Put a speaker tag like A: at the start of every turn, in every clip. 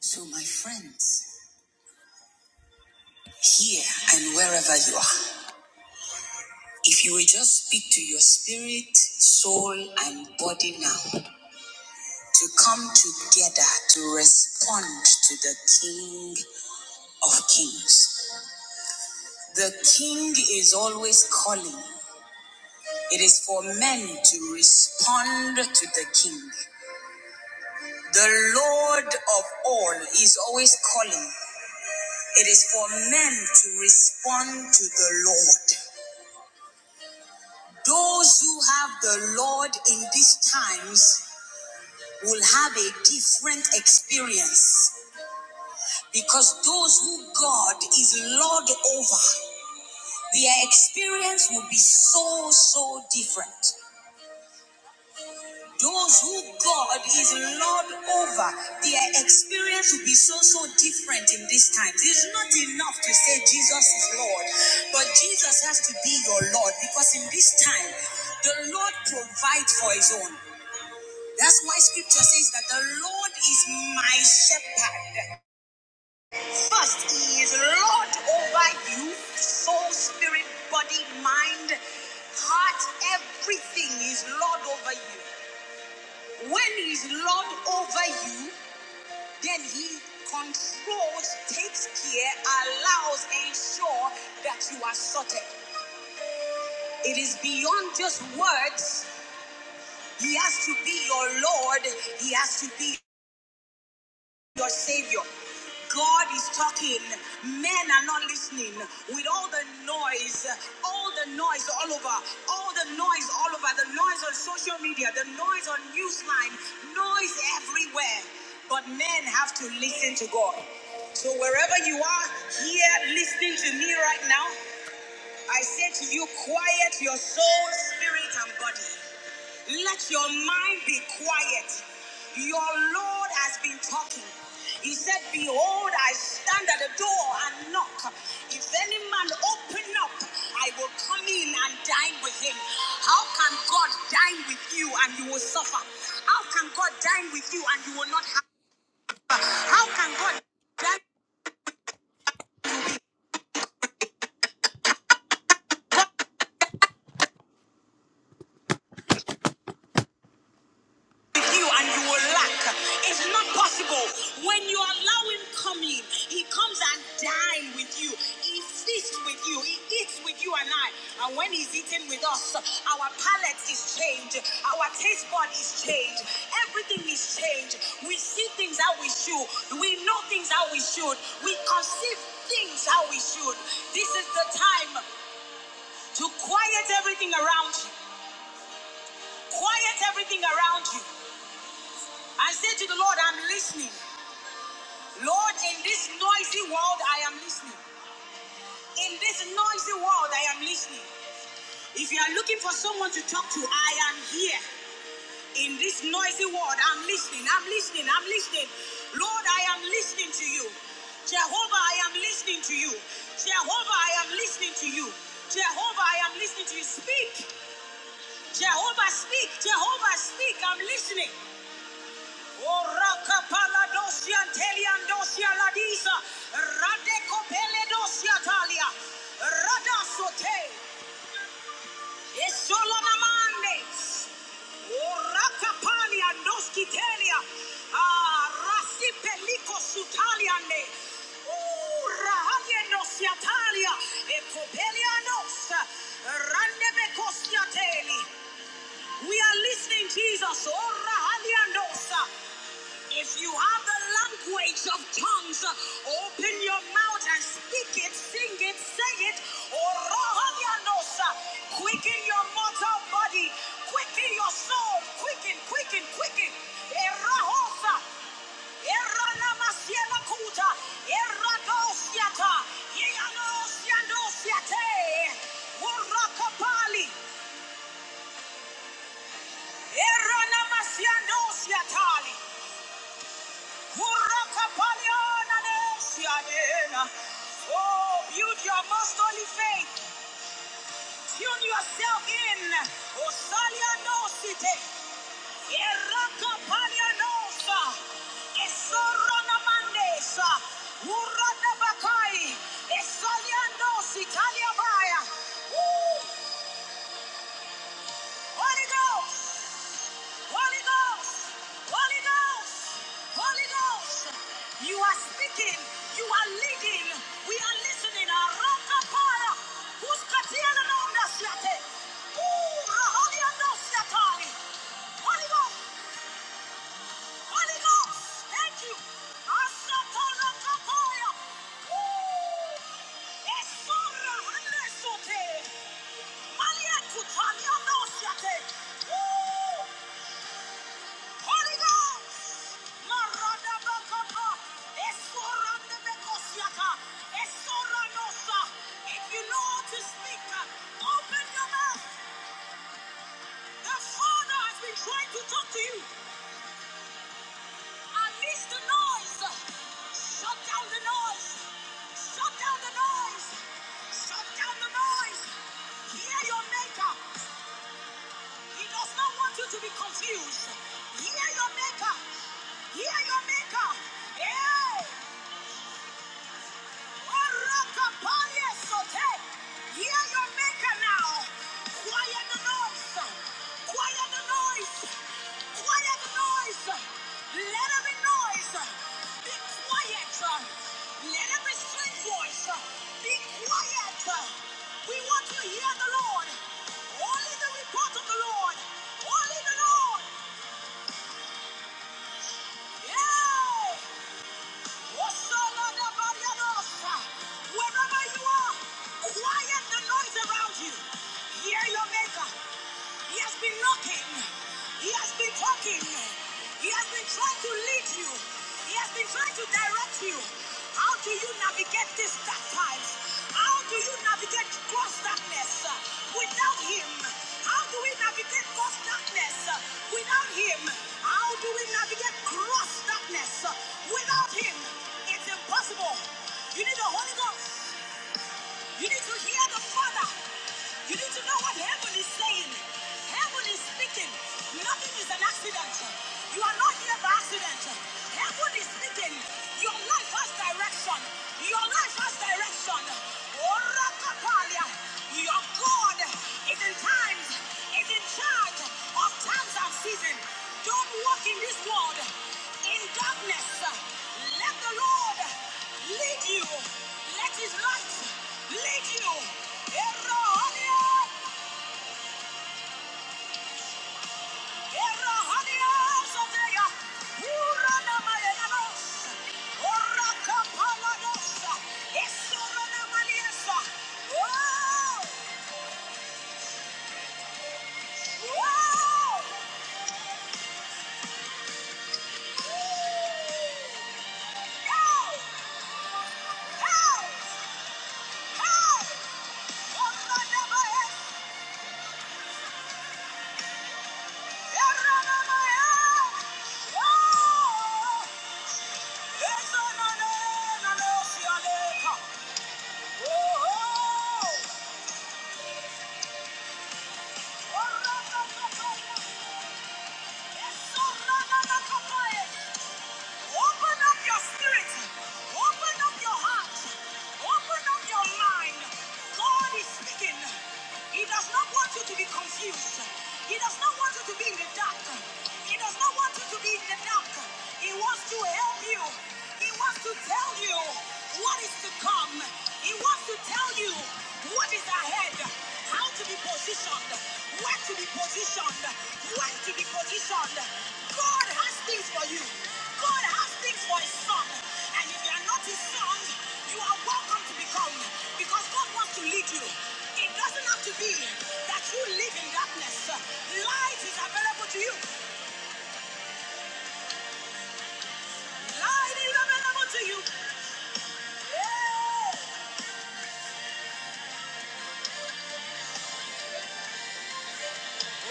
A: So, my friends, here and wherever you are, if you will just speak to your spirit, soul, and body now to come together to respond to the King of Kings. The King is always calling, it is for men to respond to the King. The Lord of all is always calling. It is for men to respond to the Lord. Those who have the Lord in these times will have a different experience because those who God is Lord over, their experience will be so, so different. Those who God is Lord over, their experience will be so, so different in these times. It's not enough to say Jesus is Lord, but Jesus has to be your Lord because in this time, the Lord provides for his own. That's why scripture says that the Lord is my shepherd. First, he is Lord over you, soul, spirit, body, mind, heart, everything is Lord over you. When he is Lord over you, then he controls, takes care, allows, ensure that you are sorted. It is beyond just words. He has to be your Lord. He has to be your Savior. God is talking. Men are not listening. With all the noise, all the noise all over, all the noise all over, the noise on social media, the noise on Newsline, noise everywhere. But men have to listen to God. So wherever you are here listening to me right now, I say to you, quiet your soul, spirit, and body. Let your mind be quiet. Your Lord has been talking. He said, Behold, I stand at the door and knock. If any man open up, I will come in and dine with him. How can God dine with you and you will suffer? How can God dine with you and you will not have? How can God? dine? with you and you will lack. It's not possible. When you allow him come in, he comes and dine with you. He feasts with you. He eats with you and I. And when he's eating with us, our palate is changed. Our taste bud is changed. Everything is changed. We see things how we should. We know things how we should. We conceive things how we should. This is the time to quiet everything around you. Quiet everything around you and say to the Lord, I'm listening. Lord, in this noisy world, I am listening. In this noisy world, I am listening. If you are looking for someone to talk to, I am here. In this noisy world, I'm listening, I'm listening, I'm listening. Lord, I am listening to you. Jehovah, I am listening to you. Jehovah, I am listening to you. Jehovah, I am listening to you. Speak. Jehovah, speak. Jehovah, speak. I'm listening. Ah, We are listening, Jesus. If you have the language of tongues, uh, open your mouth and speak it, sing it, say it. Orohadianos, uh, Quicken your mortal body, quicken your soul, quicken, quicken, quicken. Erahosa, Eranamasielakuta, Eradosiata, Yeanosiandosiate, Urakapali, Eranamasiandosiatali. Oh, build your most holy faith. Tune yourself in. Osalia no site. Eraka palia nosa. Esora na mandesa. Urada bakai. Esalia no sitalia baya. Woo! Holy Ghost. Holy Ghost, Holy Ghost, Holy Ghost. You are speaking, you are leading, we are listening. Arata para, kuskatia na naunda siate. Ura hali ando siatari. Holy Ghost, Holy Ghost, thank you. Asatara kapaya. Woo! Esora hande sote. Malia kutania no siate. ooh. Holy Ghost! Marada bakapa, esorande bekosiaka, esoranosa. If you know how to speak, uh, open your mouth. The Father has been trying to talk to you. Unleash the noise. Shut down the noise. Shut down the noise. Shut down the noise. Hear your maker. He does not want you to be confused. Hear your maker. Hear your maker. Yeah. Hear your maker now. Quiet the noise. Quiet the noise. Quiet the noise. Let every noise be quiet. Let every strange voice be quiet. We want to hear the Lord. Only the report of the Lord. Only the Lord. Yeah. Wherever you are, quiet the noise around you. Hear your maker. He has been knocking. He has been talking. He has been trying to lead you. He has been trying to direct you. How do you navigate these dark times? How do you navigate cross darkness uh, without him? How do we navigate cross darkness uh, without him? How do we navigate cross darkness uh, without him? It's impossible. You need the Holy Ghost. You need to hear the Father. You need to know what heaven is saying. Heaven is speaking. Nothing is an accident. You are not here by accident. Heaven is speaking. Your life has direction. Your life has direction. Ora Orakapalia. Your God is in times, is in charge of times of season. Don't walk in this world in darkness. Let the Lord lead you. Let his light lead you. Erohadia, Erohadia, Soteya, Uranamayanos, Orakapalados, Isoranamaliesa. Whoa! Whoa! Oh! Open up your spirit. Open up your heart. Open up your mind. God is speaking. He does not want you to be confused. He does not want you to be in the dark. He does not want you to be in the dark. He wants to help you. He wants to tell you what is to come. He wants to tell you what is ahead, how to be positioned, where to be positioned, where to be positioned. God has things for you. God has things for his son. And if you are not his son, you are welcome to become because God wants to lead you. It doesn't have to be that you live in darkness. Light is available to you. Light is available to you. Yeah.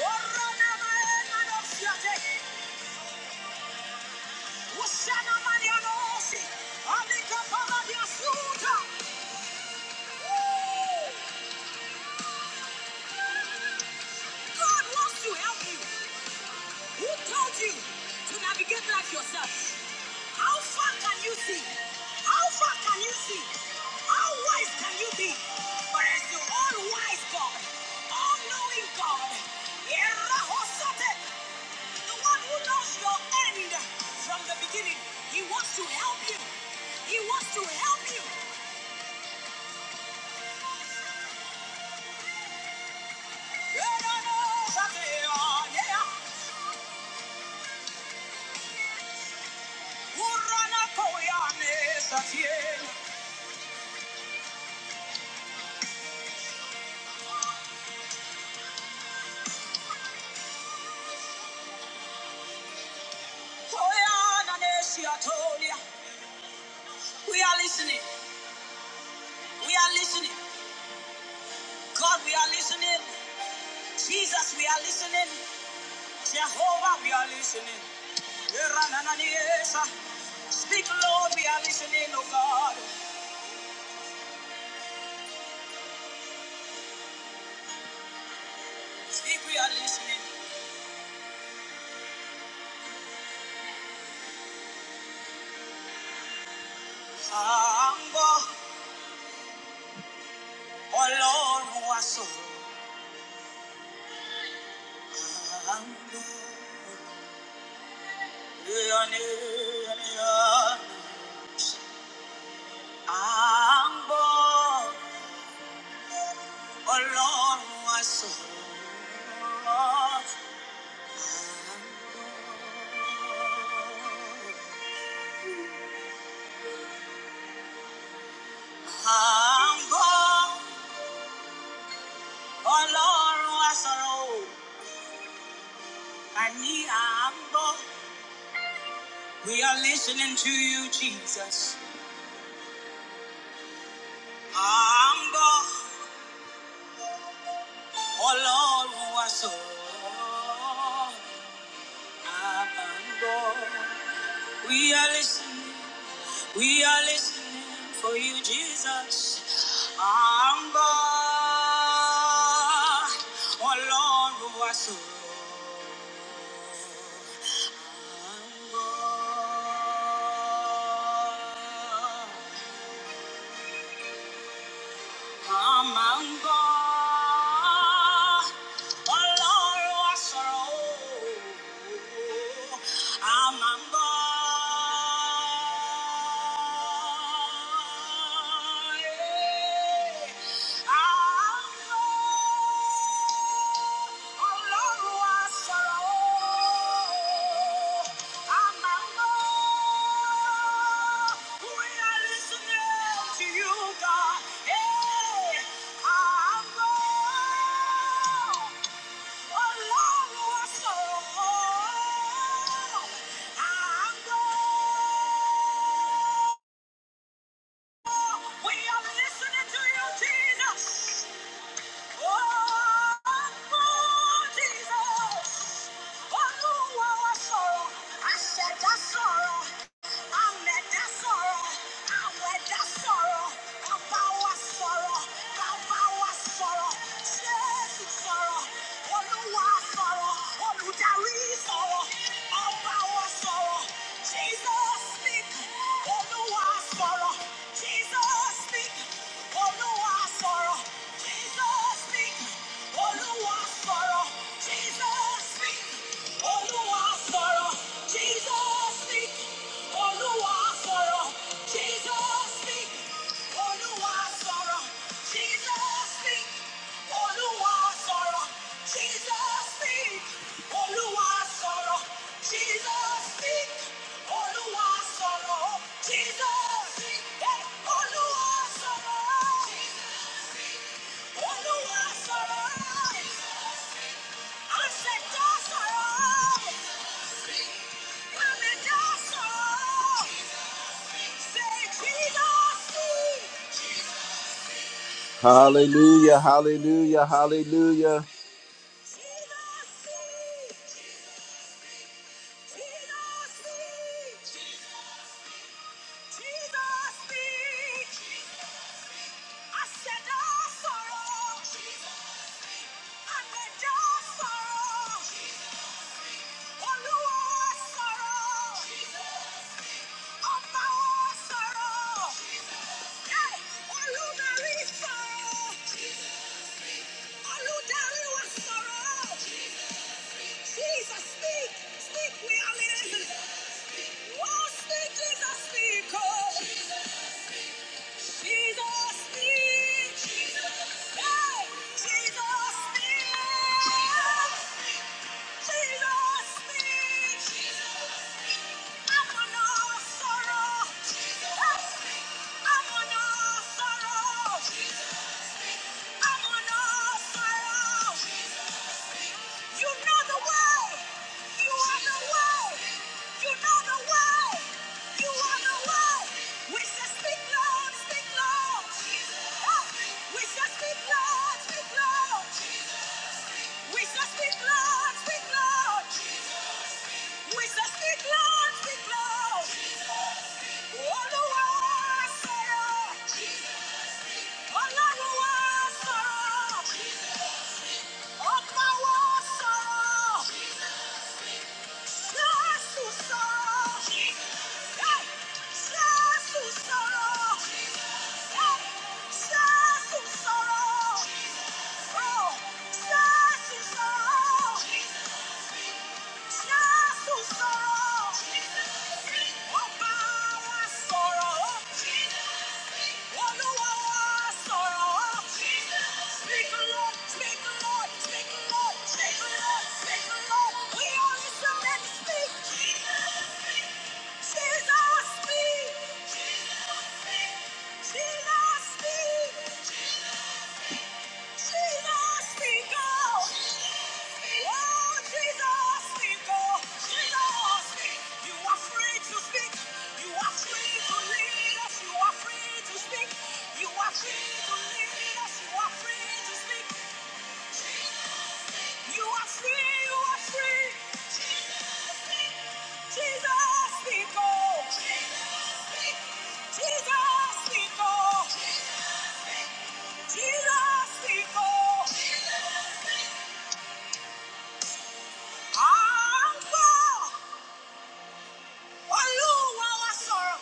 A: Oh, Rana, my head, my dog, she are dead. Ushana Mariano Osi, Alika Paladia Suta. Woo! God wants to help you. Who told you to navigate life yourself? How far can you see? How far can you see? How wise can you be? But as the all-wise God, all-knowing God, Yerahosote, the one who knows your end from the beginning, he wants to help you. He wants to help you. We are listening. We are listening. God, we are listening. Jesus, we are listening. Jehovah, we are listening. Speak, Lord, we are listening, oh God. Speak, we are listening. Ambo, Olorun wa so. Ambo, Ang buong walong asurot. Ang buong walong asurot. Kani ang buong. We are listening to you, Jesus. Ang buong walong asurot. Ang buong. We are listening. We are listening for you, Jesus. I'm born. Ọlọ́run wá sọ̀rọ̀. I'm born. Màá máa ń gbọ́ Ọlọ́run á sọ̀rọ̀ o. A máa ń gbọ́. A máa ń gbọ́. Ọlọ́run aṣọ ooo, a máa mọ́. We are listening to you, God. Hey, a mọ́. Ọlọ́run aṣọ ooo, a mọ́. We are listening to you, Jesus. Jesus speak, Oluwa sọ̀rọ̀. Jesus speak, Oluwa sọ̀rọ̀. Jesus speak, Olúwa sọ̀rọ̀. Jesus speak, Olúwa sọ̀rọ̀. Jesus speak, Olúwa sọ̀rọ̀. Jesus speak, Olúwa sọ̀rọ̀. Jesus speak, Olúwa sọ̀rọ̀. Jesus speak, Olúwa sọ̀rọ̀. Jesus speak, Jesus speak, eh, Olúwa sọ̀rọ̀. Hallelujah, hallelujah, hallelujah. Jesus, speak, speak, we are living. Oh, speak, Jesus, speak, oh, Jesus, speak, hey, Jesus, speak, Jesus, speak. I'm on a sorrow, hey, I'm on a sorrow, I'm on a sorrow. You know the world. You are the world. You know the world. You are the world. We shall speak loud, speak loud. Ah, We shall speak loud, speak loud. We shall speak loud, speak loud. We shall speak loud, speak loud. All the world, sorrow. All the world, sorrow. All power, Speak, Lord, speak, Lord, speak, Lord, speak, Lord, speak, Lord. We are listening, speak. Jesus speak, me. She lost me. She lost me. She lost Oh, she lost You are free to speak. You are free to lead us. You are free to speak. You are free to lead us. You are free to speak. You are free. You are free. Jesus, speak. Jesus, speak. Jesus, speak. Jesus nìkan à ń gbọ́. Olúwa wa sọ̀rọ̀,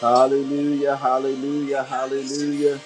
A: Hallelujah, hallelujah, hallelujah.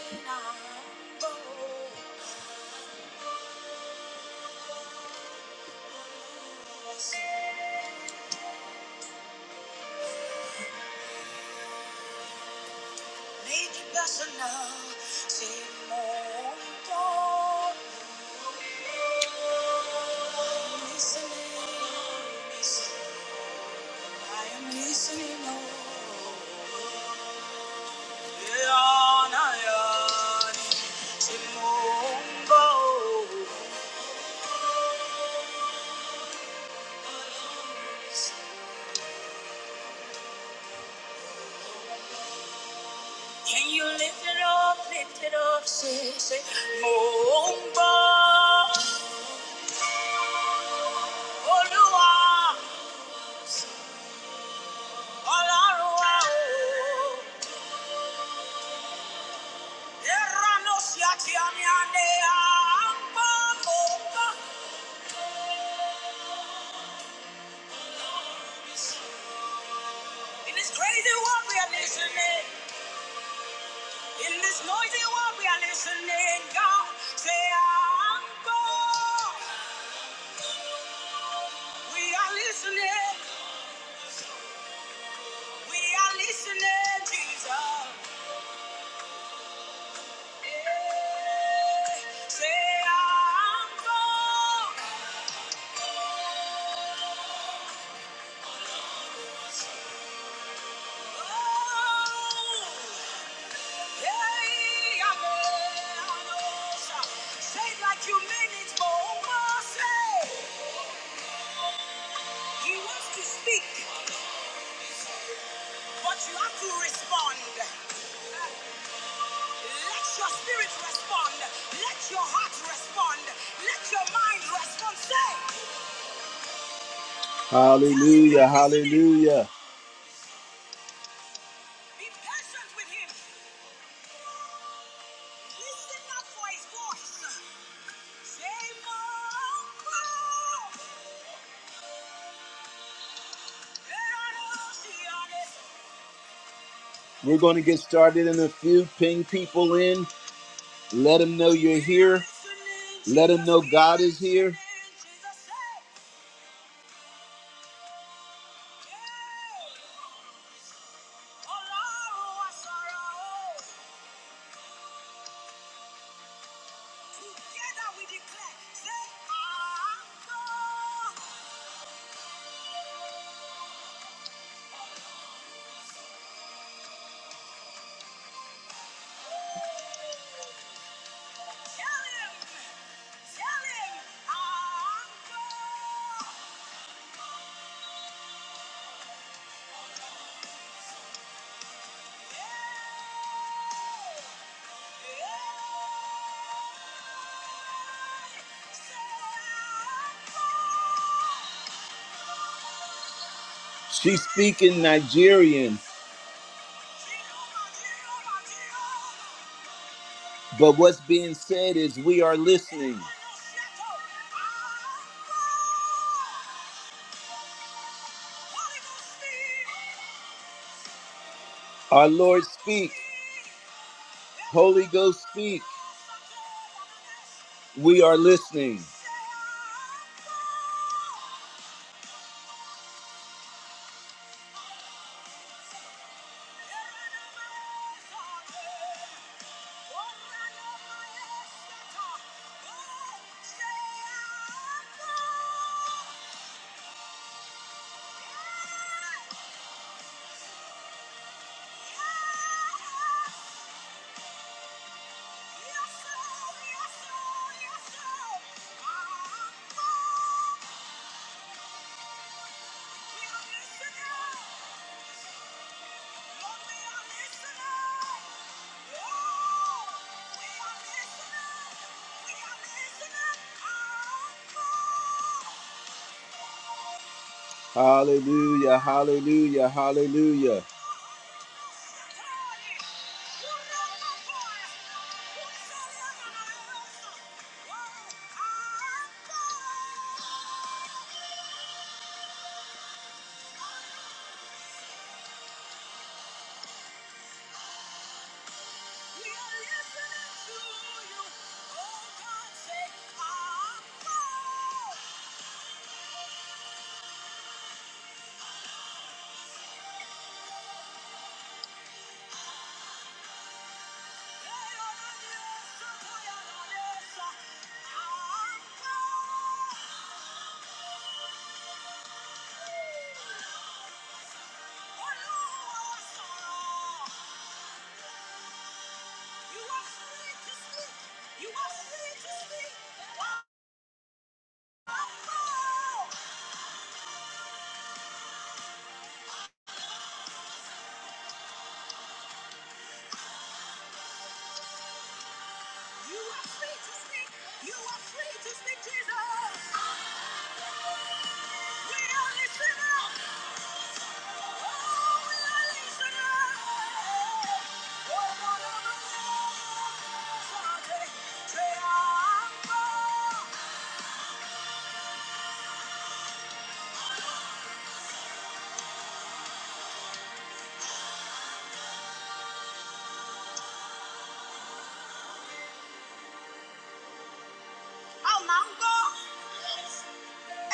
A: Can you lift it up, lift it up, say, say, Mumba, Olua, Olarua, oh. Erano siati amiane, Amba, Mumba. In this crazy world we are listening, in this noisy world we are listening, God, say, Amba. We are listening. We are listening, Jesus. Yeah. Say I'm bold. Oh, yeah, I am. Say it like you mean it, Jehovah. Say He wants to speak, but you have to respond. Let your spirit respond. Let your heart respond. Let your mind respond. Say. Hallelujah. Hallelujah. we're going to get started in a few. Ping people in. Let them know you're here. Let them know God is here. Yeah, yeah. She's speaking Nigerian. But what's being said is we are listening. Our Lord speak. Holy Ghost speak. We are listening. Thank you. Hallelujah, hallelujah, hallelujah.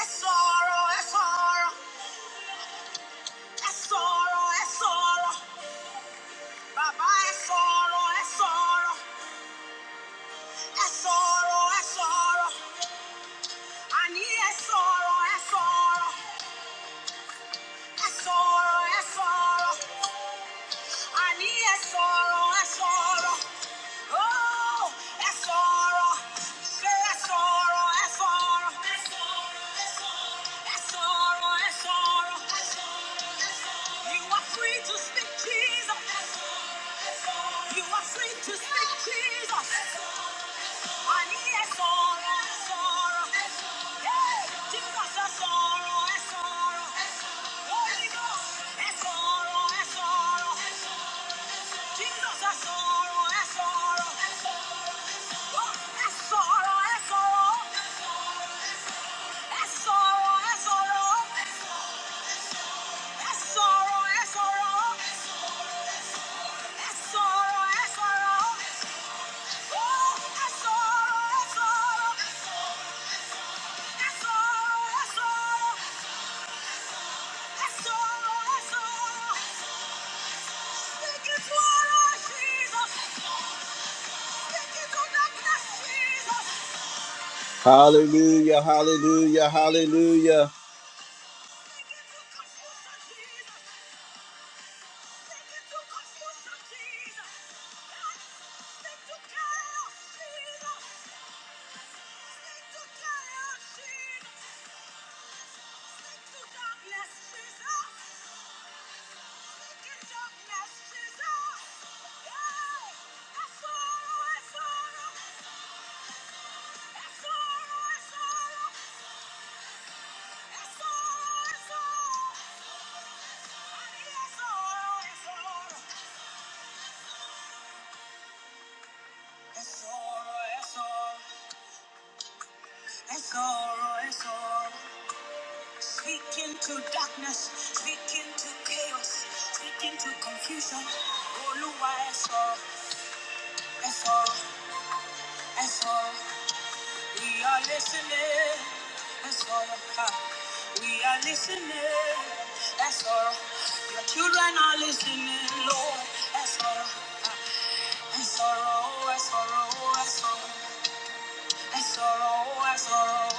A: Sorrow, a sorrow, a sorrow, a sorrow. Bàbá ẹ sọ̀rọ̀ ẹ sọ̀rọ̀ ẹ sọ̀rọ̀ ẹ sọ̀rọ̀ àní ẹ sọ̀rọ̀ ẹ sọ̀rọ̀ ẹ sọ̀rọ̀ ẹ sọ̀rọ̀ àní ẹ sọ̀rọ̀ ẹ sọ̀rọ̀ óò ẹ sọ̀rọ̀ ṣé ẹ sọ̀rọ̀ ẹ sọ̀rọ̀ ẹ sọ̀rọ̀ ẹ sọ̀rọ̀ ẹ sọ̀rọ̀ you are free to speak Jesus. You are free to speak Jesus. Oh, Hallelujah, hallelujah, hallelujah. Sorrow is all. Speak into darkness, speak into chaos, speak into confusion. Oluwa, ẹ all. ẹ all. ẹ all. We are listening. That's all about. We are listening. That's all. Your children are listening, Lord. That's all. That's all. That's all. That's all. That's all. That's all.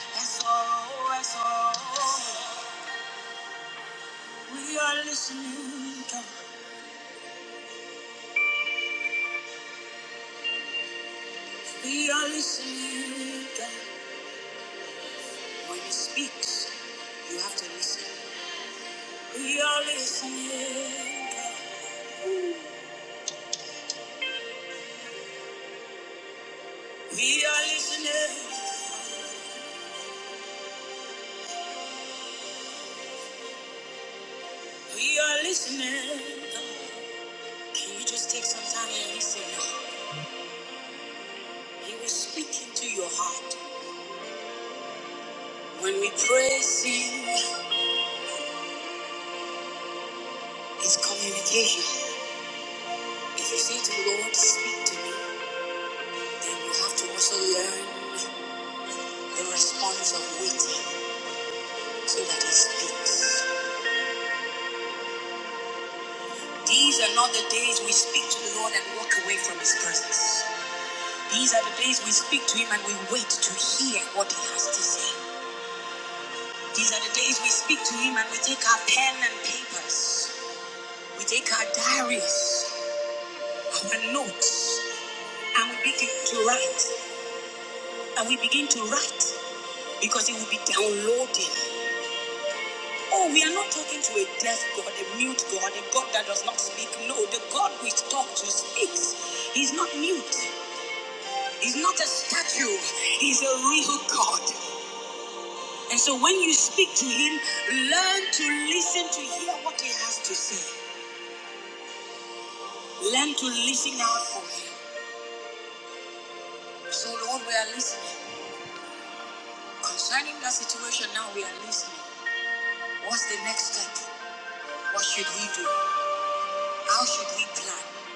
A: That's all. That's all. We are listening, God. We are listening, God. When He speaks, you have to listen. We are listening. God. We are listening. We are listening. God. Can you just take some time and listen? He was speaking to your heart. When we pray, Him, it's communication. If you say to the Lord, speak to me, then you have to also learn the response of waiting so that He speaks. These are not the days we speak to the Lord and walk away from His presence. These are the days we speak to Him and we wait to hear what He has to say. These are the days we speak to Him and we take our pen and papers. We take our diaries, our notes, and we begin to write. And we begin to write because it will be downloading. Oh, we are not talking to a deaf God, a mute God, a God that does not speak. No, the God we talk to speaks. He's not mute. He's not a statue. He's a real God. And so when you speak to him, learn to listen to hear what he has to say. Learn to listen out for him. So Lord, we are listening. Concerning that situation now we are listening, what's the next step? What should we do? How should we plan?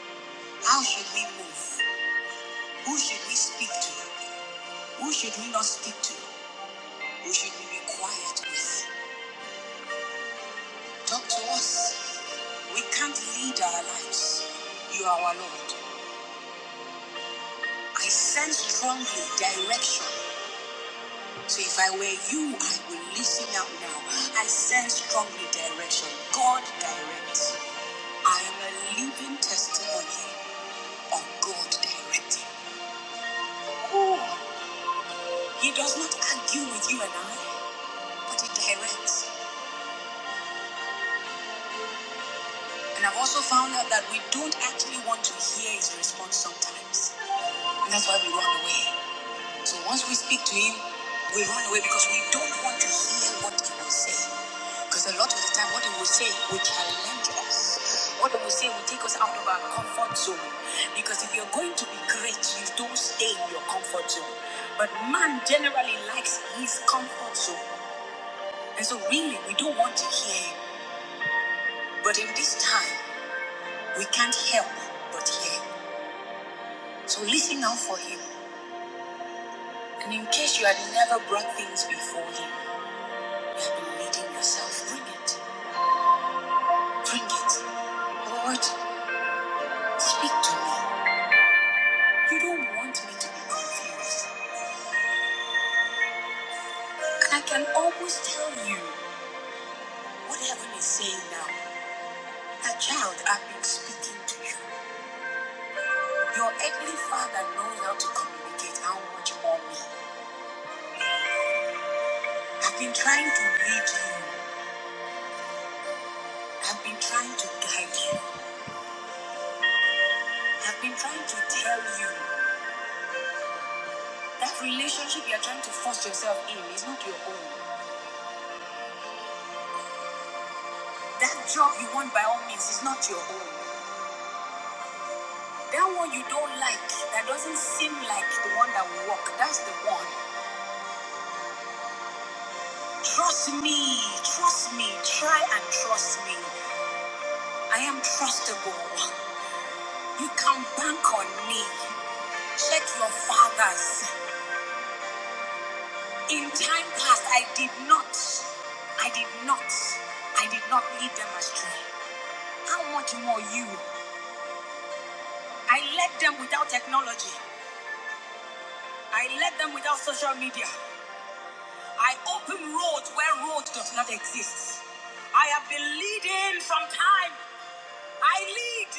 A: How should we move? Who should we speak to? Who should we not speak to? Who should we be quiet with? Talk to us. We can't lead our lives. You are our Lord. I sense strongly direction. So if I were you, I would listen out now. I sense strongly direction. God directs. I am a living testimony of God directing. He does not argue with you and I, but he directs. And I've also found out that we don't actually want to hear his response sometimes. And that's why we run away. So once we speak to him, we run away because we don't want to hear what he will say. Because a lot of the time, what he will say will challenge us. What he will say will take us out of our comfort zone. Because if you're going to be great, you don't stay in your comfort zone. But man generally likes his comfort zone. And so, really, we don't want to hear him. But in this time, we can't help but hear him. So, listen out for him. And in case you had never brought things before him, You've been leading yourself. Bring it. Bring it. Lord, speak to me. You don't want me to be confused. I can almost tell you what heaven is saying now. A child, I've been speaking to you. Your earthly father knows how to communicate how much more me. I've been trying to lead you. I've been trying to guide you. I've been trying to tell you that relationship you're trying to force yourself in is not your own. That job you want by all means is not your own. That one you don't like, that doesn't seem like the one that will work, that's the one. Trust me, trust me, try and trust me. I am trustable. You can bank on me. Check your fathers. In time past, I did not, I did not, I did not lead them astray. How much more you? I led them without technology. I led them without social media. I open roads where road does not exist. I have been leading from time. I lead.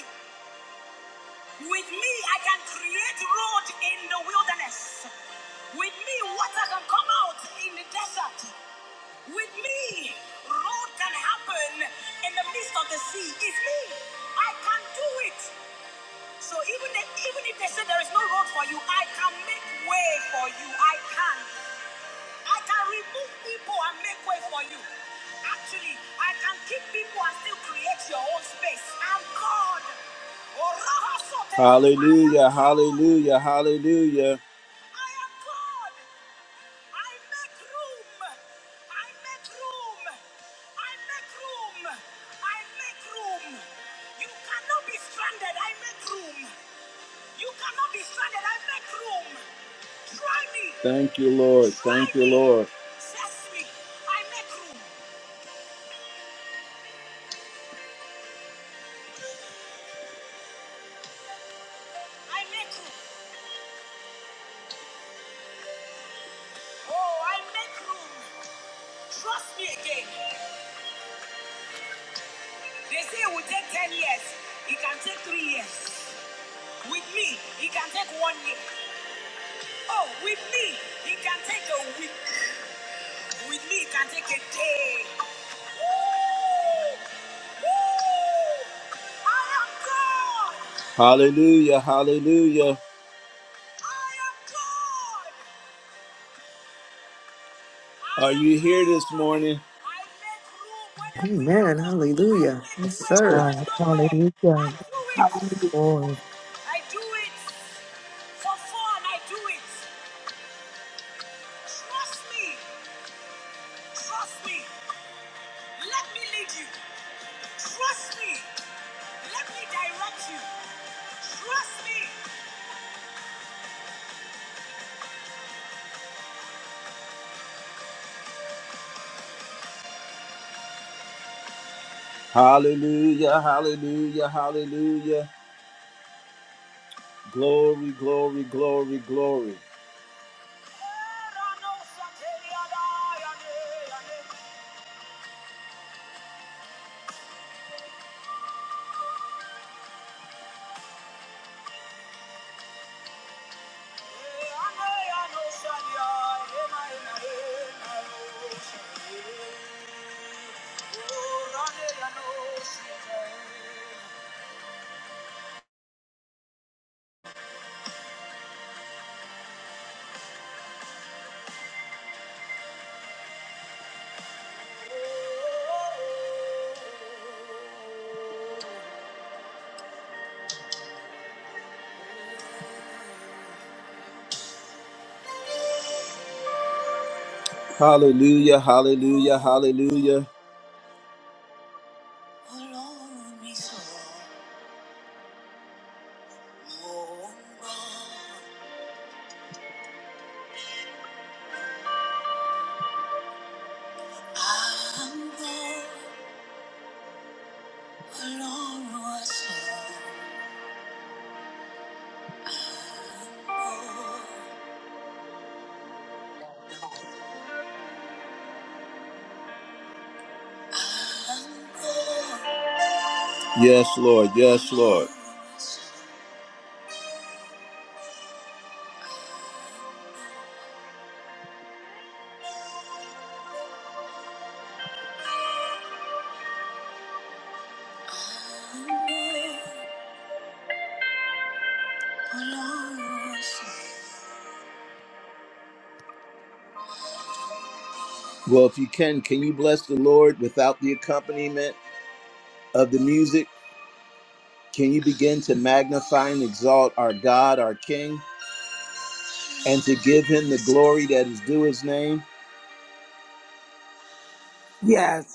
A: With me, I can create road in the wilderness. With me, water can come out in the desert. With me, road can happen in the midst of the sea. It's me. I can do it. So even if, even if they say there is no road for you, I can make way for you. I can. I can remove people and make way for you. Actually, I can keep people and still create your own space. I'm God. Hallelujah, hallelujah, hallelujah. I am God. I make room. I make room. I make room. I make room. You cannot be stranded. I make room. You cannot be stranded. I make room. Thank you, Lord. Thank you, Lord. Hallelujah, hallelujah. Are you here this morning?
B: Amen. Hallelujah. Yes,
C: Praise
B: sir.
C: God. Hallelujah.
D: Hallelujah.
C: Lord.
A: Hallelujah, hallelujah, hallelujah. Glory, glory, glory, glory. Hallelujah, hallelujah, hallelujah. Yes, Lord, yes, Lord. Well, if you can, can you bless the Lord without the accompaniment of the music? Can you begin to magnify and exalt our God, our King, and to give him the glory that is due his name?
D: Yes,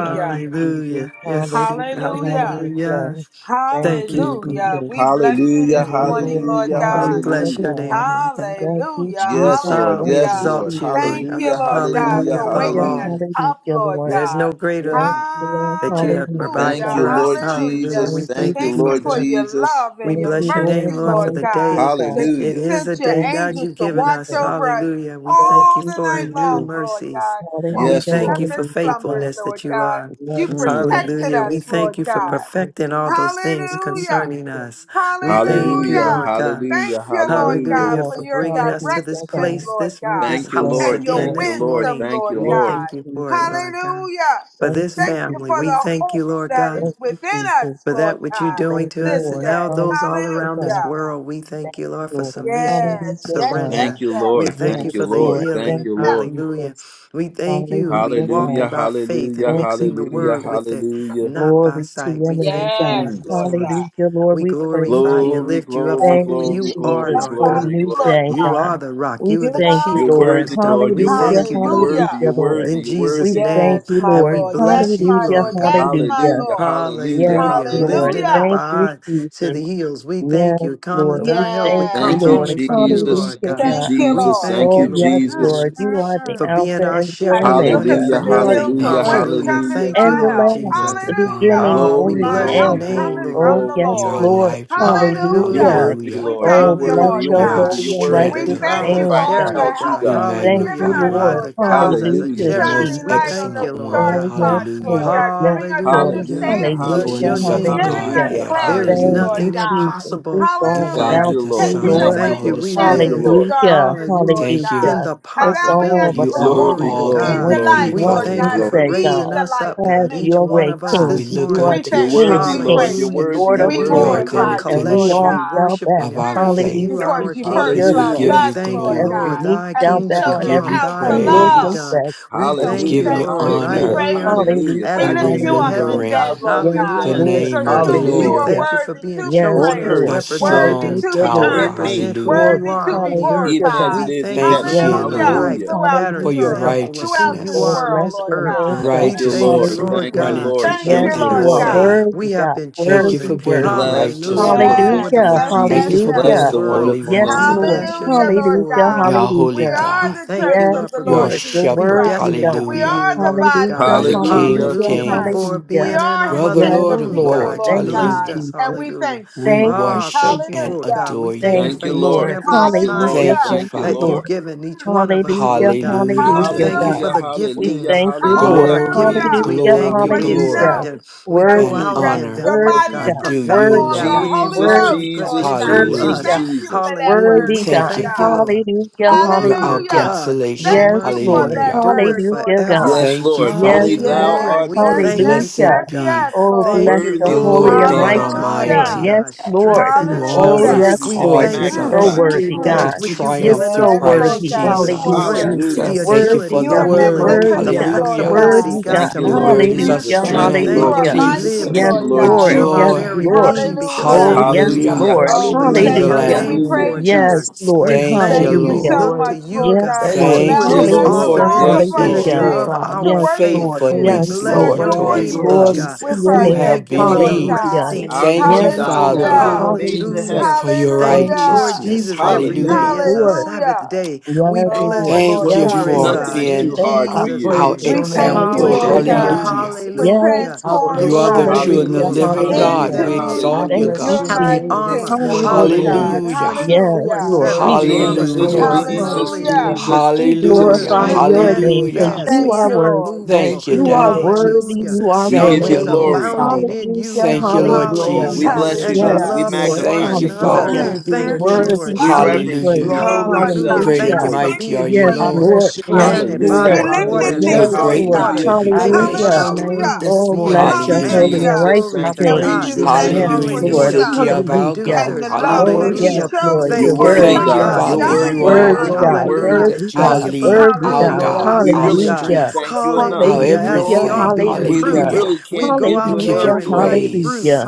C: Thank you, Jesus.
B: Yes.
C: Hallelujah.
D: Hallelujah.
B: Hallelujah.
C: Hallelujah. Thank
B: Thank
C: you,
B: you,
C: Jesus.
B: God.
D: Hallelujah. We bless you
A: Hallelujah,
D: this
C: Thank you,
B: Lord.
D: morning,
C: Lord.
D: Lord
A: hallelujah,
B: We
D: God.
C: Hallelujah,
B: bless
A: hallelujah.
B: your
C: God.
B: name, Lord God.
C: Thank you,
D: Hallelujah.
A: Yes,
C: Jesus.
A: Lord,
B: Ah, we
C: Thank
A: yes,
C: you,
D: Hallelujah.
A: Lord.
B: exalt you, Lord
C: Jesus.
D: Thank you,
A: Hallelujah,
B: God.
D: Lord God,
A: hallelujah,
B: Hallelujah.
D: for
B: Above
C: Hallelujah.
D: waking us
B: all,
A: hallelujah.
D: up,
C: Hallelujah,
D: Lord
C: Lord.
B: there's no
D: God.
B: greater
C: Yes,
B: love
C: Lord.
B: that you have
C: Hallelujah,
B: provided
A: Thank
D: Hallelujah.
A: you,
C: God.
B: for us.
A: Lord
B: Hallelujah.
D: Hallelujah.
A: Jesus.
B: We
C: Thank you,
A: Thank
B: thank
A: you,
B: you
D: Thank you
B: for
A: Lord
D: for
B: that.
C: Jesus.
D: your
A: Jesus.
D: love
B: We
D: and
C: Thank
D: your
C: you,
B: bless your
C: Lord.
B: name,
D: mercy,
B: Lord, for
D: Lord
B: the
D: God,
C: Hallelujah,
B: day.
C: God.
D: that you
B: It
A: Hallelujah.
B: is a
D: sent your
B: day,
C: Thank
B: God,
C: you,
D: angels
B: you've
D: to
B: given
D: watch
B: us.
C: Jesus.
D: over us
B: Hallelujah. We
C: Thank
B: thank
D: all
B: you
C: you,
D: the
B: for
D: night
B: new
D: long,
C: Jesus.
D: Lord
B: mercies.
D: God, while
B: We
D: we
A: Yes,
C: Hallelujah,
B: thank
A: Lord.
D: slept
B: you for
D: and
C: hallelujah, God.
D: slumbered,
B: faithfulness
D: Lord
B: that you
D: God.
B: are.
D: You
C: Yes,
A: Mm.
C: Lord.
D: protected
B: Hallelujah. We
D: us,
C: Thank you,
B: thank
D: Lord
B: you for
C: Jesus.
D: God.
B: perfecting all those things
C: Thank you,
D: Hallelujah.
B: concerning
C: Jesus.
B: us. We
C: Thank
B: thank
C: you,
B: you,
A: Hallelujah,
B: Lord
D: Hallelujah.
C: Jesus.
B: God.
D: Thank
A: hallelujah,
D: you, Lord
C: Thank you,
A: hallelujah.
D: God,
B: Hallelujah
C: Lord.
D: for
B: for
D: your
B: bringing us to this
C: Hallelujah, God.
D: direction,
B: place,
D: Lord
B: this
D: God,
B: this
A: Thank
C: Yes,
A: you,
B: house
A: Lord.
D: and your
B: again
A: Thank
C: Lord.
A: you,
B: this
A: Lord.
D: wisdom,
B: morning.
A: Thank
D: Lord
A: you,
B: We
C: Thank
A: Lord.
C: you,
D: God.
B: thank you for it,
C: Jesus.
B: Lord God.
D: Hallelujah.
B: For
C: Thank
B: this
C: you,
D: Thank you
B: family,
D: for
B: we
C: Jesus.
D: the
B: thank
D: hope
B: you, Lord
D: that
B: God
D: is
C: Thank you,
D: within
C: Jesus.
D: us,
B: for
D: Lord
B: that which you're
D: God,
B: doing
C: Thank
B: to
C: you,
B: us
D: this
B: and
C: Lord.
D: day.
B: now those all
C: Hallelujah,
B: around
C: God.
B: this
D: Hallelujah.
B: world. We thank
C: Thank
B: you,
C: you,
B: Lord, for
C: Lord.
B: submission,
D: Yes,
C: Hallelujah,
D: yes,
C: God.
B: surrender.
A: Thank
D: yes,
A: you,
D: yes.
B: We
A: Lord.
B: thank you
A: Thank
C: Yes,
A: you,
B: for the
A: Lord.
C: Lord.
A: Thank
C: Thank
B: yielding.
A: you,
C: you,
D: Hallelujah.
A: Lord.
B: Hallelujah.
C: Jesus.
B: We thank you. We
C: Hallelujah,
A: Hallelujah,
B: walking
C: God.
B: by faith
A: hallelujah,
B: and
C: Thank you,
B: mixing the
A: hallelujah,
B: word
C: Jesus.
B: with it,
A: hallelujah.
B: not by
C: Glory to
B: sight.
C: your
B: We
C: name,
B: thank you,
C: God.
D: Yes,
B: Lord,
A: Mm.
B: this
D: Lord
B: morning.
D: God.
C: Hallelujah, Lord.
B: We
C: We praise
B: glorify you and
C: you.
A: Glory,
B: lift you up
D: Yes,
A: glory,
B: for
C: Thank
B: who
D: we
C: you,
D: do.
A: glory,
B: you
D: We
B: are,
A: glory,
C: Jesus,
B: Lord
C: for a
D: glorify
B: God.
A: glory,
D: you,
C: new
D: Lord
A: glory.
C: day,
B: You
C: God.
B: are
D: God.
B: the rock.
C: We
B: You are
D: You
B: the
C: thank you,
D: alone.
A: You're
B: chief
C: Lord.
A: worthy,
B: cornerstone.
A: Lord.
B: We
A: You're
C: Hallelujah,
B: thank
A: worthy,
B: you,
A: you're
B: God.
A: worthy,
D: Hallelujah.
C: hallelujah,
A: you're
C: Lord.
A: worthy,
B: In
A: you're
C: We
B: Jesus'
A: worthy.
C: thank
B: name.
D: Yes,
C: you,
D: my
B: And we
C: Lord.
D: Lord. Yes,
B: bless you,
D: my
C: Hallelujah,
D: Lord.
B: Lord God.
D: Yes, my
C: hallelujah.
A: Hallelujah,
D: Lord.
A: hallelujah,
C: Yes,
B: Hallelujah.
C: Lord.
A: hallelujah.
B: Lifting
D: Hallelujah.
B: up
C: Thank you,
B: our eyes to
C: Jesus.
B: the hills. We thank
C: Yes,
B: you. Cometh
C: Lord. We
B: our help.
C: thank
B: It
D: Yeah.
C: you,
A: Thank
B: comes
A: you,
C: Lord.
B: only from you,
A: Jesus.
B: Lord
C: Hallelujah,
A: Thank you,
B: God.
C: God.
D: Thank you,
B: We
A: Jesus.
D: Lord.
B: thank
A: Thank you,
C: Oh,
B: you, Lord
C: yes,
D: Mm,
A: Jesus.
C: Lord.
B: Jesus,
C: You
D: mm,
C: are the
D: mm.
B: for
C: Alpha
B: being our
C: and the
D: I
B: shepherd,
D: should look
B: wanting
C: Omega.
D: into
B: for
A: Hallelujah,
D: the
C: You are the
D: hill
B: nothing.
D: from
A: hallelujah,
E: Thank you,
D: whence
C: first
B: Hallelujah.
E: Lord.
D: cometh
A: hallelujah.
B: Thank you,
C: and
D: my
C: the
B: Lord
D: help.
E: You
C: last,
E: are the
C: the
B: Jesus.
D: Hallelujah.
C: beginning
E: vine.
B: Ah, we
C: and
A: Glory,
C: the
D: My
B: bless your
C: end.
A: glory,
D: help
E: Hallelujah.
B: name,
D: cometh
A: glory,
B: Lord.
D: from
C: Oh,
D: the
A: glory,
C: yes,
E: You are our
D: Lord.
A: glory.
C: Lord.
E: lifeline.
A: You're
D: Hallelujah.
C: Hallelujah.
B: Hallelujah.
A: worthy,
E: Hallelujah.
D: We
A: Lord. You're
D: thank
C: Oh,
D: you,
C: bless
A: worthy.
D: Lord
A: You're
C: your
E: You are
B: Hallelujah.
E: our
D: God.
A: worthy.
C: holy
A: You're
C: and
B: That
A: worthy.
B: the
D: We
E: strength,
A: We
C: righteous
E: oh
D: thank
B: clouds
D: you
B: are
E: God.
D: for
A: magnify
C: name,
A: and
D: all the
C: God.
B: chariot,
A: exalt you,
D: help
B: God.
E: We
C: We
D: that
A: God.
D: you've
C: thank
B: Hallelujah.
D: given
C: you,
E: magnify
B: You
D: us,
B: ride
E: you.
C: Lord.
D: Lord
B: the
D: God
B: clouds as a
E: You're
A: Hallelujah.
C: Hallelujah,
E: the
B: chariot.
E: most
D: shining
B: We
D: light
C: Jesus.
D: on
B: thank you,
D: those
E: excellent
B: Lord
E: one.
D: dark
C: Oh,
B: God.
C: yes,
D: spots, Lord
E: Hallelujah.
C: Lord.
D: God,
C: Yes,
D: giving us
C: Lord.
A: Hallelujah.
B: Hallelujah.
E: The
D: understanding,
B: Bless
C: Hallelujah.
B: your
E: fullness
A: Hallelujah.
E: of the
B: name,
D: giving
B: God.
D: us
C: Hallelujah.
A: Hallelujah.
E: Godhead.
B: There is
D: clarity,
C: Thank
A: Hallelujah.
D: Lord
C: you,
B: nothing
E: Hallelujah.
D: God.
C: Jesus. It's
B: impossible for
E: The
B: you,
C: all
A: Thank
B: God.
D: Hallelujah.
E: Father,
C: about
A: you,
E: the
A: Lord.
C: you,
D: Taking
B: We
E: Son,
C: Lord.
A: Thank
E: and the
A: you,
D: away
B: thank you.
E: Holy
D: the
A: Lord.
B: We
A: Thank you,
D: shadows
B: live,
E: Spirit.
D: of
A: Lord.
C: Hallelujah.
D: darkness, Lord
B: hallelujah,
E: Thank
C: Hallelujah.
E: you.
B: in
D: God.
B: the
C: It's
D: Allowing us
C: all
E: You
B: possibilities.
D: to
C: about
E: are
D: walk
B: Glory
A: Glory,
C: you,
B: to
E: all
C: Lord. And
E: that
A: glory,
D: in
C: what
B: God.
D: the
E: we
C: you
A: glory,
D: light,
E: need,
B: We
C: want,
D: Lord
E: Father
A: glory,
C: we
B: thank
D: God,
B: you
E: God.
D: and
B: for
C: say,
A: glory.
D: be
B: raising
C: God,
D: the
B: us
D: light
B: up,
D: to
C: have
B: God, each
D: many,
C: your
B: one
D: Lord
C: way,
B: of us
E: So
D: God.
E: we
C: King.
B: this
E: look
C: You are
D: We
B: morning.
C: the
E: unto
A: You're
D: thank
C: King
D: you.
C: of
A: worthy,
D: We
C: Kings,
A: Lord.
D: praise
A: You're
E: Jesus,
C: the
B: Hallelujah.
D: you.
A: worthy.
C: Lord
A: You're
B: That
C: of
D: We
B: we
E: the
A: worthy.
B: may
A: You're
C: Lords.
E: author and
B: come
E: the
D: glorify you,
A: worthy.
C: And we
D: Lord
C: all
B: collectively
E: finisher
D: God.
C: shall
B: worshiping
E: of
C: bow.
B: and
E: our
D: Mm,
B: praising
E: faith.
B: you,
C: Hallelujah
D: because
B: our
D: you
C: before
B: King.
D: first
E: as
C: your
E: we
D: loved
C: throne.
E: give
B: We
A: Hallelujah.
D: us,
E: you
B: thank
C: For
D: Lord
B: you,
C: every
B: Lord.
E: glory,
D: God,
C: knee
B: Thy
D: and
C: shall
D: you
E: as
B: kingdom
E: we
C: bow
D: showed
C: and
D: us
E: give
B: come,
C: every
E: you
D: how
B: thy
D: to
C: tongue
B: will
C: will
B: be
D: love.
E: praise,
B: done.
C: confess
B: We
D: And
C: that
D: so
E: we
D: we
B: thank
E: give
B: you,
A: Hallelujah,
E: you
C: Jesus
D: thank
C: is
B: Lord,
D: you. We
B: right
C: Lord.
A: hallelujah,
E: honor
B: here
D: praise
B: on earth
D: you.
A: hallelujah.
B: as
D: We
C: Hallelujah.
E: in
A: Thy
B: it
D: lift
B: is
D: you
B: in
A: kingdom
D: up
C: Hallelujah.
B: heaven.
A: come, thy
D: today,
E: remembering
A: will
D: Lord
A: be
C: Yes,
D: God,
E: the
B: Hallelujah.
A: done.
B: In
C: Lord.
B: this
E: name
D: because
E: of the
B: earth,
D: truly
B: we
D: you
A: Hallelujah.
D: are
C: Hallelujah.
E: Lord,
B: thank you for
D: worthy
B: being
D: to be
C: Yes,
A: On
B: chosen as
D: praised,
A: earth,
E: the
C: Lord.
D: worthy
E: strong
B: representatives
D: to
C: Hallelujah,
D: be
B: to
C: Lord.
E: tower.
A: in
D: honored,
B: represent
A: me,
B: who
E: Hallelujah.
B: you
D: worthy
C: Glory,
B: are
D: to
B: on
D: be
B: the
C: hallelujah,
A: even
B: earth.
C: God.
A: as it
D: glorified.
B: We
A: is in
B: thank you for
E: Thank
A: heaven.
C: Yes,
E: you,
B: being the
D: Hallelujah.
E: Lord,
C: Lord,
B: life,
A: Hallelujah.
B: the
D: Throughout
B: pattern,
E: for
D: this
E: your
C: hallelujah,
D: earth,
C: God.
B: example of
D: throughout
B: who
D: this
B: you
C: Oh,
E: righteousness.
B: are on
D: world,
C: bless
B: this
D: Lord
C: your
B: earth.
E: The
C: name,
D: God.
C: God.
B: We
A: Thank you,
B: thank you,
E: righteousness
A: Lord.
E: are
B: Lord
A: Thank
C: Hallelujah.
A: you,
E: run
B: God, for
A: Lord.
E: into
D: Thank
E: it
C: Yes,
D: you,
A: Thank you,
E: and
B: choosing
E: are
C: you
D: Lord
B: us,
C: are
A: Lord.
B: God.
D: God.
E: saved.
C: worthy,
B: We have
C: God.
B: been
E: Thank you
B: chosen.
E: for
C: Worthy,
E: being our
C: worthy.
A: Bless the
E: righteous
B: Hallelujah.
E: one.
A: wonderful
B: Before
D: Yes,
B: the
A: name
C: Hallelujah,
A: of
D: yes,
E: Thank you
A: Jesus.
D: yes,
E: for
B: foundation of
D: yes.
E: being
B: the
A: Bless
C: hallelujah.
E: the
A: the
B: world,
E: Holy
A: wonderful
C: Yes,
A: name
B: we
E: One.
A: of
C: Lord.
B: bless your
A: Jesus.
D: Hallelujah,
B: name
D: Lord
B: for it,
C: Hallelujah,
B: Lord.
D: God.
E: You are
D: We
E: holy
C: hallelujah.
D: are
B: We
E: God.
D: the
B: thank
D: church
B: you,
C: Yes,
D: of
B: Lord,
D: the
B: for
E: You are
D: Lord
C: Lord,
B: being
C: you're
D: Jesus
E: shepherd.
D: Christ.
C: worthy,
B: predestined to
C: God.
D: We
B: be
E: Hallelujah.
D: are
B: here,
D: the
B: glory to
D: body
E: You
B: God.
E: are
D: of
C: Hallelujah,
E: the
D: the Lord
E: King
A: Hallelujah.
E: of
D: Jesus
C: hallelujah,
B: Hallelujah.
D: Christ.
E: kings.
B: Before
D: We
C: hallelujah.
B: being in our
D: are
E: You are
D: his
E: the
B: mother's
C: Yes,
E: Lord
D: kingdom
E: of
B: womb,
C: Lord.
D: people,
B: God,
E: Lords.
B: you
D: Lord
C: Thank you,
A: Mm.
B: blessed
D: God.
E: Hallelujah.
B: us.
D: And
C: Jesus.
D: we
B: Hallelujah.
D: thank
E: We
D: you.
C: Thank you,
B: Oh,
E: worship
B: thank you
C: Jesus.
E: and
B: for it,
D: Hallelujah.
B: God. We
E: adore
B: thank you
C: Thank
A: Thank
E: you.
B: for
C: you,
A: you,
B: each and
A: Lord.
C: Lord.
B: every
A: Thank
C: Hallelujah.
A: you, Lord.
B: assignment
E: Thank
D: Hallelujah.
E: you,
C: Thank
A: Thank you,
C: you,
B: that
E: Father.
A: Lord.
B: you've
C: Lord.
B: given each one of us,
C: Hallelujah.
B: Lord God.
E: Hallelujah
B: We
E: to the
C: Hallelujah,
B: thank you
C: God.
B: for
A: Hallelujah,
D: Hallelujah.
E: Lamb.
B: the
C: We
A: hallelujah,
B: giftings,
C: thank you,
B: all
C: Lord.
A: hallelujah,
B: our
E: Glory,
B: giftings.
D: Hallelujah.
B: We
A: hallelujah,
C: Hallelujah.
B: thank
E: glory,
B: you.
D: What
B: We
D: do you
A: hallelujah.
B: accept
C: Hallelujah.
E: glory,
D: know?
B: them. We
D: That
B: go
E: and
C: Worthy
A: Mm.
B: out
C: God.
D: that
B: in
E: honor
B: them,
D: your
B: Lord
D: body
C: Worthy
E: are
D: is
B: God,
C: God.
D: the
E: due you,
D: temple
B: perfecting
D: of
C: Worthy
B: that
C: God.
D: the
E: Lord.
B: which you've
D: Holy
A: Jesus,
B: already
C: Worthy
D: Ghost,
C: God.
B: put
D: Lord
A: Jesus,
B: in
D: God.
B: through
D: We
C: Worthy
A: Jesus,
C: God.
B: us.
D: thank
E: Hallelujah.
D: you for
A: Jesus.
D: that
B: Hallelujah.
D: word,
C: Worthy
B: We
D: Lord
E: Thank
C: God.
E: you,
B: thank you,
D: God.
B: Lord.
E: Father.
C: Hallelujah.
E: You're
B: Glory
E: our
B: to
C: Hallelujah.
D: Hallelujah.
B: God. Your
E: consolation.
D: Thank
C: Yes,
D: you
B: mercy
D: for
C: Lord.
D: that
E: Hallelujah.
B: endureth
D: word, Lord
C: Hallelujah, God.
B: forever.
D: God.
A: Yes,
E: Thank you,
A: Lord,
C: Yes,
A: only
E: Father.
A: thou
C: Lord.
B: Hallelujah.
D: Yes,
A: art
B: We
D: yes,
A: worthy,
B: thank
D: yes,
B: you
C: Hallelujah.
B: for
E: Blessed
B: it,
D: yes,
B: God.
D: yes,
E: be
C: Oh,
D: Lord.
C: bless
B: Thank you,
C: the
A: worthy
E: the
A: of
C: holy
E: Lord
C: and
B: Lord.
A: glory and
E: God
B: My
C: righteous
A: honor,
B: God, my
C: name.
D: Hallelujah.
C: Yes,
E: Almighty,
B: God.
F: Thank
C: Lord.
B: Strengthen
F: you,
E: who
B: us,
C: Oh,
B: God.
D: Hallelujah.
E: always
A: worthy
C: yes,
F: Jesus.
B: We
A: to be
C: Lord.
B: thank
C: You're
E: causes
B: you
D: Mm,
C: so
E: us
B: for
A: magnified.
F: Thank
B: it.
D: mm,
F: you,
C: worthy,
D: mm.
E: to
F: Lord
B: That
C: God.
B: which you've
C: You're
E: triumph
B: given
F: Jesus.
E: through
C: so
B: us,
D: Yes,
B: we
D: Lord
E: Christ
C: worthy.
B: thank you
D: God,
B: for the
F: Thank
D: you are
F: you,
E: Jesus.
B: strength,
C: Hallelujah.
D: worthy.
B: the
A: Hallelujah.
F: Jesus.
E: Thank you for
C: Worthy
B: agility,
D: You
E: the
B: the
D: are
C: God.
F: You
B: ability,
E: word.
F: worthy
C: Worthy
B: the
D: magnificent,
F: of
C: God.
F: the
D: Lord
E: Hallelujah.
B: flexibility,
D: God.
F: praises
C: Worthy
B: God,
F: this
C: God.
A: Thank
B: to
A: you,
E: Your
A: Lord
D: Mm,
F: morning.
E: word is
B: move.
E: our
D: mm,
A: Jesus.
C: Hallelujah.
D: mm.
B: We
A: Thank
F: Thank
A: you,
E: strength,
F: you,
D: You
B: thank
E: our
A: Lord
D: are
B: you.
F: Lord
C: Hallelujah.
B: We
A: Jesus.
E: peace,
D: mighty,
B: live, we
F: Jesus.
A: Thank
C: Yes,
A: you,
D: Lord
B: move,
E: our
A: Lord
B: we
D: God.
C: Lord.
B: have our
C: Yes,
A: Jesus.
F: Glory
E: joy.
B: very
F: be to
C: Lord.
B: being because
F: Jesus.
D: Hallelujah.
C: Oh,
B: of
C: yes,
B: you.
F: I
E: Hallelujah
A: Hallelujah,
C: Lord.
F: bless
B: We
D: Oh,
F: your
D: we
E: to
A: hallelujah,
B: bless
E: the
F: name
D: thank
B: your
D: you
C: Hallelujah.
D: and
F: this
D: we
B: name
E: Lamb.
F: morning,
A: hallelujah.
B: for it,
D: praise
B: God.
D: you.
C: Yes,
F: Jesus.
C: Lord.
B: We
E: Thank
B: thank
E: you,
F: Thank
D: Thank
B: you.
A: Mm.
D: you
B: We
F: you,
C: Hallelujah.
D: so
E: Lord.
B: look to
F: Lord.
D: much,
B: you,
D: Lord
C: Yes,
D: God,
B: God,
D: for
F: Thank
C: Lord.
F: you,
B: who
E: Thank
B: is
E: you,
D: allowing
B: the
A: Yes,
D: us
E: Lord,
D: to
F: Jesus.
E: for
A: Lord.
C: Hallelujah.
B: author and
D: call
B: the
A: Yes,
E: great
D: upon
E: is
F: Thank
D: your
A: Lord.
B: finisher
C: Hallelujah.
F: you,
D: name,
B: of
E: your
F: Father.
D: to
B: our
C: Yes,
D: worship
B: faith.
C: Lord.
D: you,
F: Oh,
B: We
C: Yes,
F: you
E: faithfulness,
F: so
D: to
B: bless
C: Lord.
E: Lord,
B: your
D: adore
F: worthy,
E: towards
B: name,
F: Lord
D: you
B: Lord
E: us
C: Glory
B: God.
C: to
D: with
F: Jesus.
C: your
E: who
B: We
D: our
C: name.
E: have
B: thank you
D: lips,
B: for
F: Thank
B: the
D: Lord
F: you,
E: believed.
D: God.
C: Hallelujah.
B: resting
F: Jesus.
A: Our
B: in
E: Thank
B: you,
E: you,
A: Lord
C: Yes,
B: God.
A: God,
F: Thank you,
C: Lord.
A: thou have
E: Father,
D: Hallelujah.
F: Lord
A: made the
C: Hallelujah.
F: Jesus.
B: Hallelujah.
E: for
A: heavens.
E: your
B: Thank
C: Thank
B: you,
C: you,
B: Lord
D: Hallelujah.
E: righteousness.
B: Jesus.
C: Jesus.
B: Every
C: Yes,
B: day
E: Hallelujah.
A: Hallelujah.
B: is a
C: Lord.
D: Hallelujah.
B: Sabbath day. We
C: Yes,
F: Thank
D: Oh,
B: bless
C: Lord.
F: you,
B: you
D: Lord
E: Thank
F: Lord
E: you
C: Yes,
D: God,
B: for it,
D: we
E: for
C: Lord.
A: Nothing
F: Jesus.
D: thank
B: God,
A: is
B: in
A: too
D: you.
E: being
C: Thank
A: hard
F: I
A: for
C: you,
B: Jesus'
A: you.
E: our
B: name.
F: praise
C: Jesus.
D: We
F: your
D: thank
F: name
D: you,
E: example.
A: Glory
D: Lord
F: today,
A: to
C: Hallelujah,
B: Hallelujah.
A: God.
F: Lord
C: God.
D: God,
E: Hallelujah.
D: for
F: Jesus.
B: Hallelujah.
C: Yes,
F: I
C: Lord.
E: You
D: transforming
E: are
F: bless your
E: the
D: us
B: Glory,
E: true and
F: name
E: the
C: Hallelujah.
B: glory.
A: Hallelujah,
F: this
E: living
B: Thank
F: morning.
B: you
E: God.
A: hallelujah,
C: Hallelujah.
B: that
E: We
B: we
D: into
F: I
E: exalt you,
A: hallelujah.
C: Thank
F: bless
C: you,
D: your
F: your
E: God.
B: have the
D: mighty
F: name
C: Jesus.
B: armor.
F: this
D: kingdom, Lord
F: morning, Lord
C: Hallelujah.
A: Mm.
B: Hallelujah.
D: God.
E: Hallelujah.
F: Jesus.
C: Yes,
B: 24
F: You're
D: Hallelujah.
C: Lord.
B: 7.
C: We
B: The
F: worthy of
C: thank
F: the
B: armor
C: you,
B: is
A: Jesus,
C: Lord.
E: Hallelujah.
B: on.
F: praises
A: Jesus,
F: this
C: Hallelujah.
D: Hallelujah.
F: morning.
B: Hallelujah.
A: Jesus,
C: We
D: Mm,
E: Hallelujah.
A: Jesus.
B: Glory,
C: glorify
D: mm,
F: Thank
C: your
F: you,
D: mm.
B: standing
C: name
F: Lord
C: because
E: Hallelujah.
B: fast,
C: you
D: Thank
C: are
B: being
F: Jesus.
D: you,
C: worthy.
D: Lord.
F: Thank
B: unmovable.
E: Thank you,
F: you,
C: You are
F: Lord
E: Daddy.
C: worthy.
B: Hallelujah.
F: Jesus.
C: You are
B: And
A: We
C: worthy.
A: give
E: Thank
A: you
E: you,
B: always
F: Thank you,
E: Lord.
A: glory.
B: abounding
F: Father.
B: in
C: Hallelujah.
B: you,
E: Thank you,
B: God.
F: Oh,
E: Lord
C: Hallelujah.
F: glory
A: We
B: Hallelujah.
F: be to
A: bless
E: Jesus.
A: you,
B: And the
C: Yes,
A: God.
D: Hallelujah.
A: We
B: love
F: Jesus.
B: for
C: Lord.
B: one
A: magnify
E: Thank
A: and
E: you,
A: exalt
B: another.
A: you.
D: Mm,
C: Hallelujah.
F: Glory
E: Father.
F: be
D: mm,
F: to
B: Thank you,
D: mm.
C: Worthy
B: Lord
A: We
F: Jesus.
C: to
D: Love
B: God.
C: be
A: reverence you.
D: lifted
E: Hallelujah.
C: praised.
A: We
D: me,
A: humble
F: Glory
D: Lord
F: be
B: Hallelujah.
F: to
A: ourselves
D: God.
E: Great
D: I
B: Thank
E: and
B: you
C: Hallelujah.
A: before
B: for
F: Jesus.
A: you.
D: thank
E: mighty
D: you
E: are
B: being
E: you,
C: Yes,
D: for
F: I
D: that,
B: trees
E: Lord.
C: Lord.
D: Lord
F: bless your
C: Yes,
D: God.
F: name
B: planted
F: this
B: by
A: Hallelujah,
D: He
B: the
C: Lord.
F: morning,
B: water,
F: Lord
D: lifted me,
A: hallelujah,
E: You're
C: Yes,
B: rivers
D: Lord
B: of
F: Jesus.
C: Lord.
E: greatly
D: God.
B: water.
E: to
A: hallelujah.
E: be
F: I
B: Thank you for
F: bless
C: Hallelujah.
B: thy
F: your
E: praised.
F: name
D: Hallelujah.
B: roots
F: this
C: Oh,
B: being
C: bless
F: morning,
A: Thank you,
C: your holy
F: Jesus.
B: expanded.
E: Hallelujah.
C: and
B: And
D: Hallelujah.
A: Jesus.
B: glory
F: I
C: righteous
A: Thank
B: to
A: you,
D: And we
C: name.
B: God.
F: praise your
D: just
A: Jesus.
D: thank
A: Thank
F: name
C: Yes,
D: you
A: you,
E: Hallelujah
D: for
F: this
E: in the
D: your
C: Lord.
A: Jesus.
B: Hallelujah.
F: morning,
D: son
E: city
B: Fruit
F: Father.
E: of our
C: Hallelujah.
D: and
E: God.
D: the
B: producers.
F: I
D: love
C: Oh,
D: that
E: Hallelujah.
D: he
C: yes,
B: Hallelujah.
F: worship you
D: showed towards
C: Lord.
A: You're
C: You're
B: Thank
F: this
B: you,
A: worthy,
F: morning,
C: worthy,
E: Thank
B: Lord
E: you,
D: us
A: God.
C: God.
D: for
B: God,
A: You're
E: Father.
B: being
F: Jesus.
B: the
E: You
A: worthy.
D: dying
A: You're
D: for
B: branch.
E: are
C: Worthy,
D: us,
A: worthy. You're
C: God.
F: Glory
D: Lord
F: be
B: Hallelujah.
A: worthy.
D: God.
F: to
C: Worthy,
E: our
B: Thank
C: God.
B: you for
F: Jesus.
B: the
E: lead,
C: Worthy,
E: our
B: pruning
C: God.
D: Hallelujah.
E: guide,
F: Glory
A: We
E: our
F: be
B: process,
A: really
F: to
B: God.
A: can't
C: Hallelujah.
E: strength,
A: thank
F: Jesus.
A: you enough.
E: our
B: Hallelujah.
C: Hallelujah.
B: As we
F: Glory
B: are
E: everything.
F: be
B: being
F: to
A: We, we
C: Hallelujah.
B: pruned,
A: really
E: Hallelujah.
F: Jesus.
B: we
A: can't
B: go
A: give
E: We
A: you
B: out
E: give
A: enough
E: you
C: Hallelujah.
B: bearing
F: Glory be
A: glory.
B: much
F: to
B: fruit.
C: Hallelujah.
E: praise.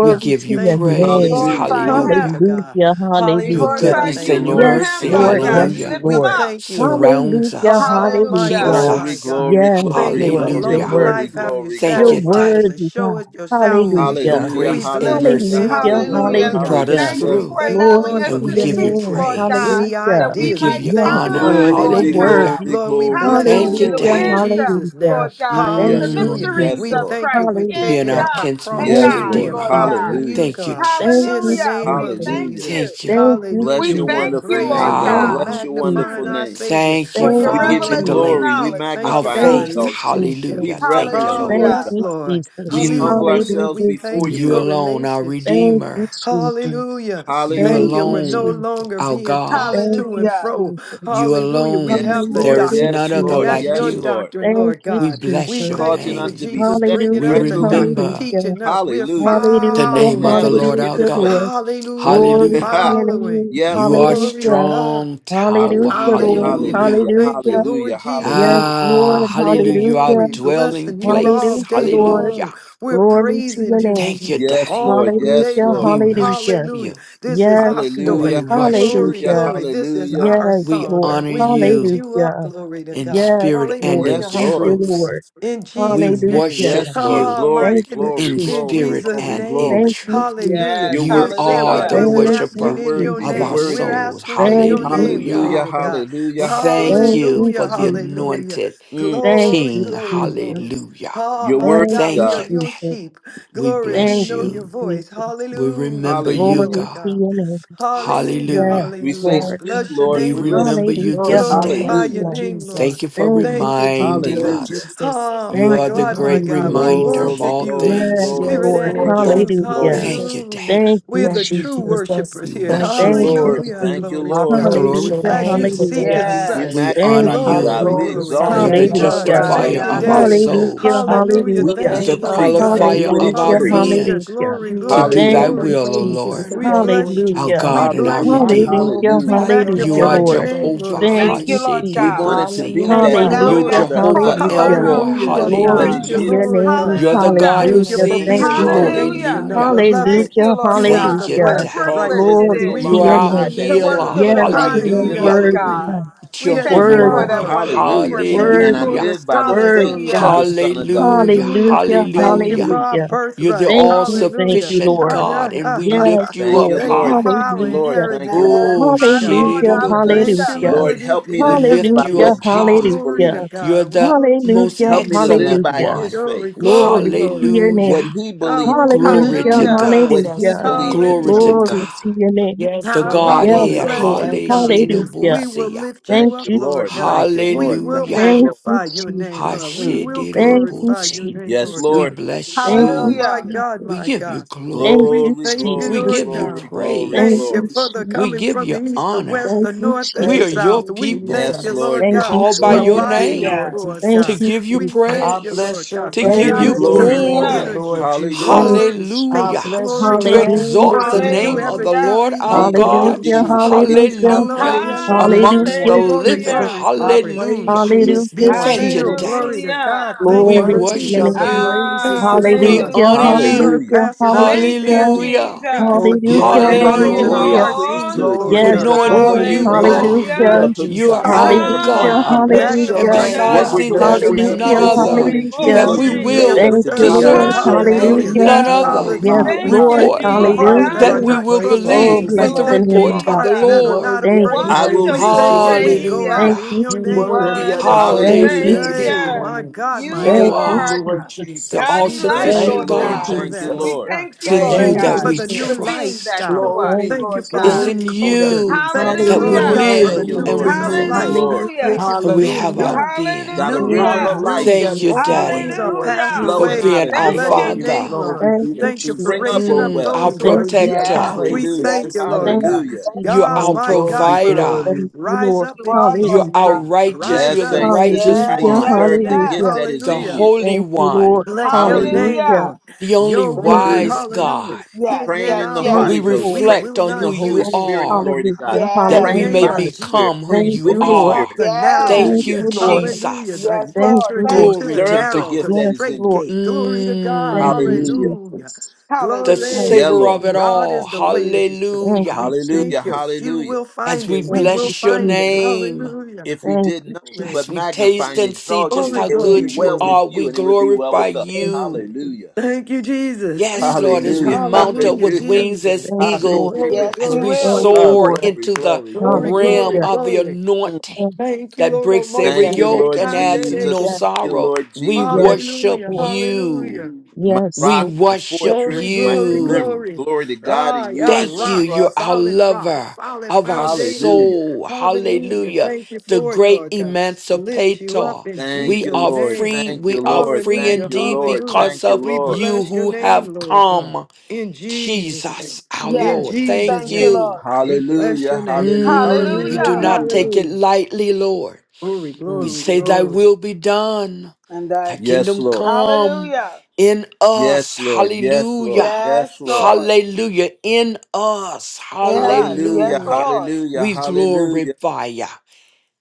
E: We give
C: to
E: you
C: your
B: Thank you,
D: We
E: praise.
C: name.
B: Jesus.
A: Hallelujah.
D: glorify
B: Glory
D: him.
B: to
E: Hallelujah.
B: God.
C: Hallelujah.
D: We
E: Your
C: Hallelujah.
B: Hallelujah.
D: glorify
A: Thank
E: goodness
A: you,
B: Thank
D: you
E: and
B: you,
E: your
A: Lord.
D: through
B: Lord.
C: Yes,
E: mercy.
D: him,
A: Thank
B: We
A: you,
D: Lord
C: Lord.
D: God.
A: Lord.
D: We
B: bless
C: Yes,
B: you.
E: Hallelujah.
D: lift
B: We
D: him
C: Lord.
D: up.
B: thank you, Lord.
E: Surrounds
C: Hallelujah.
E: us,
B: Oh, my
D: Hallelujah.
E: keeps
B: God,
C: Hallelujah.
A: Glory,
B: my
E: us.
B: God.
A: glory,
C: Yes,
A: glory,
B: Thank you for
C: Lord.
A: glory,
C: You're
E: Hallelujah.
B: long
A: glory,
B: life.
C: worthy.
B: Have you
A: glory,
E: Thank
C: You're
E: you,
A: glory.
B: satisfied
E: Daddy.
B: us and
C: worthy, God.
B: show us your
E: Ooh,
B: salvation?
E: your
C: Hallelujah.
A: Hallelujah,
B: We
E: grace and
B: bless your
A: hallelujah,
E: mercy
B: name
C: Hallelujah.
B: for it,
A: hallelujah,
B: Lord
D: Hallelujah.
B: God.
E: brought us
C: Hallelujah.
D: Thank you
A: hallelujah.
B: We
D: for
E: through.
B: thank you,
D: allowing
C: Glory
B: Lord,
D: us
B: for
E: And
C: to
E: we
D: to
C: your
E: give you
D: seek,
C: name.
B: businesses,
D: Lord
E: praise.
D: God,
B: witty
C: Hallelujah.
D: that
E: We
D: we
B: ideas.
E: give
B: We
D: might
E: you
C: Yes,
B: thank you
E: honor.
B: for
C: Lord,
D: find,
C: you're
D: Lord
A: Glory,
B: inventions.
E: Hallelujah.
C: worthy.
A: glory,
B: Lord, we
D: God.
A: glory,
B: bless you
E: Thank
D: Hallelujah.
E: you,
C: Hallelujah.
A: glory,
D: The
B: for it in
E: Daddy.
A: glory.
D: wisdom,
B: Jesus' name.
C: Hallelujah.
D: Lord God,
C: Thank
D: the
A: Yes,
C: you,
A: Lord.
B: Hallelujah.
E: Mm,
D: mysteries
A: Yes,
B: We
C: Jesus.
D: of
A: Lord.
B: thank you.
D: Christ
B: We're
E: for
D: in
E: being
B: taking
E: our
C: Hallelujah.
B: up
D: God
B: our cross
D: and
E: kinsman's
C: Thank
A: Yes,
D: God,
C: you,
B: daily
A: Lord.
B: and
E: redeemer.
D: Lord God.
C: Jesus.
B: following you,
A: Hallelujah.
E: Thank you,
B: God,
C: Thank
B: in the
C: you,
E: Jesus.
D: Hallelujah.
B: name
D: We
B: of
C: Jesus.
D: thank
A: Hallelujah.
B: Jesus.
D: you.
E: Thank you,
C: Thank
E: Lord.
C: you,
A: Bless
D: We
B: Hallelujah.
A: your
B: We are
D: thank
C: Jesus.
A: wonderful
D: you, Lord
A: name,
B: praising you
A: God.
C: Thank
D: God,
B: and
C: you,
E: Ah,
A: Bless your wonderful
B: magnifying
C: Jesus.
B: our
A: name.
B: Savior.
E: thank you
D: for
C: Thank
D: your
E: for
A: We
C: you,
A: give you
B: Hallelujah.
D: revelational
E: rekindling
C: Jesus.
A: glory. We
B: We
D: knowledge,
B: thank
E: our
D: Lord
B: you
A: magnify
B: for
A: and
D: God.
C: Thank
E: faith.
C: you,
A: exalt you.
C: Jesus.
A: We
E: Hallelujah.
B: relationships.
E: Thank you,
A: reverence
B: Oh,
A: you,
E: Lord.
C: Thank
A: Lord
D: Hallelujah.
B: yes,
C: you,
A: God.
B: Lord.
A: We
C: Jesus.
E: You,
A: humble
B: Hallelujah.
A: ourselves
B: We
C: Hallelujah,
A: before
B: thank you
C: Jesus.
A: you,
E: you
B: for
A: Lord.
E: alone, our
B: relationship.
C: Thank you,
E: Redeemer.
C: Jesus.
B: Hallelujah.
E: You
C: Thank
B: Thank
A: Hallelujah.
B: you.
C: you,
B: We're no
E: alone,
B: longer
C: Jesus.
E: our
B: being
E: God.
B: tossed
C: Thank
B: to
C: you,
B: and
D: Hallelujah.
B: fro.
C: Jesus.
E: You
B: Hallelujah. We
E: alone.
A: Yes,
B: have the
C: Hallelujah,
E: There
A: Lord.
E: is
B: doctrine,
E: none
A: Yes,
E: other
B: and
A: Lord.
C: Jesus.
B: that's
E: like
B: your
A: Yes,
E: you.
A: Lord.
B: doctrine,
C: Thank
B: Lord
C: you,
E: We
B: God. We
E: bless
C: Jesus.
E: your
B: thank you
A: Causing
B: for
A: us to
E: name.
A: be
B: Jesus
A: set
B: bringing
A: and
E: We
B: us
C: Hallelujah,
B: the
A: resolute.
B: doctrine,
E: remember
C: hallelujah.
B: teaching us. We're
A: Hallelujah.
E: the
C: Hallelujah,
E: name of
B: following
E: the
B: you,
A: Established
B: God.
E: Lord
A: in
E: our
A: the
C: hallelujah,
A: faith.
E: God.
C: Lord.
B: Hallelujah.
C: Glory to
E: Hallelujah.
C: your
B: Following.
C: name.
A: yeah,
E: You
A: Lord.
E: are
B: Glory to
C: Hallelujah.
B: God.
E: strong tower.
C: Hallelujah,
A: Hallelujah.
C: Lord.
B: Hallelujah.
E: Hallelujah.
A: Hallelujah.
B: Thank you,
C: Hallelujah.
A: Hallelujah.
B: Lord
A: Hallelujah.
C: Yes,
B: Jesus.
E: Ah,
C: Lord.
E: hallelujah. You are
C: Hallelujah.
B: Glory,
E: dwelling
B: blessing you all
E: place.
C: Hallelujah,
B: day
C: Lord.
E: Hallelujah.
B: long. We're
C: Glory to
B: praising
C: your
B: you,
E: Thank
C: name.
E: you,
B: Eugene,
A: Yes,
E: Daddy.
A: Lord.
B: all
A: Yes,
B: day
C: Hallelujah,
A: Lord.
E: We
B: long.
E: worship
C: hallelujah.
B: Hallelujah.
E: you.
B: This is
C: Yes,
B: our
C: Lord.
E: We
A: Hallelujah.
B: story.
E: worship
B: Glory,
E: you.
A: Hallelujah.
C: Hallelujah.
B: glory. This is
A: Hallelujah.
C: Yes,
B: our
E: We
B: song.
C: Lord.
E: honor
B: We
E: you
B: lift you up.
C: Hallelujah.
B: Glory to
E: in
B: God.
C: Yes,
E: spirit and
C: Lord.
E: in
B: Hallelujah,
A: Yes,
C: Thank
A: Lord.
C: you,
B: hallelujah.
E: truth.
C: Lord.
B: In
E: We
B: Jesus' name.
C: Hallelujah.
E: worship
A: Yes, Lord.
E: you
B: Oh, my
A: Glory,
C: Thank you,
B: goodness.
A: glory,
E: in
C: Jesus.
B: In
A: glory,
E: spirit
B: Jesus'
A: glory,
E: and
B: name.
E: in
A: glory.
C: Thank you,
E: truth.
B: Hallelujah.
A: You're
C: Jesus.
D: Yes.
E: You
B: You
A: worthy,
B: said
E: are
B: we
A: God.
E: the
D: Hallelujah.
A: You're
B: wasn't
A: worthy.
C: Thank you,
A: You're
B: asking
E: worshiper
B: in your
A: worthy.
E: of
A: You're
E: our
C: Jesus.
B: name. We're
A: worthy.
E: souls.
B: asking in
C: Thank
B: your
C: you,
B: name.
E: Hallelujah.
B: Glory
A: Hallelujah,
B: to
C: Jesus.
B: God.
A: hallelujah,
E: Thank
C: Thank
A: hallelujah.
E: you
C: you,
B: Hallelujah,
E: for the
C: Jesus.
B: hallelujah.
E: anointed
A: Mm.
C: Thank
B: Glory,
C: you,
E: King.
B: glory,
C: Jesus.
B: glory.
E: Hallelujah.
B: Oh
A: You're
B: my
A: worthy,
C: Thank
B: God,
C: you,
B: we
E: Thank
B: are
E: you,
A: God.
B: your
E: Daddy.
C: Jesus.
B: sheep.
E: We
B: Glory, we
E: bless
C: Thank
B: know
C: you,
B: your
E: you.
B: voice.
C: Jesus.
E: We
B: Hallelujah.
E: remember
B: Thank you,
E: you,
C: Glory
A: Hallelujah.
C: to
B: Lord
E: God.
B: God.
C: your name.
F: Jesus.
B: Hallelujah,
C: Yes,
E: Hallelujah.
A: We say,
B: hallelujah.
C: Lord.
F: Thank
A: Speak,
F: you,
B: Bless your
A: Lord.
E: We
A: We're
B: name,
F: Jesus.
B: Lord.
A: listening.
E: remember
C: Hallelujah.
E: you this
F: Glory.
E: day.
F: Thank
B: Glorify your
F: you,
A: Hallelujah,
C: Hallelujah.
B: name,
E: Thank
B: Lord.
E: you
F: Jesus.
E: for
C: Thank you,
B: Thank you,
F: Thank you,
E: reminding
C: Jesus.
F: Lord
B: Jesus.
A: hallelujah.
E: us.
F: Jesus.
B: Oh,
E: You
B: my
C: Thank
E: are
C: you,
E: the
B: God, my
F: Thank
E: great
B: God.
C: Jesus.
F: you,
B: We
E: reminder of
F: Jesus.
A: Glory,
B: worship
E: all
B: you,
A: glory,
E: things
C: Yes,
A: glory,
E: new.
B: spirit
F: Yes,
C: Lord.
B: and
A: glory,
B: in
F: Lord,
A: glory,
F: thank
B: truth.
F: you,
C: Hallelujah.
A: glory.
E: Thank you,
F: Jesus.
B: Hallelujah.
E: Daddy.
C: Thank you,
B: We're the
F: Thank you,
B: true
C: Jesus.
F: Jesus.
E: We
B: worshipers here.
A: Thank
F: Thank you,
E: worship
A: you,
C: Thank
E: you.
C: you,
F: Father.
A: Lord.
B: Hallelujah.
A: Thank you,
B: Glory
C: Jesus.
F: I
B: to
E: We
A: Lord.
B: God.
F: praise your
C: Hallelujah.
E: glorify
B: As you
F: name
E: you.
B: seek
F: today,
B: it
C: Hallelujah.
A: We
D: Yes.
B: such.
F: Jesus.
E: We honor
C: Thank
A: magnify you,
C: you,
F: I
E: you.
A: God.
B: Glory,
A: We
C: Jesus.
B: glory.
F: glorify
A: exalt you.
E: You're
F: your
B: Thank
A: We
E: the
B: you,
D: Yes,
C: Hallelujah.
D: Lord
F: name
A: humble
B: Daddy.
D: God, we
A: ourselves
F: today,
E: justifier
B: Thank you,
E: of
D: honor
E: our
A: before you.
B: Daddy.
F: Jesus.
D: you.
E: souls.
C: Hallelujah.
F: I lift
B: Hallelujah.
A: we
F: your
C: Hallelujah.
B: Thank
E: It's a
B: you,
F: name up
B: Lord
A: decrease that
B: God.
F: today,
A: you
E: qualifier
A: would
F: Lord
E: of our
C: Hallelujah.
A: increase.
F: Jesus.
B: Hallelujah.
E: beings
C: Hallelujah.
B: Glory,
F: You
E: to
B: glory,
E: do
F: worthy
C: Thank
E: thy
F: of the
C: you,
A: Hallelujah.
B: glory.
E: will, O
F: praises
C: Jesus.
E: Lord,
D: Mm,
B: We
F: today,
D: mm.
B: bless
F: Lord
E: our
B: you.
C: Hallelujah.
F: Jesus.
B: We
E: God and our
B: bless
A: Hallelujah.
F: I
B: you.
E: Redeemer.
C: Hallelujah.
B: We
A: Hallelujah.
F: glorify your
E: You
C: Hallelujah,
B: magnify
E: are
F: name
B: your
C: Lord.
B: name,
F: today,
E: Jehovah
B: Lord
C: Thank
D: Thank
F: Jesus.
D: you,
C: you,
B: Jesus.
D: Lord
A: We
C: Jesus.
D: God,
A: want it to
E: Hashedebosia.
A: be
D: for
A: that
B: Thank you,
A: it's
F: Hallelujah.
A: no
E: You're
D: allowing
C: Hallelujah.
B: Lord.
D: us to
A: longer
D: call
E: Jehovah
D: you
A: us,
D: our
C: Hallelujah.
E: Elroy.
D: own,
B: Hallelujah.
F: Hallelujah,
D: Lord
F: Lord
A: but
C: Glory
B: Thank
D: God.
A: it's
C: to
B: you,
E: Hallelujah.
A: you.
C: your
F: Jesus.
B: Lord God.
C: name.
E: You're the God
D: Hallelujah.
E: who
B: Thank you
C: Hallelujah.
F: Hallelujah.
B: for
A: Thank
E: sees.
C: Thank
A: you,
B: being the
C: you, Lord.
A: Lord.
B: creation,
D: Hallelujah.
B: the
F: Thank
E: Hallelujah.
F: you,
B: beloved.
D: Thank
F: Jesus.
D: you,
C: Hallelujah,
D: Lord
B: You are
E: Thank
B: the
D: God.
E: you,
D: What a
C: hallelujah.
B: branch of
A: Paul
E: Daddy.
D: privilege
A: said,
D: it
A: It's
B: righteousness.
C: Glory
A: no
C: to
B: We
D: is
E: You are
A: longer
C: your
B: bless
E: our
A: I
B: your
C: name.
A: that
D: to
B: name,
E: healer.
A: liveth,
B: God.
D: worship
A: but
D: and
C: Yes, you
A: Christ
D: honor
A: that
C: are
D: you,
B: Hallelujah,
E: Hallelujah.
A: liveth
D: Lord
A: in
C: worthy,
A: me.
B: hallelujah.
D: God.
C: God.
D: We
B: Yes,
D: thank
E: Jehovah
B: you
D: you
C: Worthy,
B: are,
D: for that
E: Roy.
B: Lord God.
D: wonderful
A: Hallelujah.
D: privilege.
B: Chief
A: And I
C: worthy,
E: Hallelujah.
A: live by the
B: cornerstone,
C: worthy,
A: faith
B: glory,
A: of
C: God.
D: Hallelujah.
A: the
B: God.
A: Son of God.
E: Hallelujah.
B: Hallelujah.
C: Hallelujah,
B: Thank you
E: Hallelujah.
B: for
A: Hallelujah.
B: our
C: hallelujah.
E: You're the
B: birthrights.
C: Thank
E: all
C: you,
A: Mm.
C: thank
B: Hallelujah.
C: you,
E: sufficient
C: Lord.
E: God, and
B: Hallelujah.
E: we
C: Yes,
E: lift you
A: Thank you,
E: up
C: Lord.
B: Thank you
A: Lord.
E: high.
B: for
A: Thank you,
B: our
A: Lord.
C: Hallelujah,
A: Thank you,
B: inheritance,
A: Lord.
D: Yes,
E: Oh,
B: glory,
D: my
B: God.
D: Lord.
C: hallelujah,
B: Thank
D: Hallelujah.
B: you,
C: hallelujah.
E: see.
A: Lord,
B: Lord, it's
A: help
B: in
A: me
E: We
B: the
A: to live
E: lift
A: by
E: you
C: Hallelujah,
A: what
B: heavenlies.
E: up
A: Jesus
E: high.
B: Glory to
C: hallelujah.
A: believed.
E: You're
B: God. We
E: the
B: bless you,
E: most
C: Hallelujah,
A: Help me to
B: Jesus.
A: live
E: excellent
A: by
C: hallelujah.
A: his
E: one.
A: faith.
B: Glory, glory,
C: Glory to
B: glory.
C: your
E: Hallelujah.
A: what
C: name.
A: he
B: God,
A: believed
B: we
E: Glory
F: Thank
B: worship
A: concerning
C: Hallelujah,
E: to
B: you,
F: you,
A: you,
D: Hallelujah.
E: God.
B: God.
A: what he
F: Jesus.
C: hallelujah.
A: believed
F: Thank you,
E: Glory
A: concerning
E: to
A: us.
B: Hallelujah.
C: Glory
F: Jesus.
E: God.
C: to your name.
F: Yes,
E: The
B: Ah, we
F: Lord
B: will
C: Yes,
E: Godhead.
A: Hallelujah.
F: Jesus.
B: bless
C: Lord.
B: you,
F: Thank you,
B: God.
F: Jesus.
C: Hallelujah.
B: We will
E: Hallelujah.
B: lift
A: Thank
C: Thank
B: you
A: you,
B: up,
C: you,
B: Lord
A: Lord.
B: God.
C: Jesus.
A: Thank you,
B: We
A: Lord.
B: will
E: Hallelujah.
A: Thank you,
C: Thank
A: Lord.
C: you,
B: magnify your name,
C: Jesus.
B: Lord. We
A: Mm.
B: will
C: Thank you,
B: glorify your
E: Hashididabusi.
B: name,
A: Yes,
B: Lord
C: Jesus.
E: We
A: Lord.
B: God.
E: bless
C: Thank
B: Oh,
C: you,
E: you.
B: my
D: Hallelujah.
B: God,
C: Jesus.
E: We
B: my
E: give you
B: God.
C: Thank
E: glory.
B: We
C: you,
A: Glory,
B: thank you,
E: We
A: glory,
C: Jesus.
E: give
B: Lord
E: you
A: glory,
B: God.
A: glory,
C: Thank
E: praise.
B: Thank you
C: you,
A: glory.
B: for the
C: Jesus.
E: We
B: coming
E: give
B: from
E: you
B: the east, the
E: honor.
B: west,
C: Thank
B: the
C: you,
B: north, and
E: We
B: the
E: are
F: Thank
C: Jesus.
E: your
B: south.
F: you,
B: We
E: people,
B: thank
A: Yes,
B: you,
F: Jesus.
A: Lord.
B: Lord
C: Thank
A: Yes,
B: God,
C: you,
E: called by
B: for
A: Lord.
E: your
F: Thank
C: Jesus.
F: you,
A: Yes.
B: providing them
E: name
F: Lord
D: Yes.
B: for us,
C: Thank
E: to
B: God.
F: Jesus.
C: you,
E: give you
B: We
C: Jesus.
F: I
B: thank you,
E: praise,
B: Lord
F: bless your
B: God,
E: to
B: for
A: We
C: Thank
A: give
E: give
B: there
A: you
C: you,
E: you
F: name
B: is
F: this
A: glory,
B: time,
C: Jesus.
A: Lord.
D: Hallelujah.
F: morning,
E: glory.
B: energy,
F: Lord Jesus.
A: Hallelujah.
C: Thank
B: glory,
C: you,
F: I
E: Hallelujah.
B: space,
C: Jesus.
F: bless
B: glory,
F: your
E: To
B: God
F: name
C: Hallelujah,
B: for
E: exalt
B: us
F: this
E: the
B: to do
E: name
C: Jesus.
F: morning.
E: of the
B: everything
D: Hallelujah.
E: Lord
B: we
E: our
F: I
B: need to
A: Jesus,
E: God.
B: do.
F: praise
C: Hallelujah,
B: Huh?
A: Jesus,
F: you.
A: Jesus.
B: Yeah,
F: I
C: hallelujah.
B: Lord.
E: Hallelujah.
B: Yeah,
F: praise you
B: Lord.
F: this
E: Amongst the
C: Hallelujah,
F: morning.
B: Glory,
E: living.
D: Hallelujah.
B: glory,
C: Jesus.
F: I
B: glory.
E: Hallelujah.
F: praise you
B: Peace
F: this
C: Hallelujah,
B: be
F: morning,
E: Thank you,
B: still.
C: Jesus.
E: Daddy.
B: Glory
F: Jesus.
B: to
D: Hallelujah.
B: God.
F: You
B: Thank
E: We
B: you
C: Glory
B: for
C: to
F: worthy
C: your
F: of
E: worship
F: the
B: peace.
C: name.
E: you.
F: praises
B: Thank you,
F: this
E: We
B: Lord.
F: morning.
C: Hallelujah,
E: honor
D: Hallelujah.
E: you.
A: Hallelujah.
C: hallelujah,
B: Surpassing
D: Thank you,
C: hallelujah,
B: understanding.
E: Hallelujah.
B: Thank you
F: Oh,
D: Jesus.
B: for
A: You've
B: keeping
C: hallelujah,
B: our
A: made
F: glory,
A: us
D: Thank
A: a
B: minds
D: you,
B: and our
F: glory,
A: royal
C: hallelujah.
E: Hallelujah.
B: hearts in
D: Lord.
B: you,
A: priesthood. You've
B: Lord
E: for
C: Yes,
F: glory,
B: God.
A: made us
E: knowing
A: a
E: who
C: Lord,
A: holy
B: We
E: you
B: bless
A: nation,
E: are.
F: glory
B: you
F: be
B: for
D: Hallelujah.
F: to
A: a
B: it.
C: hallelujah,
E: You are
A: peculiar
F: Jesus.
E: our
A: set
B: Hallelujah.
A: apart
C: hallelujah,
F: I
E: God,
A: people
F: bless your
E: and
C: hallelujah,
B: Magnify your
F: name.
A: What
E: besides
B: name
F: I
D: Hallelujah.
A: we're
E: thee,
B: for
F: bless
A: doing,
E: there's
F: your
B: it.
A: we're
F: name
E: none
C: hallelujah,
A: supposed
F: this
A: to
B: Peace,
A: do
E: other
F: morning,
D: Glory,
C: hallelujah.
E: that
B: peace,
A: because
E: we
F: Jesus.
B: you
A: you've
D: glory.
B: live
A: made
E: will
A: us
C: Thank
B: with
A: to
E: to
C: you,
B: us,
A: be
F: I
A: able
B: God.
C: Lord,
A: to
F: bless
E: serve,
A: do
F: your
A: it. Glory
F: name
B: Hallelujah.
A: to God.
C: hallelujah.
F: this
E: none
D: Hallelujah.
F: morning,
E: other
C: Yes,
B: Hallelujah.
A: Hallelujah.
B: We
F: Father.
D: Thank you,
C: Lord,
B: thank you
E: report
F: You
B: for
A: Hallelujah.
B: hearts that
F: worthy
E: that
B: are
F: of
D: Jesus.
C: hallelujah.
F: the
E: we
A: Hallelujah.
B: not
E: will
B: troubled.
F: praises
C: Oh,
E: believe
D: Thank
F: this
D: you,
C: bless
B: We
E: but the
C: the
D: Lord
B: thank
F: morning.
B: you
C: name,
E: report
B: for
E: of
C: God.
E: the
B: hearts
F: You
B: that are
D: Jesus.
E: Lord.
B: not
F: worthy
C: Thank
F: of the
C: you,
B: afraid.
A: I will
B: We
F: praises
C: Jesus.
D: Wonderful
B: thank you.
F: this
B: We
A: rejoice.
F: morning.
B: go out
D: Savior.
E: Hallelujah.
C: Thank
B: in
C: you,
B: your
F: You
B: name,
C: Jesus.
F: worthy
B: Lord
F: of the
B: Jesus.
D: Wonderful
C: Thank you,
F: praises
A: Hallelujah.
F: this
E: Hallelujah.
B: Hey,
C: Jesus.
D: Savior,
B: my
F: morning.
B: God, my
E: You
C: Thank
D: you
B: God.
F: Thank
D: are
F: you,
C: you,
D: our
E: are
F: Lord
D: God,
C: Jesus.
E: the
F: Jesus.
E: all
B: We
D: guiding light,
A: Thank
B: bless
C: Thank
A: you,
E: sufficient
B: your
D: Lord
F: Thank
C: you,
F: you,
A: Lord.
B: name
D: God.
E: God.
B: for
A: Thank you,
B: that,
C: Jesus.
B: Lord
F: Jesus.
D: We
A: Lord.
B: God.
D: thank
E: It's
D: you,
E: in
F: Thank
D: Lord
E: you
B: Thank
C: Thank
B: you
F: you,
E: that
D: God,
C: you,
B: for
E: we
B: the
D: for
B: new
C: Jesus.
F: Jesus.
D: being
E: trust.
D: that to
B: lifestyle.
D: us,
C: Thank
F: Glory,
C: you,
B: Thank you
D: Lord
B: for the
C: Jesus.
E: It's
D: God.
B: new
E: in
F: glory be to
B: culture.
E: you
B: Thank
A: Thank
B: you,
F: Jesus.
A: you,
E: that
C: Hallelujah,
E: we
B: Lord
D: Hallelujah,
A: Lord.
B: God,
C: Jesus.
B: for
F: Thank
B: the
A: Thank you,
E: live
F: you,
E: and
A: Lord.
E: we
B: newness of
A: Thank you,
F: Jesus.
E: move.
B: life.
A: Lord.
C: Hallelujah,
B: Thank
D: hallelujah,
B: you for
E: and we
B: being
C: Jesus.
E: have our
F: Hallelujah.
B: new,
E: being.
A: Got a
B: new,
A: river of
D: hallelujah,
C: Jesus,
A: life
B: new.
F: Hallelujah
E: Thank
C: Jesus,
E: you,
F: this
B: Old things
F: morning,
E: Daddy,
B: are
F: Lord
B: passed
D: hallelujah.
E: for
A: flowing
C: Jesus,
B: away.
F: Jesus.
A: out
E: being
A: of me.
E: our
C: Jesus.
D: Thank
B: Bless your
D: you,
F: Glory,
E: Father,
B: name,
F: glory
B: Lord.
D: Jesus.
C: Thank
F: be to
C: you,
B: Thank you for
C: Jesus.
A: Spring
F: Jesus.
A: up,
B: raising
A: oh
B: up
E: mm,
A: well.
E: our
F: You
B: those who are
C: Thank you,
F: worthy
B: sick.
F: of the
E: protector.
D: Yes,
C: Jesus.
B: We
F: praises
A: Hallelujah.
D: yes,
B: thank you,
F: this
D: yes,
B: Lord
C: Thank
F: morning.
D: yes.
B: God.
C: you,
A: Hallelujah.
D: Thank you.
E: You're
B: God,
C: Jesus.
E: our
F: No
B: my
F: glory,
B: God, my,
E: provider.
B: my.
F: glory.
C: Thank you,
B: Rise
C: Lord.
D: Yes,
B: up
D: you
B: in
D: are, Lord
B: Jesus'
E: You're our
C: Hallelujah.
D: God.
B: name.
E: righteous.
B: Rise
E: You're
A: Yes,
E: the
B: up
A: saints, this is
E: righteous
B: in
A: how
D: Yes,
A: you
C: Hallelujah.
D: yes,
A: stir
B: Jesus'
E: one,
A: up the
B: name.
D: yes.
A: gift
C: Hallelujah.
A: that is
E: the
B: Hallelujah.
A: in you.
E: holy
C: Thank you, Lord.
E: one,
B: Bless your
A: Hallelujah.
B: name,
C: Hallelujah.
D: Hallelujah.
B: Lord.
E: the only
B: Your
C: Thank
B: word,
C: you,
E: wise
B: hallelujah,
E: God.
C: Jesus.
D: Yes,
B: hidden
A: praying
B: in
A: in
D: yes,
B: our
A: the
C: Thank
E: We
A: Holy
B: heart.
D: yes.
C: you,
A: Ghost,
C: Lord.
B: We
A: praying
E: reflect
B: will
E: on
A: in
B: not
A: the
E: who
B: sin
A: Holy
E: you
C: Oh,
B: against
A: Spirit,
B: you, Lord
E: are
A: glory to
B: God.
A: God,
C: Hallelujah.
B: In
E: that
B: the
E: we
D: Yes.
A: praying
E: may
B: name
A: by
B: of
C: Hallelujah.
A: the Spirit,
B: Jesus,
E: become who
A: praying
C: Thank
E: you
C: you,
A: with the
B: we
C: Lord.
B: walk
E: are.
A: Spirit.
B: the narrow
D: Yes.
B: gate.
E: Thank
C: Thank
A: Hallelujah.
E: you,
C: you, Lord.
B: Hallelujah.
E: Jesus.
D: Yes,
B: And
C: Thank
D: Lord.
C: you,
B: entering
D: Thank
C: Lord.
B: into
E: Glory
B: the
D: you.
A: Stir
E: to
A: up the
E: God.
B: narrow, the
A: gift that
C: Yes,
A: is in
B: straight
C: Lord.
A: you.
B: gate. Glory to God.
C: Thank you,
E: Mm.
A: Hallelujah.
B: Hallelujah.
C: Jesus.
E: the
D: Hallelujah.
C: Thank
B: Glory.
A: Yeah,
C: you,
E: savor
A: Lord.
E: of it
C: Jesus.
B: Broad
E: all.
B: is the way to distance.
C: Thank
E: Hallelujah.
B: We
C: you,
A: Hallelujah.
B: thank you.
C: Jesus.
B: Few
A: Hallelujah.
B: will
E: As
B: find
E: we
B: it.
C: Thank
B: We will
C: you,
E: bless your
B: find it.
C: Jesus.
E: name,
B: Hallelujah.
A: If we
C: Thank
A: did
C: you,
A: nothing
B: Glory,
A: but
E: as
C: Jesus.
E: we
A: magnify
E: taste
A: and
E: and see
A: exalt
E: just
A: you,
B: glory,
E: how
A: it would
C: Thank
A: be
B: glory.
E: good
C: you,
E: you
A: well
C: Jesus.
A: with
B: glory.
E: are,
A: you
E: we
A: and it would be well
E: glorify
A: with us.
C: Thank you,
E: you.
A: Hallelujah.
C: Jesus.
B: Thank you, Jesus.
E: Yes, Lord,
B: CC.
E: as we
A: Hallelujah.
E: mount up
B: Hallelujah,
E: with
A: Hallelujah.
E: wings
B: Jesus.
E: as
C: Thank you,
E: eagles,
C: Lord.
B: Glory,
A: Hallelujah.
D: Yes,
E: as
D: we
B: glory,
E: we
C: Thank
D: will.
B: glory,
C: you,
A: Oh,
E: soar
C: Lord.
A: glory,
E: into the
A: glory,
C: Hallelujah.
B: glory,
A: glory,
E: realm
B: glory,
A: glory.
E: of the
B: glory.
A: Mm.
E: anointing
C: Yes,
B: Thank you,
E: that
B: Lord, no
E: breaks every
A: Thank
C: yes,
B: motion.
A: you,
B: They
E: yoke
A: Lord
E: and
B: can, they
E: adds
B: they
E: no
A: Jesus. Thank
B: can.
C: yes,
A: you,
E: sorrow,
A: Lord
E: we
C: yes,
A: Jesus.
E: worship
B: Hallelujah,
C: Lord.
E: you.
B: hallelujah.
A: my
C: Yes,
E: We
A: rock,
C: Lord.
A: my
E: worship
B: Glory,
A: fortress, my
B: glory,
A: deliverer.
E: you.
B: glory.
A: Glory to God,
B: Ah,
A: in you
B: yeah,
A: I
E: Thank
A: shall
E: you.
B: rock,
E: You're
A: trust.
E: our
B: solid rock,
E: lover
B: solid
E: of our
B: foundation.
A: Hallelujah.
E: soul.
B: Hallelujah.
E: Hallelujah.
B: Thank you
E: The
B: for it,
E: great
B: Lord God. Lift you up
E: emancipator.
B: in
A: Thank
E: We
A: you,
B: Jesus'
E: are
A: Lord.
B: name.
E: free.
A: Thank you,
E: We are
A: Lord.
E: free
A: Thank
B: Hallelujah,
A: you,
E: indeed
A: Lord.
B: hallelujah.
E: because
A: Thank you,
E: of
B: We
A: Lord.
E: you
B: bless your
E: who have
B: name, Lord God.
E: come.
B: In Jesus' name.
E: Jesus, our
B: In
D: Yes.
E: Lord.
B: Jesus'
E: Thank
D: Thank you,
B: name.
E: you.
D: Lord.
B: We bless
A: Hallelujah.
B: your name.
A: Hallelujah.
E: Mm, we do
B: Hallelujah,
D: Hallelujah.
E: not take it
B: hallelujah.
E: lightly, Lord.
B: Glory,
E: We
A: Mm.
B: glory,
E: say, Thy
B: glory.
E: will be done,
D: And
E: Thy
D: that.
A: Yes,
E: kingdom
A: Lord.
E: come
D: Hallelujah.
E: in us.
A: Yes, Lord. Yes,
E: Hallelujah.
A: Lord.
D: Yes,
A: Yes, Lord.
D: Lord.
E: Hallelujah. In us.
D: In us. Yes,
A: Hallelujah.
E: Hallelujah.
D: Lord.
A: Hallelujah.
E: We
A: Hallelujah.
E: glorify ya.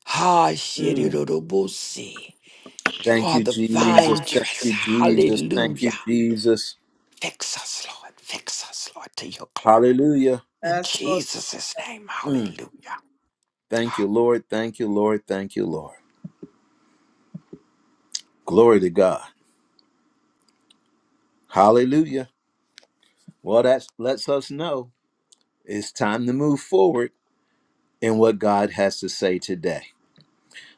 E: Ha
A: Mm.
E: shirirubusi. You
A: Thank
E: are
A: you,
E: the
A: Jesus.
E: vine
A: Thank
E: dresser.
A: you, Jesus. Thank you,
E: Hallelujah.
A: Jesus.
E: Fix us, Lord. Fix us, Lord, to your glory.
A: Hallelujah.
E: In
D: Yes, Lord.
E: Jesus' name.
A: Mm.
E: Hallelujah.
A: Thank you, Lord. Thank you, Lord. Thank you, Lord. Glory to God. Hallelujah. Well, that lets us know it's time to move forward in what God has to say today.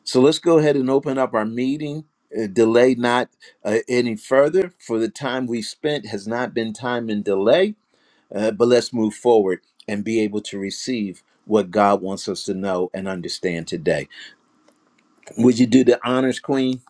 A: So let's go ahead and open up our meeting. Uh, delay not uh, any further, for the time we spent has not been time in delay, uh, but let's move forward and be able to receive what God wants us to know and understand today. Would you do the honors, Queen?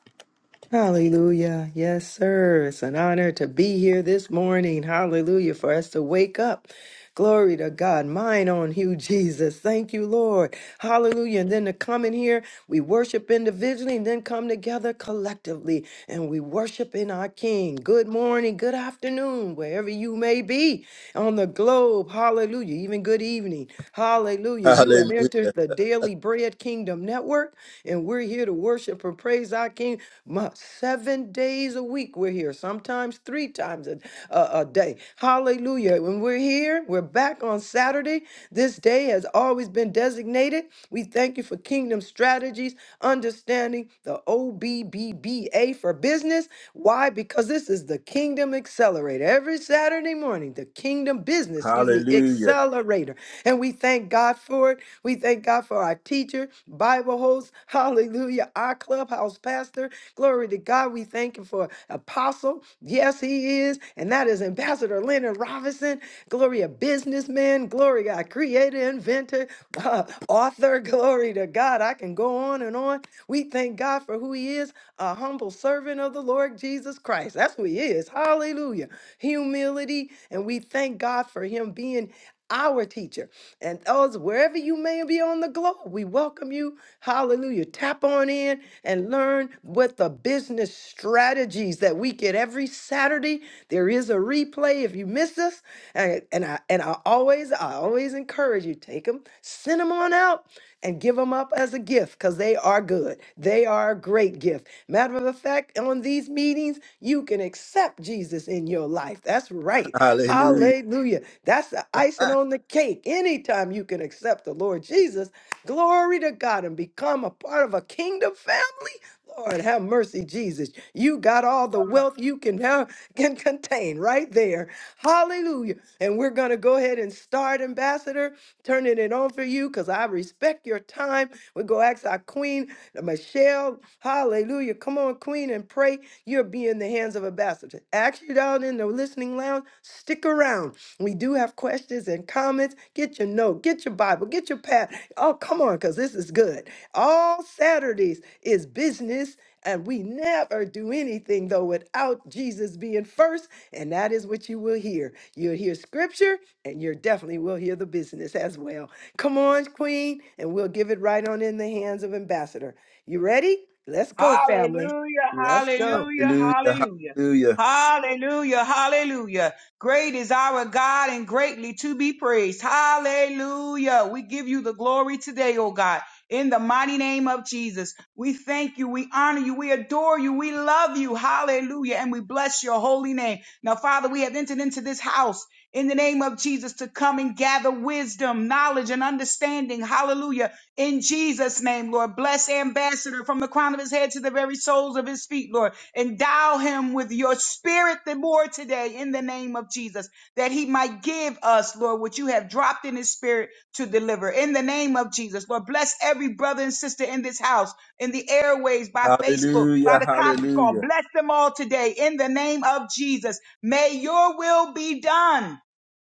B: Hallelujah. Yes, sir. It's an honor to be here this morning. Hallelujah. For us to wake up. Glory to God. Mine on you, Jesus. Thank you, Lord. Hallelujah. And then to come in here, we worship individually and then come together collectively and we worship in our King. Good morning, good afternoon, wherever you may be on the globe. Hallelujah. Even good evening. Hallelujah. You have
A: Hallelujah.
B: entered the Daily Bread Kingdom Network and we're here to worship and praise our King my, seven days a week we're here, sometimes three times a, a, a day. Hallelujah. When we're here, we're back on Saturday. This day has always been designated. We thank you for Kingdom Strategies, understanding the OBBBA for business. Why? Because this is the Kingdom Accelerator. Every Saturday morning, the Kingdom Business, excuse me,
A: Hallelujah.
B: Accelerator. And we thank God for it. We thank God for our teacher, Bible host, hallelujah, our clubhouse pastor. Glory to God. We thank him for apostle. Yes, he is. And that is Ambassador Leonard Robinson. Glory, a businessman. Glory, a creator, inventor, author. Glory to God. I can go on and on. We thank God for who He is a humble servant of the Lord Jesus Christ. That's who He is. Hallelujah. Humility. And we thank God for Him being our teacher. And those, wherever you may be on the globe, we welcome you. Hallelujah. Tap on in and learn what the business strategies that we get every Saturday. There is a replay if you miss us. And, and I and I always I always encourage you, take them, send them on out and give them up as a gift because they are good. They are a great gift. Matter of fact, on these meetings, you can accept Jesus in your life. That's right.
A: Hallelujah.
B: Hallelujah. That's the icing on the cake. Anytime you can accept the Lord Jesus, glory to God and become a part of a kingdom family. Lord, have mercy, Jesus. You got all the wealth you can have, can contain right there. Hallelujah. And we're going to go ahead and start, Ambassador, turning it on for you because I respect your time. We go ask our Queen, uh, Michelle. Hallelujah. Come on, Queen, and pray. You'll be in the hands of Ambassador. Ask you down in the listening lounge, stick around. We do have questions and comments. Get your note, get your Bible, get your pad. Oh, come on, because this is good. All Saturdays is business, and we never do anything, though, without Jesus being first. And that is what you will hear. You'll hear scripture, and you definitely will hear the business as well. Come on, Queen, and we'll give it right on in the hands of Ambassador. You ready? Let's go, family.
G: Hallelujah,
B: Let's go.
G: hallelujah,
A: Hallelujah.
G: hallelujah.
A: Hallelujah.
G: Hallelujah, hallelujah. Great is our God and greatly to be praised. Hallelujah. We give you the glory today, oh God. In the mighty name of Jesus, we thank you, we honor you, we adore you, we love you. Hallelujah. And we bless your holy name. Now, Father, we have entered into this house in the name of Jesus to come and gather wisdom, knowledge, and understanding. Hallelujah. In Jesus' name, Lord, bless Ambassador from the crown of his head to the very soles of his feet, Lord. Endow him with your spirit the more today in the name of Jesus, that he might give us, Lord, what you have dropped in his spirit to deliver. In the name of Jesus, Lord, bless every brother and sister in this house, in the airways, by Facebook, by
A: Hallelujah.
G: the conference call.
A: Hallelujah.
G: Bless them all today in the name of Jesus. May your will be done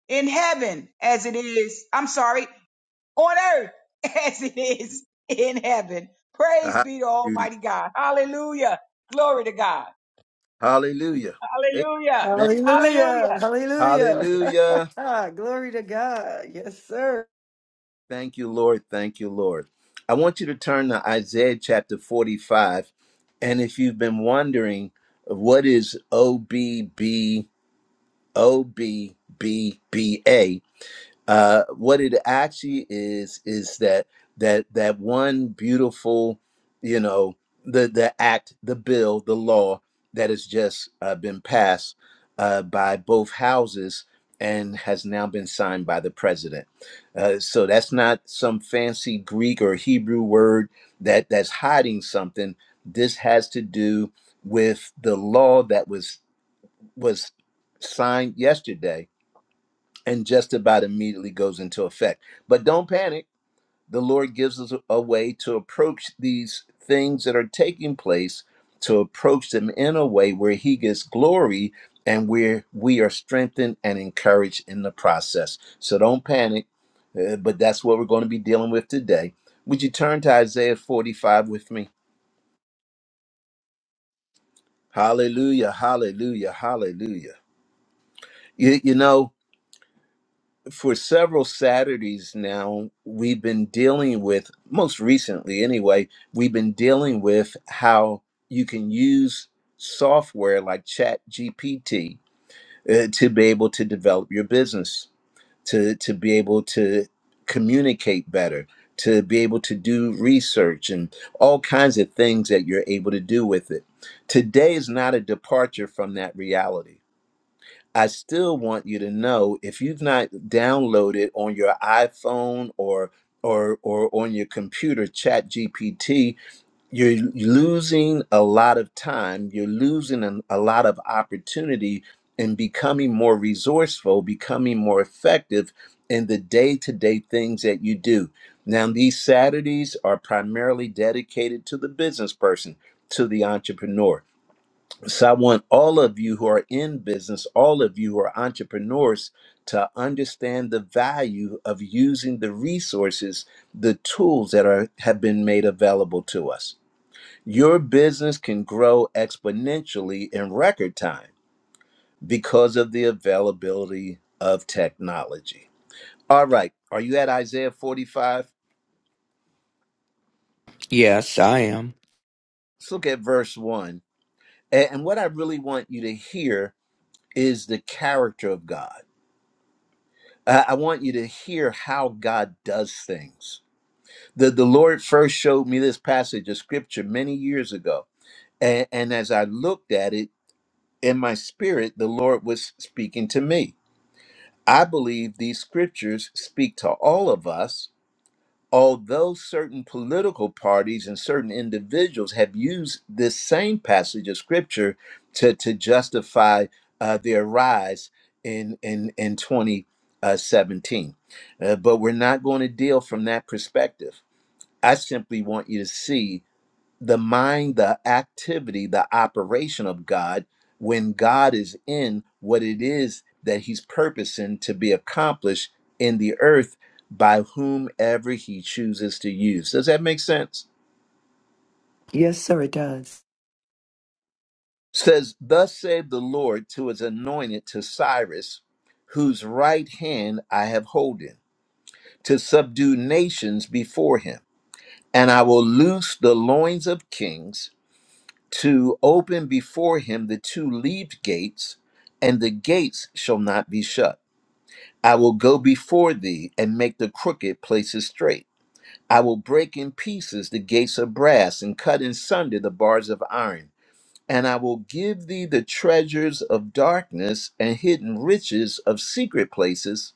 G: in heaven as it is, I'm sorry, on earth as it is in heaven. Praise be to
A: Hallelujah.
G: Almighty God. Hallelujah. Glory to God.
A: Hallelujah.
G: Hallelujah.
A: Amen.
B: Hallelujah.
G: Hallelujah.
B: Hallelujah.
A: Hallelujah.
B: Ah, glory to God. Yes, sir.
A: Thank you, Lord. Thank you, Lord. I want you to turn to Isaiah chapter 45. And if you've been wondering what is O B B O B B B A. uh, what it actually is is that that that one beautiful you know the the act the bill the law that has just uh, been passed uh, by both houses and has now been signed by the president uh, so that's not some fancy greek or hebrew word that that's hiding something this has to do with the law that was was signed yesterday and just about immediately goes into effect. But don't panic. The Lord gives us a way to approach these things that are taking place, to approach them in a way where He gets glory and where we are strengthened and encouraged in the process. So don't panic, uh, but that's what we're going to be dealing with today. Would you turn to Isaiah 45 with me? Hallelujah, hallelujah, hallelujah. You, you know, for several Saturdays now, we've been dealing with, most recently anyway, we've been dealing with how you can use software like ChatGPT uh, to be able to develop your business, to, to be able to communicate better, to be able to do research and all kinds of things that you're able to do with it. Today is not a departure from that reality I still want you to know if you've not downloaded on your iPhone or or or on your computer chat GPT, you're losing a lot of time, you're losing an- a lot of opportunity in becoming more resourceful, becoming more effective in the day-to-day things that you do. Now these Saturdays are primarily dedicated to the business person, to the entrepreneur so I want all of you who are in business, all of you who are entrepreneurs, to understand the value of using the resources, the tools that are have been made available to us. Your business can grow exponentially in record time because of the availability of technology. All right, are you at Isaiah 45?
E: Yes, I am.
A: Let's look at verse 1. A- And what I really want you to hear is the character of God I I want you to hear how God does things. The, the Lord first showed me this passage of scripture many years ago. And, and as I looked at it in my spirit, the Lord was speaking to me. I believe these scriptures speak to all of us although certain political parties and certain individuals have used this same passage of scripture to, to justify uh, their rise in in in 2017 uh, but we're not going to deal from that perspective i simply want you to see the mind, the activity, the operation of God when God is in what it is that he's purposing to be accomplished in the earth by whomever he chooses to use. Does that make sense?
B: Yes, sir, it does.
A: Says, Thus saith the Lord to his anointed to Cyrus, whose right hand I have holden, to subdue nations before him. And I will loose the loins of kings to open before him the two leaved gates, and the gates shall not be shut. I will go before thee and make the crooked places straight. I will break in pieces the gates of brass and cut in sunder the bars of iron. And I will give thee the treasures of darkness and hidden riches of secret places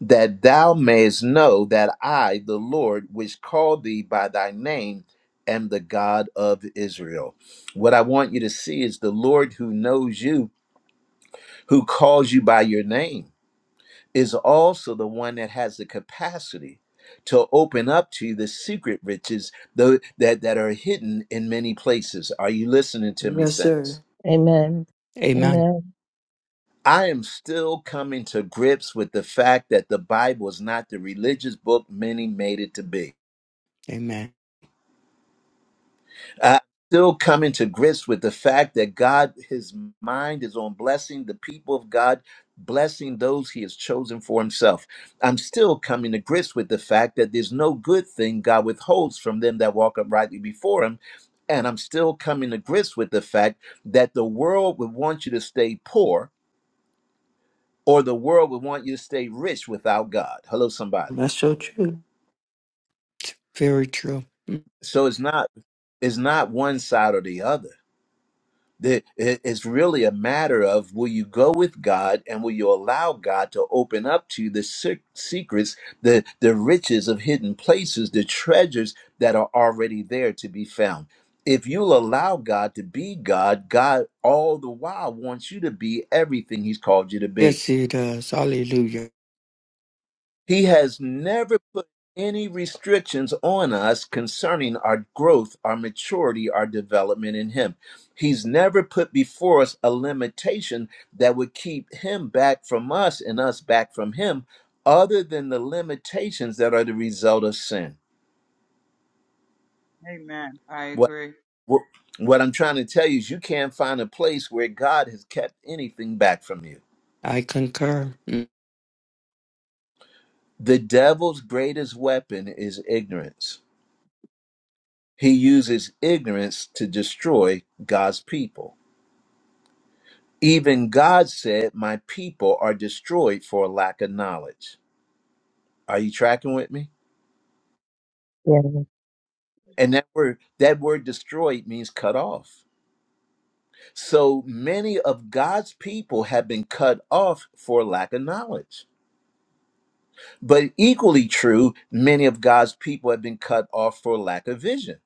A: that thou mayest know that I, the Lord, which called thee by thy name, am the God of Israel. What I want you to see is the Lord who knows you, who calls you by your name, is also the one that has the capacity to open up to you the secret riches tho- that, that are hidden in many places. Are you listening to me,
B: Yes,
A: saints?
B: sir.
C: Amen.
E: Amen.
C: Amen.
A: I am still coming to grips with the fact that the Bible is not the religious book many made it to be.
E: Amen.
A: I'm still coming to grips with the fact that God, his mind is on blessing the people of God, blessing those he has chosen for himself. I'm still coming to grips with the fact that there's no good thing God withholds from them that walk uprightly before him. And I'm still coming to grips with the fact that the world would want you to stay poor or the world would want you to stay rich without God. Hello, somebody.
B: That's so true.
E: It's very true.
A: So it's not it's not one side or the other The- It's really a matter of will you go with God and will you allow God to open up to you the se- secrets, the, the riches of hidden places, the treasures that are already there to be found. If you'll allow God to be God, God all the while wants you to be everything He's called you to be.
E: Yes, he does. Hallelujah.
A: He has never put any restrictions on us concerning our growth, our maturity, our development in Him. He's never put before us a limitation that would keep Him back from us and us back from Him, other than the limitations that are the result of sin.
G: Amen. I
A: What,
G: agree.
A: what, what I'm trying to tell you is you can't find a place where God has kept anything back from you.
E: I concur. Mm.
A: The devil's greatest weapon is ignorance. He uses ignorance to destroy God's people. Even God said, My people are destroyed for lack of knowledge. Are you tracking with me?
C: Yes,
A: And that word, that word destroyed means cut off. So many of God's people have been cut off for lack of knowledge. But equally true, many of God's people have been cut off for lack of vision.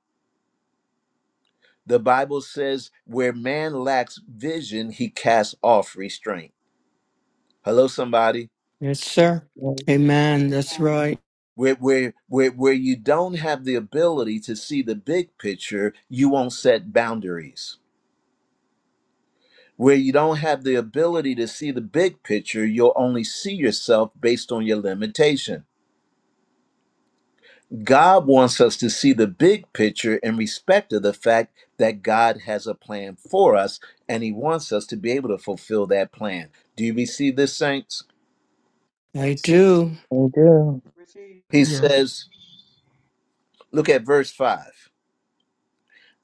A: The Bible says, where man lacks vision, he casts off restraint. Hello, somebody.
E: Yes, sir.
C: yes.
E: Amen. That's right.
A: where where where where you don't have the ability to see the big picture you won't set boundaries where you don't have the ability to see the big picture you'll only see yourself based on your limitation god wants us to see the big picture in respect of the fact that god has a plan for us and he wants us to be able to fulfill that plan do you receive this saints
E: I do.
C: I do.
G: Receive.
A: he
H: Yes.
A: says look at verse 5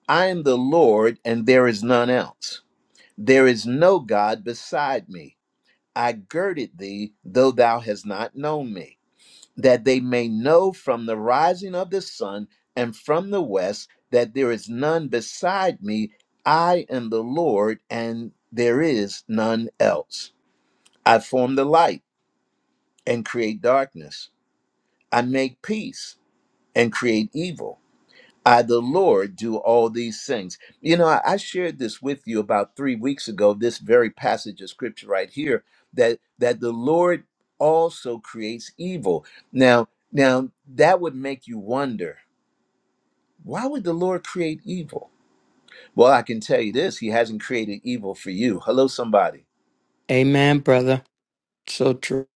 A: i am the lord and there is none else There is no God beside me. I girded thee, though thou hast not known me, that they may know from the rising of the sun and from the west that there is none beside me. I am the Lord, and there is none else. I form the light and create darkness. I make peace and create evil. I, the Lord, do all these things. You know, I, I shared this with you about three weeks ago, this very passage of scripture right here, that that the Lord also creates evil. Now, now that would make you wonder, why would the Lord create evil? Well, I can tell you this, he hasn't created evil for you. Hello, somebody.
E: Amen, brother. So true.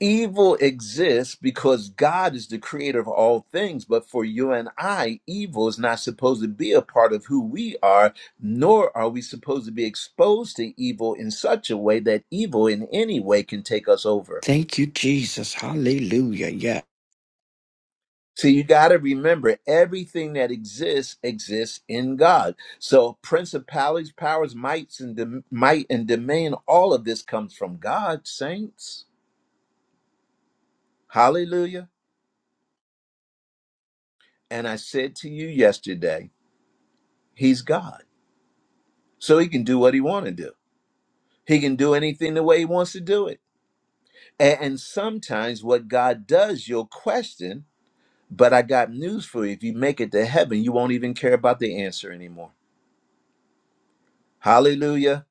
A: evil exists because God is the creator of all things, but for you and I, evil is not supposed to be a part of who we are, nor are we supposed to be exposed to evil in such a way that evil in any way can take us over.
E: Thank you, Jesus. Hallelujah. Yeah.
A: So you got to remember everything that exists exists in God. So principalities, powers, mights and dom- might and domain all of this comes from God, saints. Hallelujah. And I said to you yesterday, he's God. so he can do what he wants to do. He can do anything the way he wants to do it. And, and sometimes what God does, you'll question. But I got news for you: if you make it to heaven, you won't even care about the answer anymore. Hallelujah!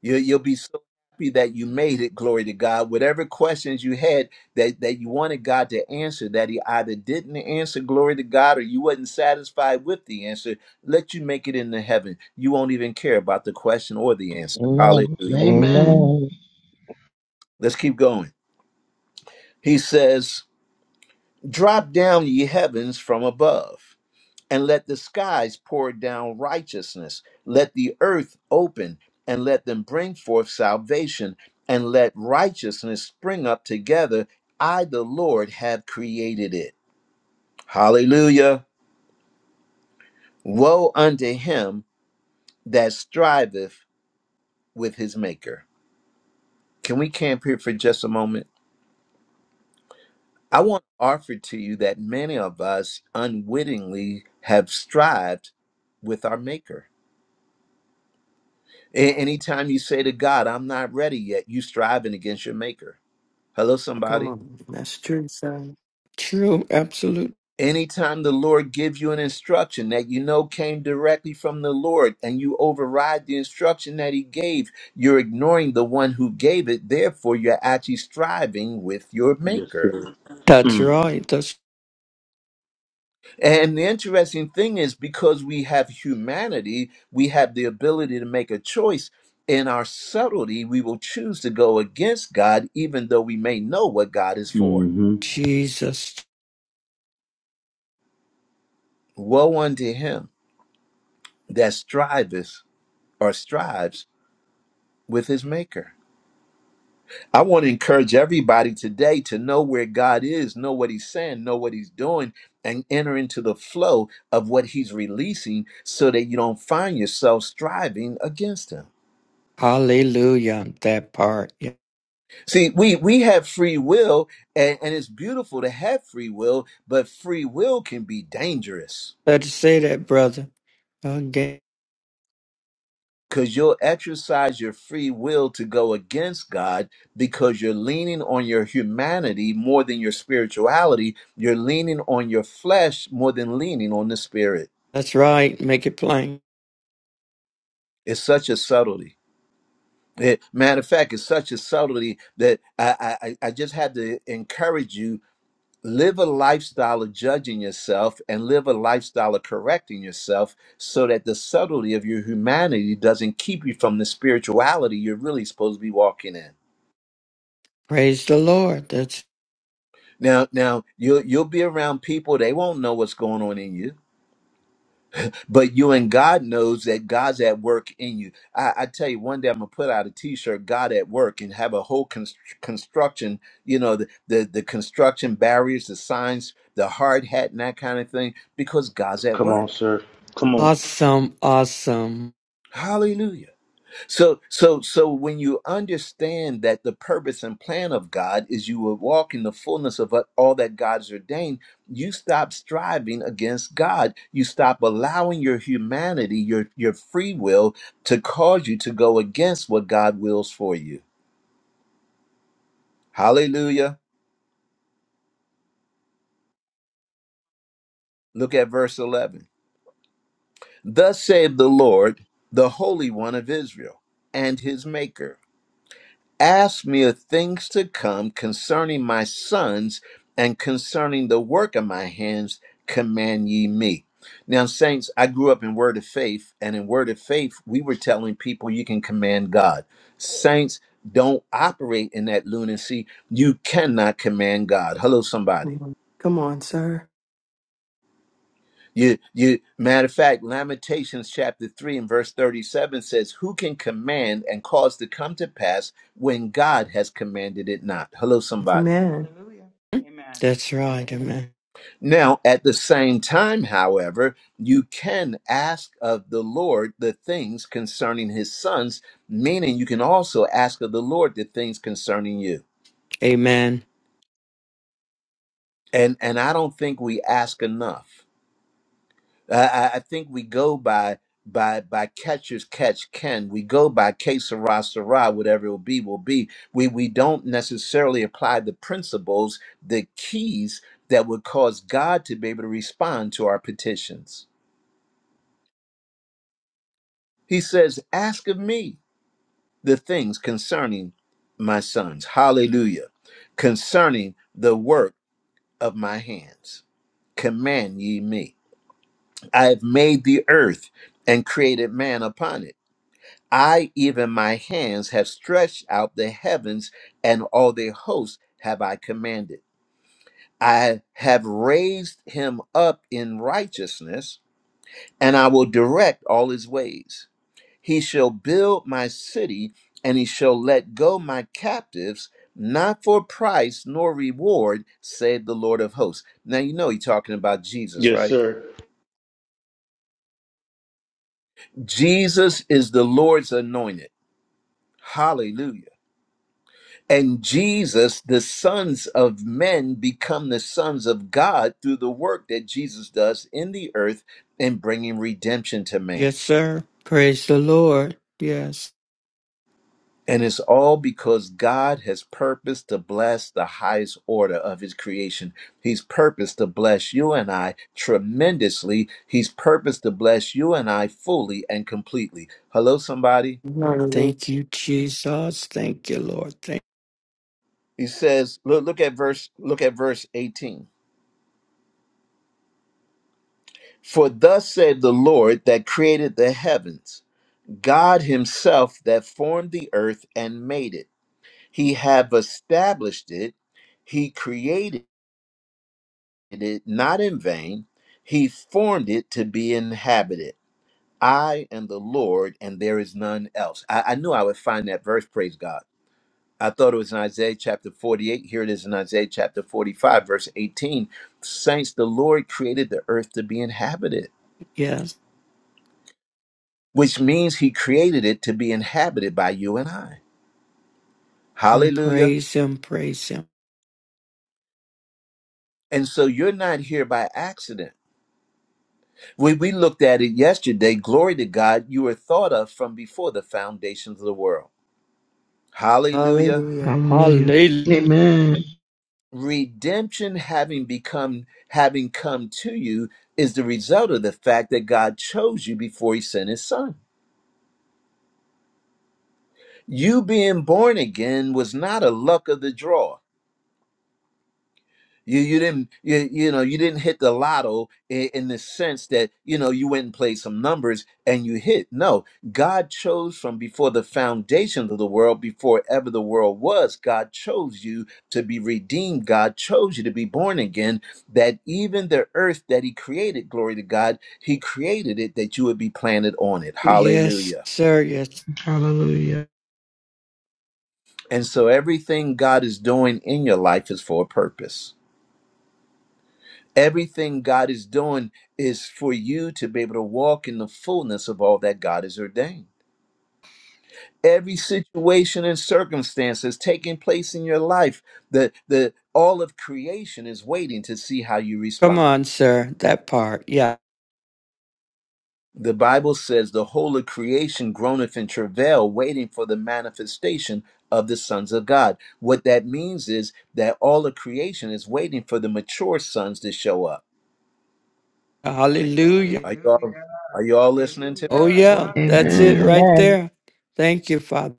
A: You, you'll be so happy that you made it. Glory to God. Whatever questions you had that that you wanted God to answer, that He either didn't answer, glory to God, or you wasn't satisfied with the answer, let you make it into heaven. You won't even care about the question or the answer.
C: Amen.
A: Hallelujah!
H: Amen.
C: Amen.
A: Let's keep going. He says, Drop down, ye heavens, from above, and let the skies pour down righteousness. Let the earth open, and let them bring forth salvation, and let righteousness spring up together. I, the Lord, have created it. Hallelujah. Woe unto him that striveth with his maker. Can we camp here for just a moment? I want to offer to you that many of us unwittingly have strived with our Maker. A- anytime you say to God, I'm not ready yet, you striving against your Maker. Hello,
B: Come
A: somebody.
B: on. That's true, son.
E: True. Absolute.
A: Anytime the Lord gives you an instruction that you know came directly from the Lord and you override the instruction that He gave, you're ignoring the one who gave it. Therefore, you're actually striving with your
I: Yes,
A: Maker.
I: sir.
E: That's
I: Mm.
E: right. That's
A: And the interesting thing is, because we have humanity, we have the ability to make a choice. In our subtlety, we will choose to go against God, even though we may know what God is for.
I: Mm-hmm.
E: Jesus.
A: Woe unto him that striveth or strives with his maker. I want to encourage everybody today to know where God is, know what he's saying, know what he's doing, and enter into the flow of what he's releasing so that you don't find yourself striving against him.
E: Hallelujah. That part. Yeah.
A: See, we we have free will, and, and it's beautiful to have free will, but free will can be dangerous
E: Better say that, brother. Okay.
A: because you'll exercise your free will to go against God because you're leaning on your humanity more than your spirituality. You're leaning on your flesh more than leaning on the spirit.
E: That's right. Make it plain.
A: It's such a subtlety. It- matter of fact, it's such a subtlety that I, I I I just had to encourage you live a lifestyle of judging yourself and live a lifestyle of correcting yourself so that the subtlety of your humanity doesn't keep you from the spirituality you're really supposed to be walking in
E: Praise the Lord. That's
A: now now you'll you'll be around people they won't know what's going on in you but you and god knows that god's at work in you i, I tell you one day i'm gonna put out a t-shirt god at work and have a whole const- construction you know the, the the construction barriers the signs the hard hat and that kind of thing because god's at
I: Come on,
A: work
I: sir. Come on.
E: awesome. Awesome.
A: Hallelujah. So so so when you understand that the purpose and plan of God is you will walk in the fullness of what- all that God's ordained, you stop striving against God. You stop allowing your humanity, your your free will to cause you to go against what God wills for you. Hallelujah. Look at verse 11. Thus saith the Lord, the Holy One of Israel, and his maker. Ask me of things to come concerning my sons and concerning the work of my hands, command ye me. Now, saints, I grew up in Word of Faith, and in Word of Faith, we were telling people you can command God. Saints, don't operate in that lunacy. You cannot command God. Hello, somebody.
B: Come on, Come on, sir.
A: You, you, matter of fact, Lamentations chapter 3 and verse 37 says, Who can command and cause to come to pass when God has commanded it not? Hello, somebody.
B: Amen.
G: Hallelujah. Amen.
E: That's right. Amen.
A: Now, at the same time, however, you can ask of the Lord the things concerning his sons, meaning you can also ask of the Lord the things concerning you.
E: Amen.
A: And and I don't think we ask enough. I, I I think we go by by by catchers catch can. We go by que sera, sera, whatever it will be, will be. We we don't necessarily apply the principles, the keys that would cause God to be able to respond to our petitions. He says, Ask of me the things concerning my sons. Hallelujah. Concerning the work of my hands. Command ye me. I have made the earth and created man upon it. I, even my hands, have stretched out the heavens, and all their hosts have I commanded. I have raised him up in righteousness, and I will direct all his ways. He shall build my city, and he shall let go my captives, not for price nor reward, said the Lord of hosts. Now, you know, he's talking about Jesus,
I: Yes,
A: right?
I: sir.
A: Jesus is the Lord's anointed. Hallelujah. And Jesus, the sons of men, become the sons of God through the work that Jesus does in the earth in bringing redemption to man.
E: Yes, sir. Praise the Lord. Yes.
A: And it's all because God has purposed to bless the highest order of his creation. He's purposed to bless you and I tremendously. He's purposed to bless you and I fully and completely. Hello, somebody.
B: Hallelujah.
E: Thank you, Jesus. Thank you, Lord. Thank
A: He says, look, look at verse, look at verse 18. For thus said the Lord that created the heavens, God himself that formed the earth and made it. He have established it. He created it not in vain. He formed it to be inhabited. I am the Lord, and there is none else. I, I knew I would find that verse, praise God. I thought it was in Isaiah chapter 48. Here it is in Isaiah chapter 45, verse 18. Saints, the Lord created the earth to be inhabited,
E: yes.
A: which means he created it to be inhabited by you and I.
E: Um,
A: Hallelujah.
E: praise him, praise him.
A: And so you're not here by accident. We, we looked at it yesterday. Glory to God, you were thought of from before the foundations of the world. Hallelujah.
B: Hallelujah.
H: Hallelujah.
E: Hallelujah.
H: Amen.
A: Redemption having become having come to you is the result of the fact that God chose you before he sent his son. You being born again was not a luck of the draw. You you didn't you, you know you didn't hit the lotto in, in the sense that you know you went and played some numbers and you hit. No, God chose from before the foundations of the world, before ever the world was. God chose you to be redeemed. God chose you to be born again. That even the earth that He created, glory to God, He created it that you would be planted on it.
E: Yes,
A: Hallelujah.
E: sir. Yes.
H: Hallelujah.
A: And so everything God is doing in your life is for a purpose. Everything God is doing is for you to be able to walk in the fullness of all that God has ordained. Every situation and circumstance that's taking place in your life, the, the all of creation is waiting to see how you
E: Come
A: respond.
E: on, sir. That part. Yeah.
A: The Bible says the whole of creation groaneth in travail, waiting for the manifestation of the sons of God. What that means is that all of creation is waiting for the mature sons to show up.
G: Hallelujah.
E: Hallelujah.
A: Are you
G: Hallelujah.
A: all, are you all listening to me
E: Oh
A: this
G: Hallelujah.
A: morning?
E: yeah. That's it
G: Hallelujah.
H: Amen.
E: right
C: Amen.
E: there. Thank you, Father.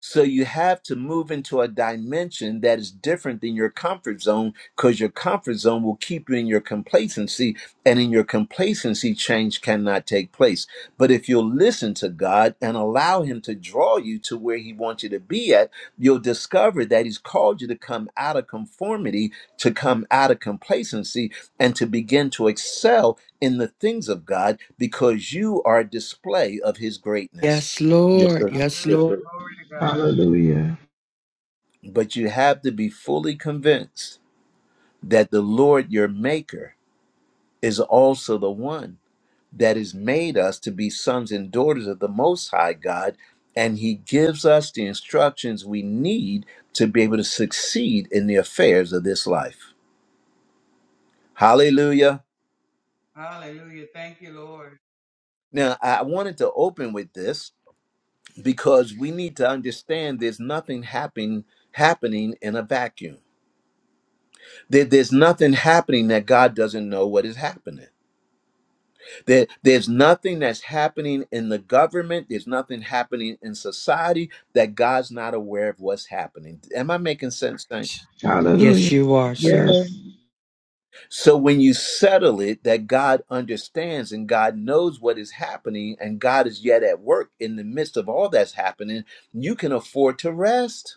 A: So you have to move into a dimension that is different than your comfort zone because your comfort zone will keep you in your complacency and in your complacency change cannot take place. But if you'll listen to God and allow him to draw you to where he wants you to be at, you'll discover that he's called you to come out of conformity, to come out of complacency and to begin to excel in the things of God because you are a display of his greatness.
E: Yes,
I: Yes,
E: Lord.
I: sir.
G: That's good.
E: Yes,
I: Yes,
E: Lord.
I: sir.
G: Glory to God.
H: Hallelujah.
A: but you have to be fully convinced that the Lord your maker is also the one that has made us to be sons and daughters of the most high God and he gives us the instructions we need to be able to succeed in the affairs of this life. Hallelujah.
G: Hallelujah. Thank you, Lord.
A: Now, I wanted to open with this because we need to understand there's nothing happening happening in a vacuum. There- there's nothing happening that God doesn't know what is happening. There, there's nothing that's happening in the government. There's nothing happening in society that God's not aware of what's happening. Am I making sense? Saints?
E: Yes,
H: Hallelujah.
E: you are, sir.
H: Yes.
C: Amen.
A: So when you settle it, that God understands and God knows what is happening, and God is yet at work in the midst of all that's happening, you can afford to rest.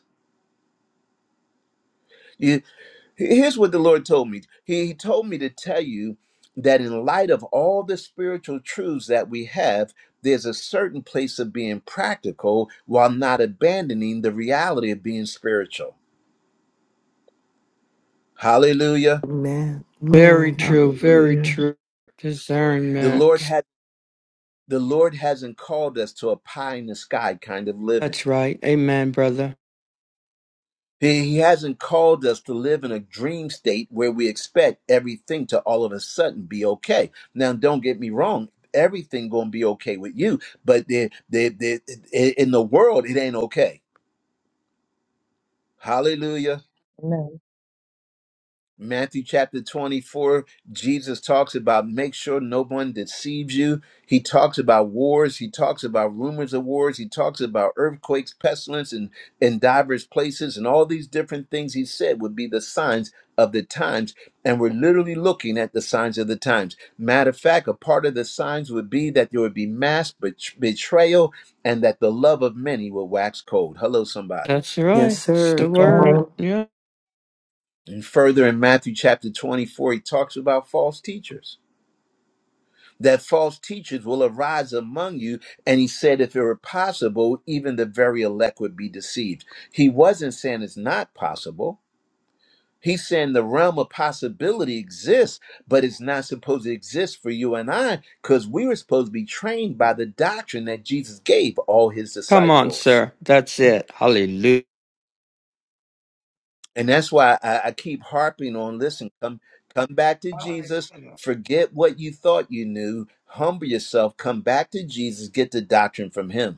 A: He- Here's what the Lord told me. He he told me to tell you that in light of all the spiritual truths that we have, there's a certain place of being practical while not abandoning the reality of being spiritual. Hallelujah.
B: Amen.
E: Very
B: Amen.
E: true, very
H: Hallelujah.
E: true.
A: The Lord
E: Discernment.
A: had the Lord hasn't called us to a pie in the sky kind of living.
E: That's right. Amen, brother.
A: He he hasn't called us to live in a dream state where we expect everything to all of a sudden be okay. Now, don't get me wrong. Everything gonna be okay with you, but the the the in the world it ain't okay. Hallelujah.
C: Amen.
A: Matthew chapter 24, Jesus talks about make sure no one deceives you. He talks about wars. He talks about rumors of wars. He talks about earthquakes, pestilence, and in diverse places, and all these different things he said would be the signs of the times. And we're literally looking at the signs of the times. Matter of fact, a part of the signs would be that there would be mass bet- betrayal and that the love of many will wax cold. Hello, somebody.
E: That's
B: Yes,
E: right. It's
B: sir.
C: That's
E: the
B: Come
C: right.
E: word.
B: on.
E: Yeah.
A: And further in Matthew chapter 24, he talks about false teachers. that false teachers will arise among you. And he said, if it were possible, even the very elect would be deceived. He wasn't saying it's not possible. He's saying the realm of possibility exists, but it's not supposed to exist for you and I because we were supposed to be trained by the doctrine that Jesus gave all his
E: Come on,
A: disciples.
E: sir. That's it. Hallelujah.
A: And that's why I, I keep harping on listen, come, come back to Jesus,
G: Hallelujah.
A: forget what you thought you knew, humble yourself, come back to Jesus, get the doctrine from him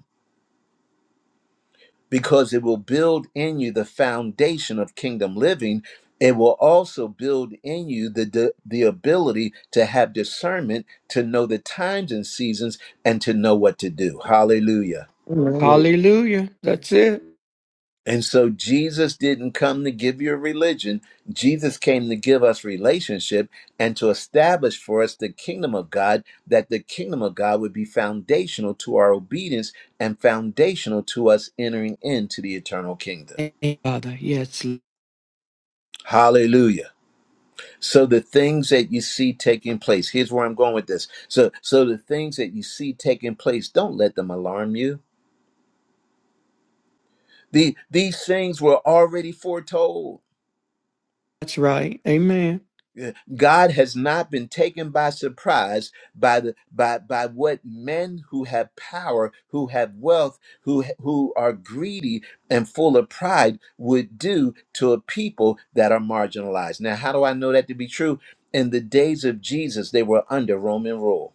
A: because it will build in you the foundation of kingdom living. It will also build in you the, the, the ability to have discernment, to know the times and seasons, and to know what to do. Hallelujah.
I: That's
B: Amen.
I: it.
E: Hallelujah. That's it.
A: And so Jesus didn't come to give you a religion. Jesus came to give us relationship and to establish for us the kingdom of God, that the kingdom of God would be foundational to our obedience and foundational to us entering into the eternal kingdom.
E: Amen, Father. Yes.
A: Hallelujah. So the things that you see taking place, here's where I'm going with this. So so the things that you see taking place, don't let them alarm you. The these things were already foretold.
E: That's right. Amen.
A: Yeah, God has not been taken by surprise by the by by what men who have power, who have wealth, who ha- who are greedy and full of pride would do to a people that are marginalized. Now, how do I know that to be true? In the days of Jesus, they were under Roman rule.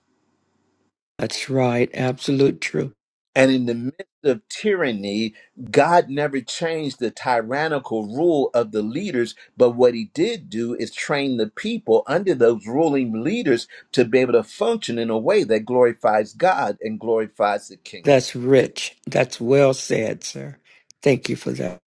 E: That's right. Absolute truth.
A: And in the midst of tyranny, God never changed the tyrannical rule of the leaders. But what he did do is train the people under those ruling leaders to be able to function in a way that glorifies God and glorifies the kingdom.
E: That's rich. That's well said, sir. Thank you for that.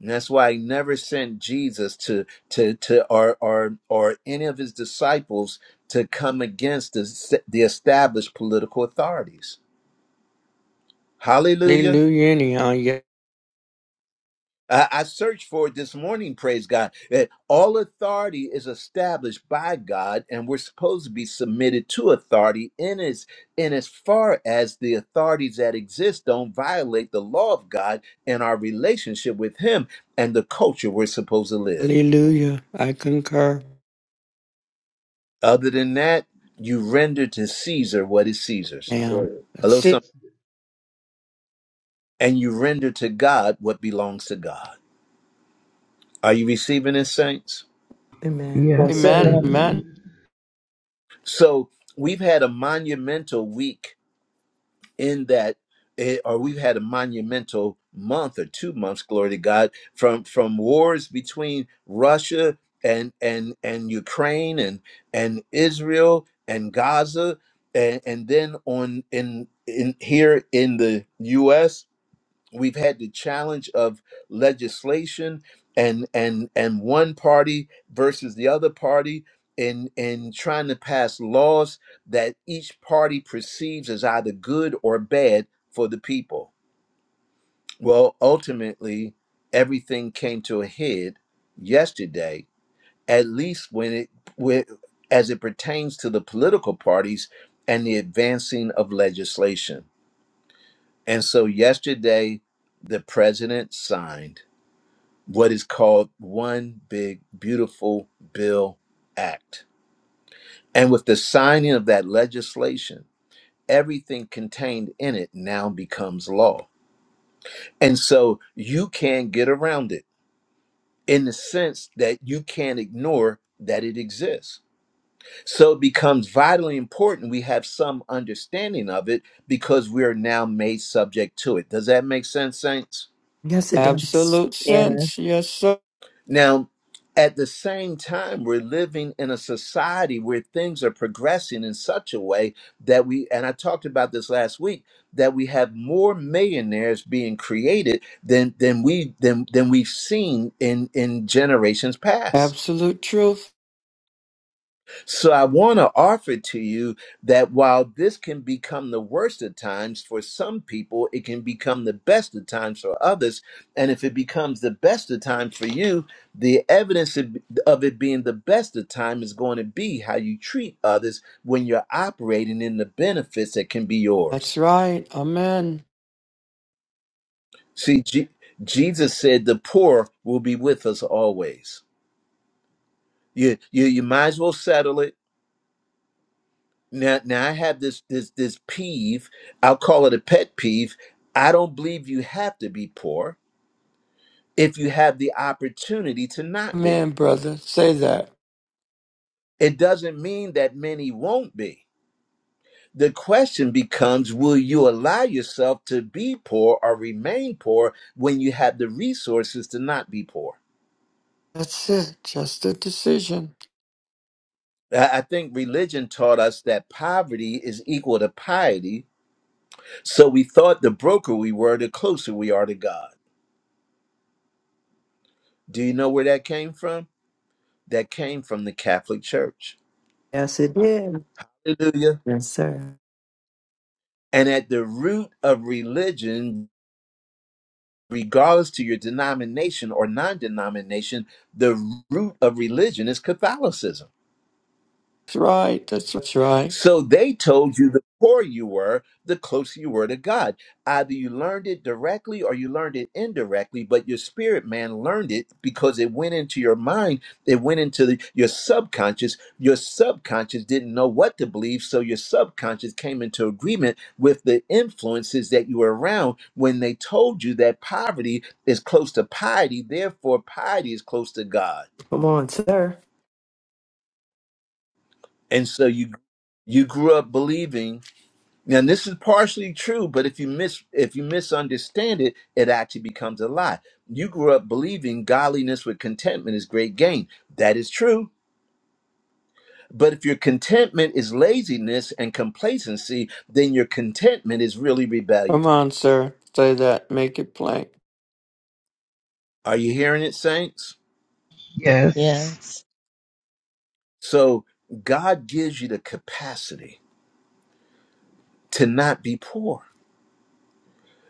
A: And that's why he never sent Jesus to to to or or or any of his disciples to come against the, the established political authorities. Hallelujah.
E: Hallelujah. Anyhow. Yeah.
A: I I searched for it this morning, praise God, that all authority is established by God, and we're supposed to be submitted to authority in as, in as far as the authorities that exist don't violate the law of God and our relationship with Him and the culture we're supposed to live.
E: Hallelujah. I concur.
A: Other than that, you render to Caesar what is Caesar's.
I: That's right.
E: Am.
A: Hello,
E: That's it.
A: somebody.
I: That's it.
A: And you render to God what belongs to God. Are you receiving this, saints?
B: Amen.
H: Yes.
B: Yes,
I: Yes,
B: sir.
E: Amen.
I: sir.
C: Amen.
E: Amen.
H: Amen.
A: So we've had a monumental week in that it, or we've had a monumental month or two months glory to god from from wars between russia and and and ukraine and and israel and gaza and and then on in in here in the us we've had the challenge of legislation and and and one party versus the other party in in trying to pass laws that each party perceives as either good or bad for the people well ultimately everything came to a head yesterday at least when it when, as it pertains to the political parties and the advancing of legislation and so yesterday the president signed what is called One Big Beautiful Bill Act. And with the signing of that legislation, everything contained in it now becomes law. And so you can't get around it in the sense that you can't ignore that it exists. So it becomes vitally important we have some understanding of it because we are now made subject to it. Does that make sense, Saints?
B: Yes, it does.
E: Absolute
C: Yeah.
E: sense. Yes, sir.
A: Now, at the same time, we're living in a society where things are progressing in such a way that we, and I talked about this last week, that we have more millionaires being created than than we than than we've seen in in generations past.
E: Absolute truth.
A: So I want to offer to you that while this can become the worst of times for some people, it can become the best of times for others. And if it becomes the best of times for you, the evidence of of it being the best of time is going to be how you treat others when you're operating in the benefits that can be
E: That's
A: yours.
E: right. Amen.
A: See, Je- Jesus said the poor will be with us always. You, you, you might as well settle it Now, now I have this this this peeve. I'll call it a pet peeve. I don't believe you have to be poor if you have the opportunity to not
E: Amen,
A: be.
E: brother. Say that.
A: It doesn't mean that many won't be. The question becomes will you allow yourself to be poor or remain poor when you have the resources to not be poor?
E: That's it. Just a decision.
A: I I think religion taught us that poverty is equal to piety, so we thought the broker we were, the closer we are to God. Do you know where that came from? that came from the Catholic Church.
B: Yes, it did.
A: Hallelujah.
B: Yes, sir.
A: And at the root of religion, regardless to your denomination or non denomination, the root of religion is Catholicism.
E: That's right. That's, that's right.
A: So they told you the poor you were, the closer you were to God. Either you learned it directly or you learned it indirectly, but your spirit man learned it because it went into your mind, it went into the, your subconscious. Your subconscious didn't know what to believe, so your subconscious came into agreement with the influences that you were around when they told you that poverty is close to piety, therefore piety is close to God.
B: Come on, sir.
A: And so you you grew up believing Now this is partially true, but if you mis if you misunderstand it, it actually becomes a lie. You grew up believing godliness with contentment is great gain. That is true. But if your contentment is laziness and complacency, then your contentment is really rebellion.
E: Come on, sir. Say that. Make it plain.
A: Are you hearing it, saints?
H: Yes.
C: Yes.
A: So God gives you the capacity to not be poor,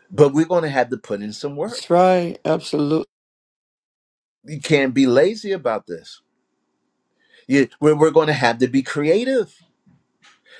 A: but we're going to have to put in some
E: That's
A: work.
E: right. Absolutely.
A: You can't be lazy about this. You, we're we're going to have to be creative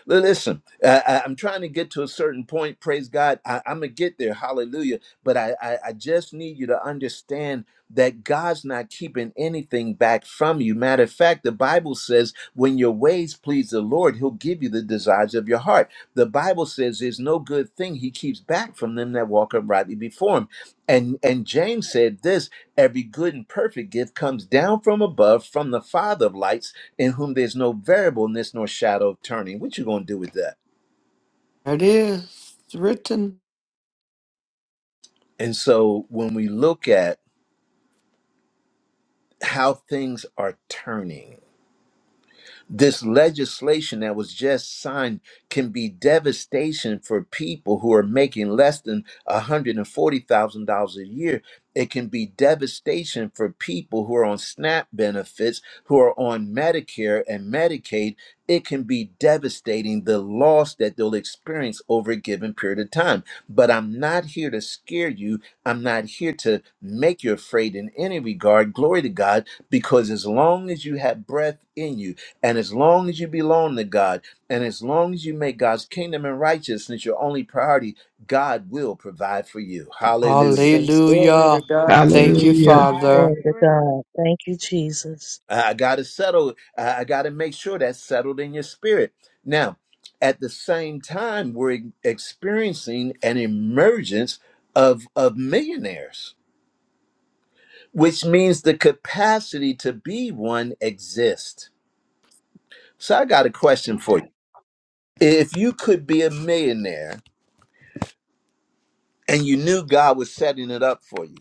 A: Li- Listen, I, I- I'm trying to get to a certain point. Praise God. I, I'm going to get there. Hallelujah. But I, I, I just need you to understand that God's not keeping anything back from you. Matter of fact, the Bible says when your ways please the Lord, he'll give you the desires of your heart. The Bible says there's no good thing he keeps back from them that walk uprightly before him. And, and James said this every good and perfect gift comes down from above, from the Father of lights in whom there's no variableness nor shadow of turning. What you gonna do with that?
E: It is It's written.
A: And so when we look at how things are turning, This legislation that was just signed can be devastation for people who are making less than $140,000 a year. It can be devastation for people who are on SNAP benefits, who are on Medicare and Medicaid. It can be devastating the loss that they'll experience over a given period of time. But I'm not here to scare you. I'm not here to make you afraid in any regard. Glory to God, because as long as you have breath in you, and as long as you belong to God, and as long as you make God's kingdom and righteousness your only priority, God will provide for you.
B: Yes,
A: Hallelujah.
B: sir. Glory to
E: Hallelujah.
G: That's the
B: God.
G: truth.
E: Thank you,
H: Hallelujah.
C: Glory
E: Father.
G: I
C: to
G: agree.
C: God. Thank you, Jesus.
A: I got to settle, I got to make sure that's settled in your spirit. Now, at the same time, we're e-, experiencing an emergence of, of millionaires, which means the capacity to be one exists. So I got a question for you. If you could be a millionaire and you knew God was setting it up for you,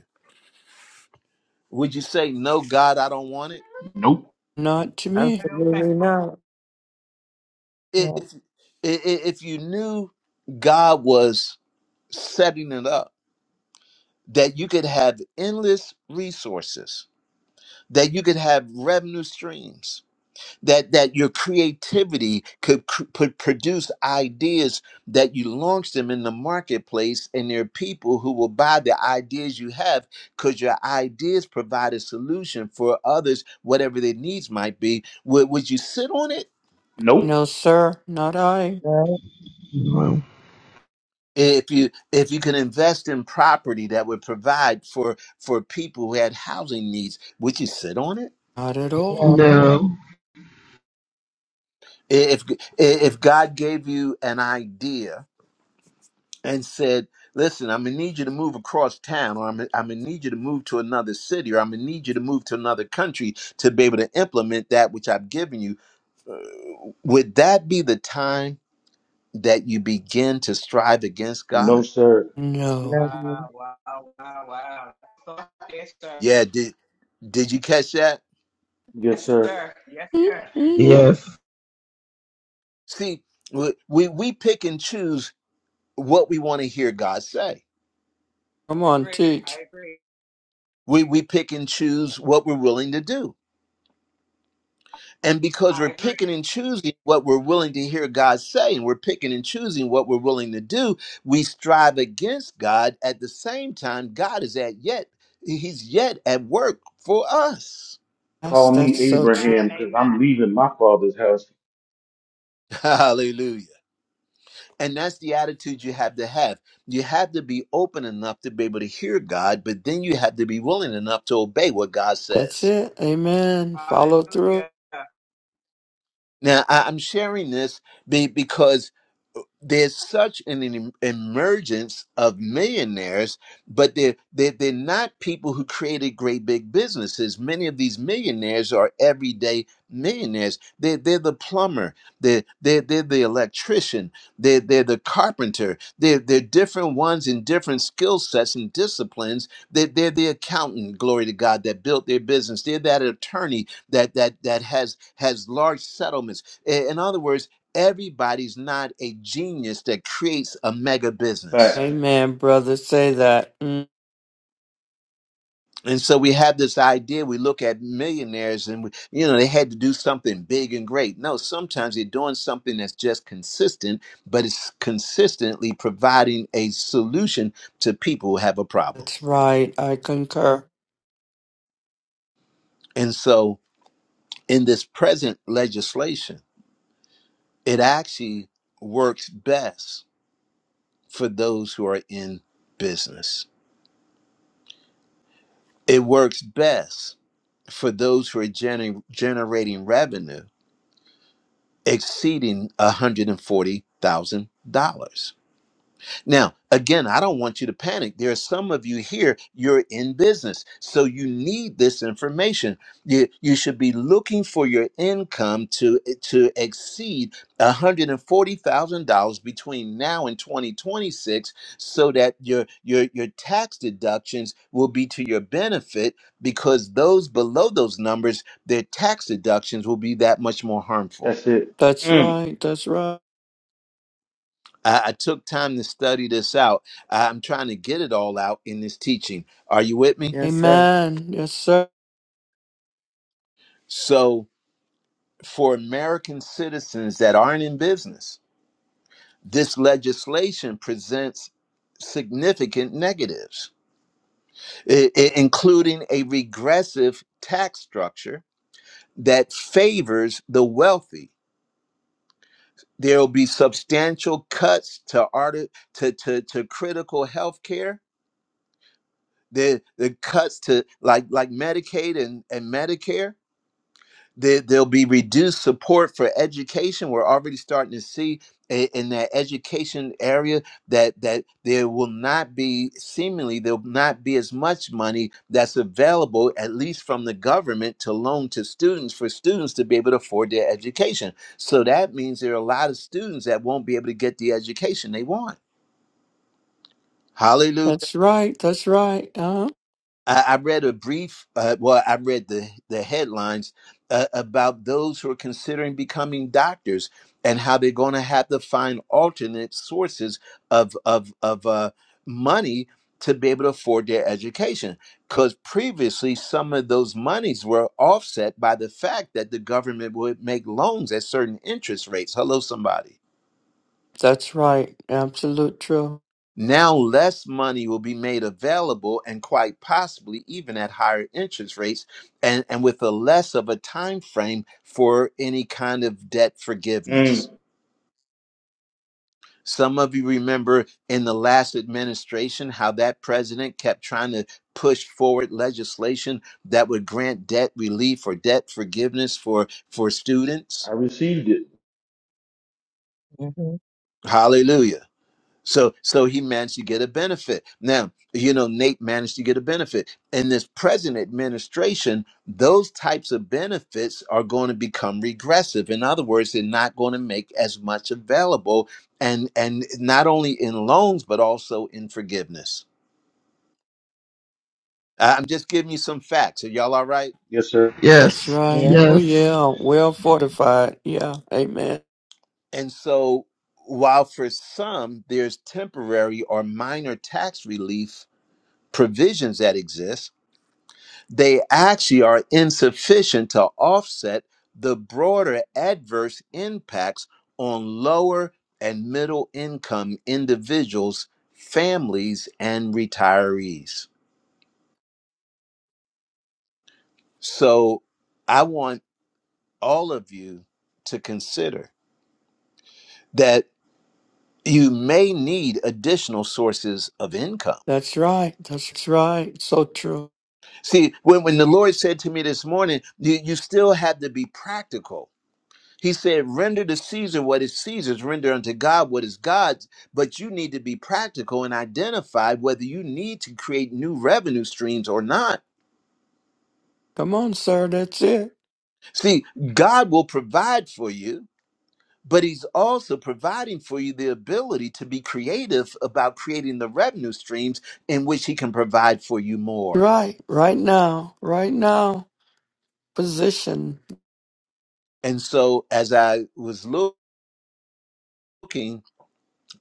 A: Would you say, "No, God, I don't want it"?
I: Nope.
E: Not to
G: I
E: me.
G: don't think
B: Absolutely
G: so.
B: not.
A: I-
C: No,
A: If i- i- if you knew God was setting it up that you could have endless resources, that you could have revenue streams, that that your creativity could cr- put, produce ideas that you launch them in the marketplace, and there are people who will buy the ideas you have because your ideas provide a solution for others, whatever their needs might be. Would, would you sit on it?
I: Nope.
E: No, sir. Not I.
C: no,
H: No.
A: if you if you can invest in property that would provide for for people who had housing needs would you sit on it
E: Not at all.
C: no,
H: No.
A: if if god gave you an idea and said listen i'm gonna need you to move across town or i'm, gonna- I'm gonna need you to move to another city or i'm gonna need you to move to another country to be able to implement that which i've given you would that be the time that you begin to strive against god
I: No, sir.
E: No.
C: no.
G: Wow, wow, wow, wow. So, yes, sir.
A: yeah did did you catch that
I: Yes,
G: Yes,
I: sir.
G: sir. Yes,
E: Mhm.
H: Yes.
A: see we we, we pick and choose what we want to hear God say.
E: Come
G: I
E: on,
G: agree.
E: teach.
G: I agree.
A: We, we pick and choose what we're willing to do. And because
G: I
A: we're picking
G: agree.
A: and choosing what we're willing to hear God say, and we're picking and choosing what we're willing to do, we strive against God. At the same time, God is at yet, He's yet at work for us.
E: That's
I: Call me
E: that's so true.
I: Abraham
G: Amen.
I: because
G: Amen.
I: I'm leaving my father's house.
A: Hallelujah. And that's the attitude you have to have. You have to be open enough to be able to hear God, but then you have to be willing enough to obey what God
E: That's
A: says.
E: it. Amen.
G: Hallelujah.
E: Follow through.
A: Now, I- I'm sharing this be- because there's such an em- emergence of millionaires, but they're, they're, they're not people who created great big businesses. Many of these millionaires are everyday millionaires. They're, they're the plumber, they're, they're, they're the electrician, they're, they're the carpenter. They're, they're different ones in different skill sets and disciplines. They're, they're the accountant, glory to God, that built their business. They're that attorney that, that, that has, has large settlements. In in other words, everybody's not a genius that creates a mega business.
I: Facts.
E: Amen, brother. Say that. Mm.
A: And so we have this idea, we look at millionaires and, we, you know, they had to do something big and great. No, sometimes they're doing something that's just consistent, but it's consistently providing a solution to people who have a problem.
E: That's right. I concur.
A: And so in this present legislation, it actually works best for those who are in business. It works best for those who are gener- generating revenue exceeding $140,000. Now, again, I don't want you to panic. There are some of you here, you're in business. So you need this information. You, you should be looking for your income to, to exceed $140,000 between now and 2026 so that your, your, your tax deductions will be to your benefit because those below those numbers, their tax deductions will be that much more harmful.
I: That's it.
E: That's
I: Mm.
E: right. That's right.
A: I, I took time to study this out. I- am trying to get it all out in this teaching. Are you with me?
B: Yes, sir.
E: Amen. Yes, sir.
A: So, for American citizens that aren't in business, this legislation presents significant negatives, i- i- including a regressive tax structure that favors the wealthy. There will be substantial cuts to, art- to, to, to critical health care. the the cuts to like like Medicaid and, and Medicare. There, there'll be reduced support for education. We're already starting to see i- in that education area that that there will not be seemingly there will not be as much money that's available at least from the government to loan to students for students to be able to afford their education. So that means there are a lot of students that won't be able to get the education they want. Hallelujah.
E: That's right. That's right. Uh,
A: I, I read a brief, uh, well, I read the, the headlines uh, about those who are considering becoming doctors and how they're going to have to find alternate sources of, of, of uh, money to be able to afford their education. Because previously, some of those monies were offset by the fact that the government would make loans at certain interest rates. Hello, somebody.
E: that's right. Absolute truth.
A: Now, less money will be made available and quite possibly even at higher interest rates and, and with a less of a time frame for any kind of debt forgiveness.
I: Mm.
A: Some of you remember in the last administration how that president kept trying to push forward legislation that would grant debt relief or debt forgiveness for, for
I: I
A: students.
I: received it.
C: hmm
A: Hallelujah So so he managed to get a benefit. Now, you know, Nate managed to get a benefit. In this present administration, those types of benefits are going to become regressive. In other words, they're not going to make as much available and and not only in loans but also in forgiveness. I- I'm just giving you some facts. Are y'all all right?
I: Yes, sir.
E: That's
H: Yes.
E: right.
C: Yeah.
E: Oh,
H: Yes.
E: yeah. Well fortified. Yeah. Amen.
A: And so while for some there's temporary or minor tax relief provisions that exist, they actually are insufficient to offset the broader adverse impacts on lower and middle income individuals, families, and retirees. So I want all of you to consider that you may need additional sources of income.
E: That's right. That's right. So true.
A: See, when, when the Lord said to me this morning, you, you still have to be practical He said, Render to Caesar what is Caesar's, render unto God what is God's. But you need to be practical and identify whether you need to create new revenue streams or not.
E: Come on, sir. That's it.
A: See, God will provide for you, but He's also providing for you the ability to be creative about creating the revenue streams in which He can provide for you more.
E: Right. Right now. Right now. Position.
A: And so, as I was looking,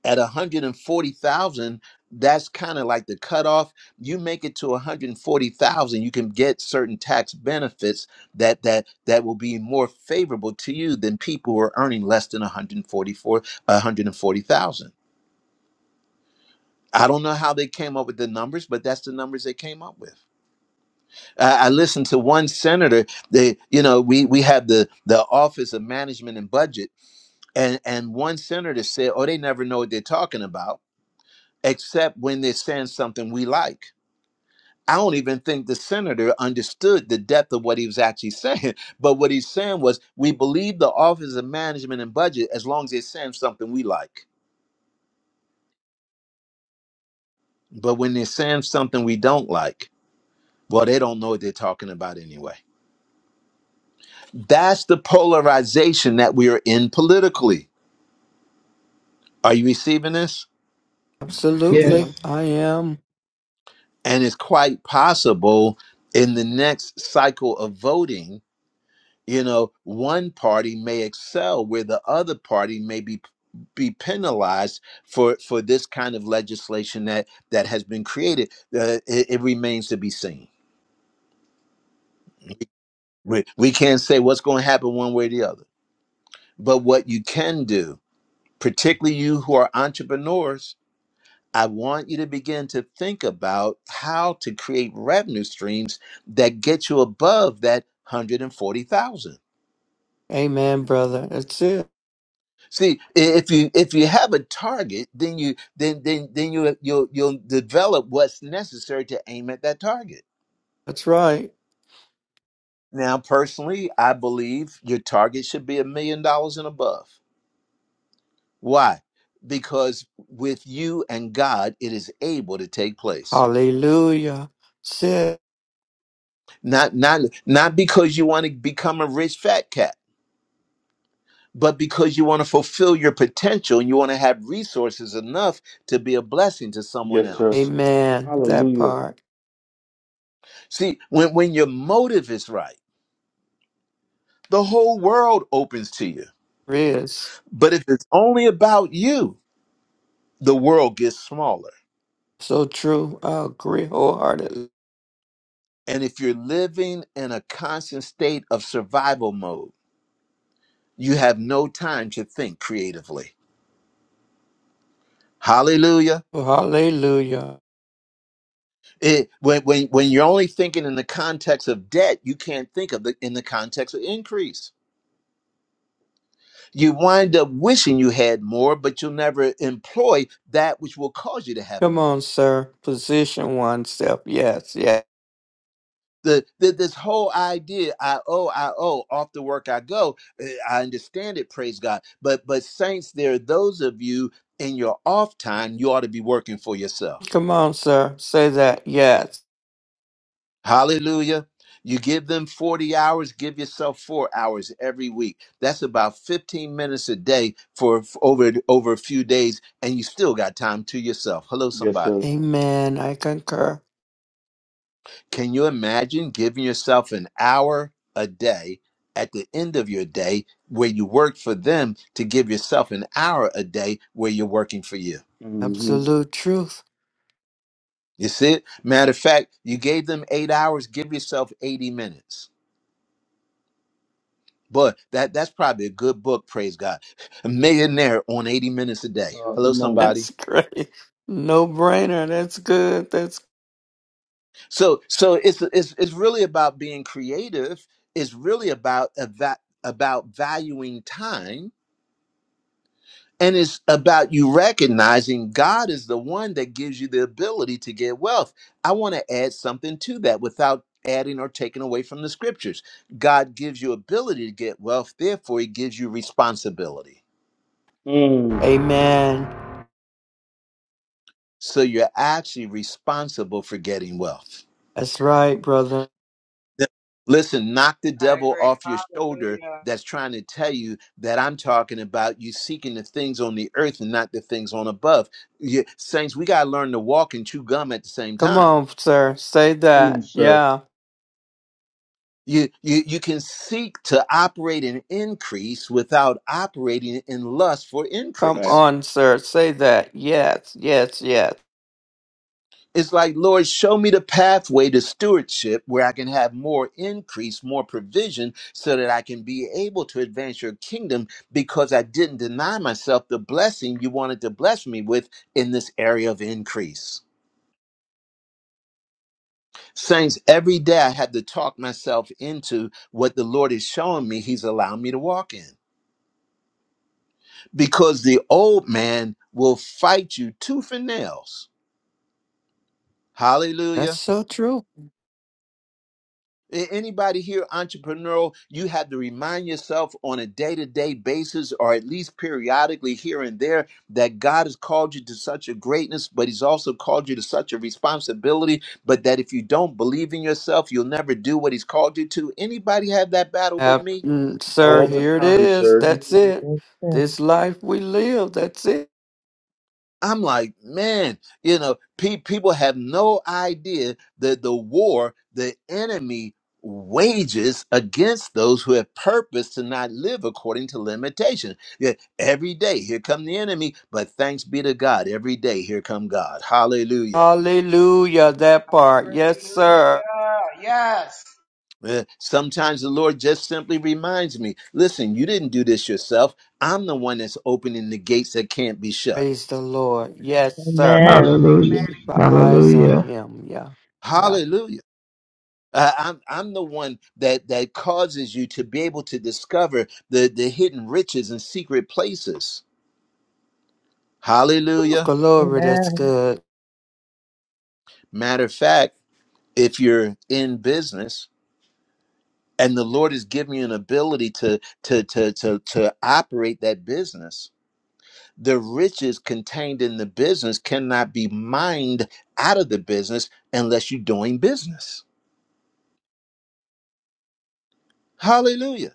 A: at 140,000, that's kind of like the cutoff. You make it to 140,000, you can get certain tax benefits that that that will be more favorable to you than people who are earning less than 144 140,000. I don't know how they came up with the numbers, but that's the numbers they came up with. I I listened to one senator. They, you know, we we have the the Office of Management and Budget, and and one senator said, "Oh, they never know what they're talking about." except when they're saying something we like. I don't even think the senator understood the depth of what he was actually saying. But what he's saying was, we believe the Office of Management and Budget as long as they're saying something we like. But when they're saying something we don't like, well, they don't know what they're talking about anyway. That's the polarization that we are in politically. Are you receiving this?
H: Yes.
E: Absolutely. I am.
A: And it's quite possible in the next cycle of voting you know one party may excel where the other party may be be penalized for for this kind of legislation that that has been created uh, it, it remains to be seen we, we can't say what's going to happen one way or the other but what you can do particularly you who are entrepreneurs i want you to begin to think about how to create revenue streams that get you above that 140000
E: Amen, brother. That's it.
A: See, i- if you if you have a target, then you then then then you you'll you'll develop what's necessary to aim at that target.
E: That's right.
A: Now, personally, I believe your target should be a million dollars and above. Why? Because with you and God, it is able to take place.
E: Hallelujah. That's it.
A: Not not not because you want to become a rich fat cat, but because you want to fulfill your potential and you want to have resources enough to be a blessing to someone
I: Yes, sir.
A: else.
E: Amen. That
I: Hallelujah.
E: part
A: See, when when your motive is right the whole world opens to you.
E: is
A: But if it's only about you, the world gets smaller.
E: so true. I agree wholeheartedly.
A: And if you're living in a constant state of survival mode, you have no time to think creatively. Hallelujah.
E: Hallelujah.
A: It, when, when, when you're only thinking in the context of debt, you can't think of it in the context of increase. You wind up wishing you had more, but you'll never employ that which will cause you to have
E: Come
A: more.
E: on, sir. Position oneself. Yes, yes.
A: the, the this whole idea i owe i owe off the work i go eh, i understand it praise god but but saints there are those of you in your off time you ought to be working for yourself
E: Come on, sir. Say that. Yes.
A: hallelujah you give them 40 hours give yourself four hours every week that's about 15 minutes a day for, for over over a few days and you still got time to yourself hello
I: Yes, sir.
A: somebody
E: Amen. I concur.
A: Can you imagine giving yourself an hour a day at the end of your day where you work for them to give yourself an hour a day where you're working for you?
I: Mm-hmm.
E: Absolute truth.
A: You see it? Matter of fact, you gave them eight hours, give yourself 80 minutes. Boy, that, that's probably a good book, praise God. A millionaire on 80 minutes a day.
I: Uh,
A: Hello,
I: come on.
A: somebody.
E: That's great. No brainer. That's good. That's
A: So so it's it's, it's really about being creative. It's really about, eva about valuing time And it's about you recognizing God is the one that gives you the ability to get wealth. I want to add something to that without adding or taking away from the scriptures. God gives you ability to get wealth, therefore, He gives you responsibility.
I: Mm.
E: Amen.
A: So you're actually responsible for getting wealth.
E: That's right, brother.
A: Th- Listen, knock the
G: I
A: devil
G: agree.
A: off your shoulder
G: Hallelujah.
A: that's trying to tell you that I'm talking about you seeking the things on the earth and not the things on above. You, saints, we got to learn to walk and chew gum at the same
E: Come
A: time
E: on, sir. Say
I: Come on,
E: that.
I: sir.
E: Yeah.
A: You, you you can seek to operate in increase without operating in lust for
E: Come
I: Facts.
A: increase.
E: on, sir. Say that. Yes, yes, yes.
A: It's like, Lord, show me the pathway to stewardship where I can have more increase, more provision, so that I can be able to advance your kingdom because I didn't deny myself the blessing you wanted to bless me with in this area of increase. Saints, every day I had to talk myself into what the Lord is showing me He's allowing me to walk in. because the old man will fight you tooth and nails.
E: That's
A: Hallelujah.
E: so true.
A: A- Anybody here entrepreneurial, you have to remind yourself on a day to day basis, or at least periodically here and there, that God has called you to such a greatness, but He's also called you to such a responsibility. But that if you don't believe in yourself, you'll never do what He's called you to. Anybody have that battle but
E: Hap-
A: me?
E: mm, sir,
I: all the
E: here it
I: time,
E: is.
I: sir.
E: That's it.
C: Mhm.
E: This life we live. That's it.
A: I'm like, man, you know, pe- people have no idea that the war the enemy wages against those who have purpose to not live according to limitation. Yeah, every day here come the enemy, but thanks be to God, every day here come God. Hallelujah.
E: Hallelujah. That part. Yes, sir.
G: Hallelujah. Yes.
A: Uh, Sometimes the Lord just simply reminds me, listen, you didn't do this yourself. I'm the one that's opening the gates that can't be shut.
E: Praise the Lord. Yes, sir.
G: And
C: Amen.
G: amen.
H: Hallelujah.
E: Keep our
G: Amen.
E: eyes on
H: Hallelujah.
E: Him. Yeah. Yeah.
A: Hallelujah. Uh, I'm I'm the one that that causes you to be able to discover the the hidden riches and secret places.
E: Ooh,
A: Hallelujah.
E: glory. That's
C: Amen.
E: good.
A: Matter of fact, if you're in business and the Lord has given you an ability to to to to to operate that business, the riches contained in the business cannot be mined out of the business unless you're doing business. Hallelujah.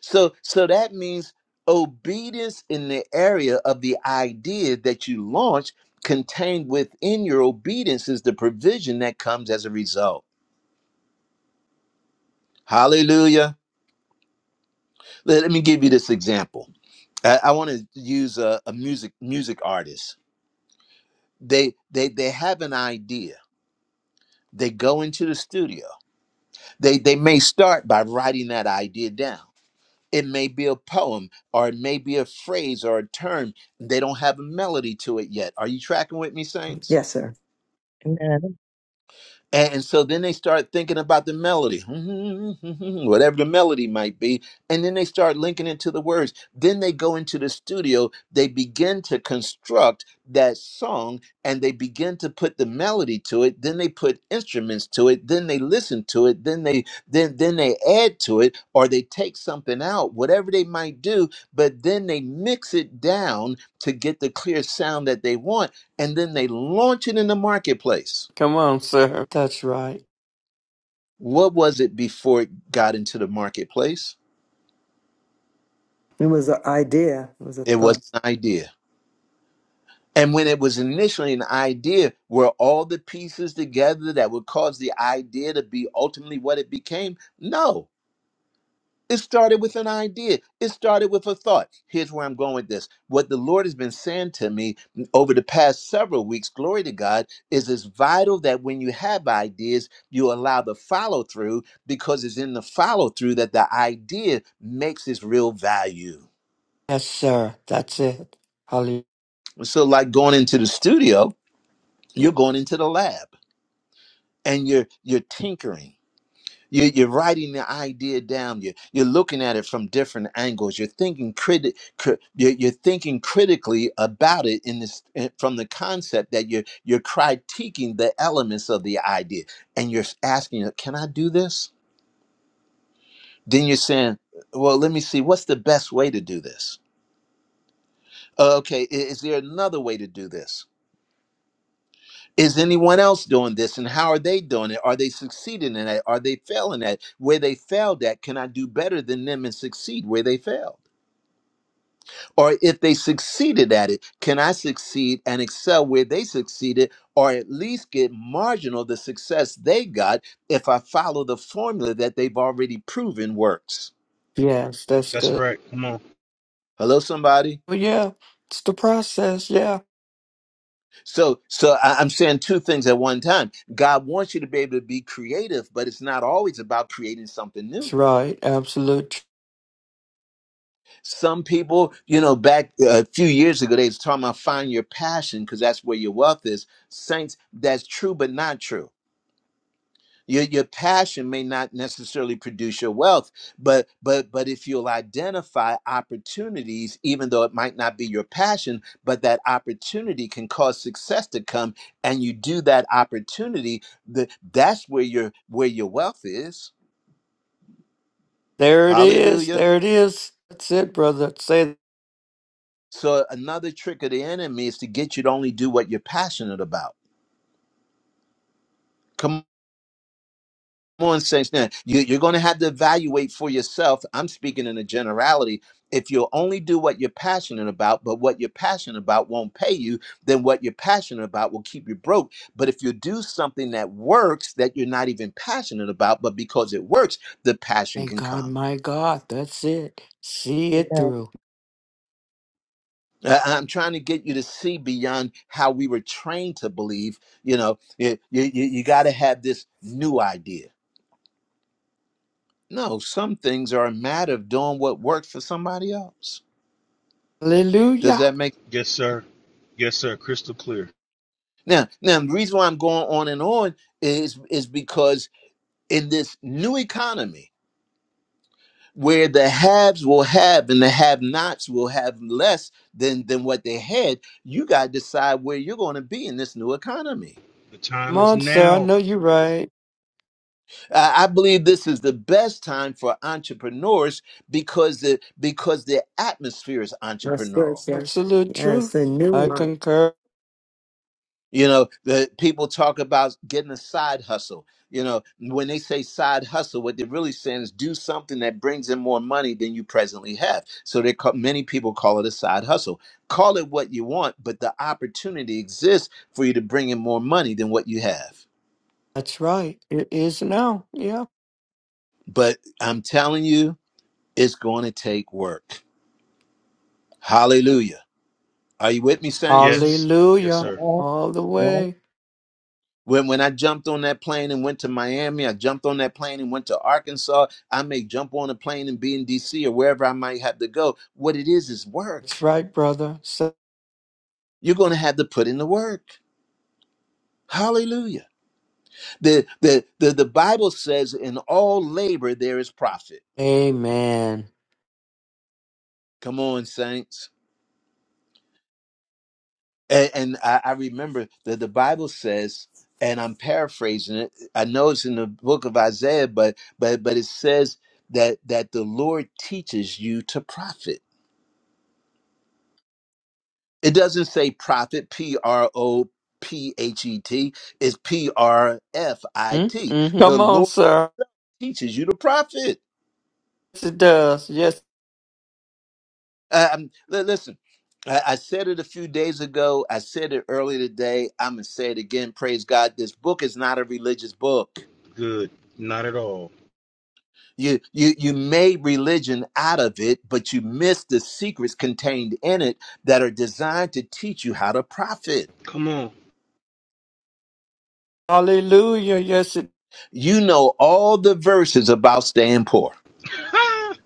A: So so that means obedience in the area of the idea that you launch contained within your obedience is the provision that comes as a result. Hallelujah. Let, let me give you this example. I, I want to use a, a music music artist. They they they have an idea. They go into the studio. They they may start by writing that idea down. It may be a poem or it may be a phrase or a term. They don't have a melody to it yet. Are you tracking with me, Saints?
B: Yes, sir.
C: Amen.
A: And so then they start thinking about the melody, whatever the melody might be. And then they start linking it to the words. Then they go into the studio, they begin to construct that song and they begin to put the melody to it. Then they put instruments to it. Then they listen to it. Then they then then they add to it or they take something out, whatever they might do, but then they mix it down to get the clear sound that they want. And then they launch it in the marketplace.
E: Come on, sir. That's right.
A: What was it before it got into the marketplace?
B: It was an idea. It was a
A: It was
B: thought.
A: an idea. And when it was initially an idea, were all the pieces together that would cause the idea to be ultimately what it became? No. It started with an idea. It started with a thought. Here's where I'm going with this. What the Lord has been saying to me over the past several weeks, glory to God, is it's vital that when you have ideas, you allow the follow through because it's in the follow through that the idea makes its real value.
E: Yes, sir. That's it. Hallelujah.
A: So like going into the studio, you're going into the lab and you're you're tinkering. You're, you're writing the idea down. You're, you're looking at it from different angles. You're thinking criti- cri- you're, you're thinking critically about it in this eh, from the concept that you're you're critiquing the elements of the idea, and you're asking, "Uh, "Can I do this?" Then you're saying, "Well, let me see. What's the best way to do this? Uh, okay, i- is there another way to do this?" is anyone else doing this and how are they doing it are they succeeding in it are they failing at where they failed at can i do better than them and succeed where they failed or if they succeeded at it can i succeed and excel where they succeeded or at least get marginal the success they got if i follow the formula that they've already proven works
E: Yes, that's
I: That's
E: good.
I: right. Come on.
A: hello somebody
E: Oh, yeah. It's the process. Yeah.
A: so so I- i'm saying two things at one time god wants you to be able to be creative but it's not always about creating something
E: That's
A: new
E: right. Absolute. tr-
A: Some people, you know, back uh, a few years ago, they was talking about find your passion because that's where your wealth is. Saints, that's true, but not true. Your your passion may not necessarily produce your wealth, but but but if you'll identify opportunities, even though it might not be your passion, but that opportunity can cause success to come, and you do that opportunity, that that's where your where your wealth is.
E: There it is.
A: Hallelujah.
E: There it is. That's it, brother. Say
A: So another trick of the enemy is to get you to only do what you're passionate about. Come on, saints. Now you, you're going to have to evaluate for yourself. I'm speaking in a generality. If you'll only do what you're passionate about, but what you're passionate about won't pay you, then what you're passionate about will keep you broke. But if you do something that works that you're not even passionate about, but because it works, the passion
E: My
A: can
E: God,
A: come.
E: my God, that's it. See it
C: Amen.
E: through.
A: Uh, I'm trying to get you to see beyond how we were trained to believe. You know, you, you, you got to have this new idea. No, some things are a matter of doing what works for somebody else. Does
E: Hallelujah.
A: that make
I: Yes, sir. Yes, sir. Crystal clear.
A: now? Now, the reason why I'm going on and on is is because in this new economy where the haves will have and the have-nots will have less than than what they had, you got to decide where you're going to be in this new economy.
I: The
E: Come
I: time is
E: on, sir. I
I: now.
E: know you're right.
A: Uh, I believe this is the best time for entrepreneurs because the because the atmosphere is
B: That's good,
A: entrepreneurial.
B: sir.
E: Absolute truth.
B: Yes, a new
E: I
B: one.
E: concur.
A: You know, the people talk about getting a side hustle. You know, when they say side hustle, what they're really saying is do something that brings in more money than you presently have. So they call, many people call it a side hustle. Call it what you want, but the opportunity exists for you to bring in more money than what you have.
E: That's right. It is now. Yeah.
A: But I'm telling you, it's going to take work. Hallelujah. Are you with me, Saints?
C: Yeah.
I: Yes. Yes,
E: Hallelujah.
I: sir.
C: Yeah.
E: All the
C: Yeah.
E: way.
A: When when I jumped on that plane and went to Miami, I jumped on that plane and went to Arkansas. I may jump on a plane and be in DC or wherever I might have to go. What it is is
E: That's
A: work.
E: right, brother. So,
A: You're gonna have to put in the work. Hallelujah. The the the, the Bible says in all labor there is profit.
E: amen.
A: Come on, Saints. And, and I, I remember that the Bible says, and I'm paraphrasing it. I know it's in the book of Isaiah, but but but it says that that the Lord teaches you to profit. It doesn't say profit, P R O P H E T. It's P R F I T.
E: Mm-hmm.
A: The
E: Come on,
A: Lord
E: sir.
A: teaches you to profit.
E: Yes, it does. Yes.
A: Um, li- listen, I, I said it a few days ago. I said it earlier today. I'm gonna say it again. Praise God. This book is not a religious book.
I: Good. Not at all.
A: you you you made religion out of it but you missed the secrets contained in it that are designed to teach you how to profit
I: Come on.
E: Hallelujah. Yes, it.
A: you know all the verses about staying poor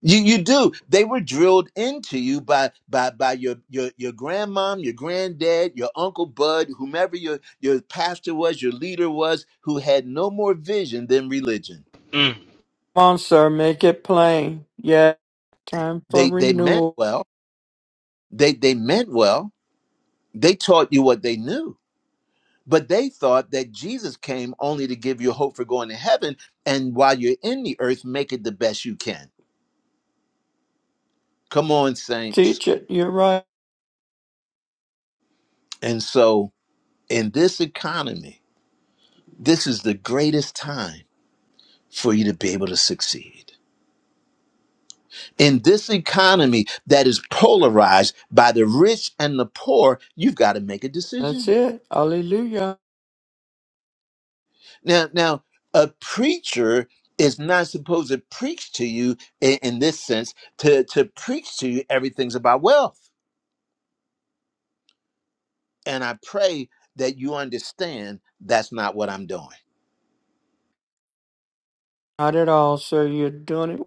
A: you you do they were drilled into you by by by your your your grandmom your granddad your uncle bud whomever your your pastor was your leader was who had no more vision than religion
I: mm,
E: Come on, sir. Make it plain. Yeah. Time for
A: they they meant
E: renewal.
A: well they they meant well they taught you what they knew But they thought that Jesus came only to give you hope for going to heaven, and while you're in the earth, make it the best you can. Come on, saints.
E: Teach it. You're right.
A: And so, in this economy, this is the greatest time for you to be able to succeed. In this economy that is polarized by the rich and the poor, you've got to make a
E: That's
A: decision.
E: it. Hallelujah.
A: Now, now, a preacher is not supposed to preach to you in, in this sense to, to preach to you everything's about wealth And I pray that you understand that's not what I'm doing.
E: Not at all, sir. You're doing it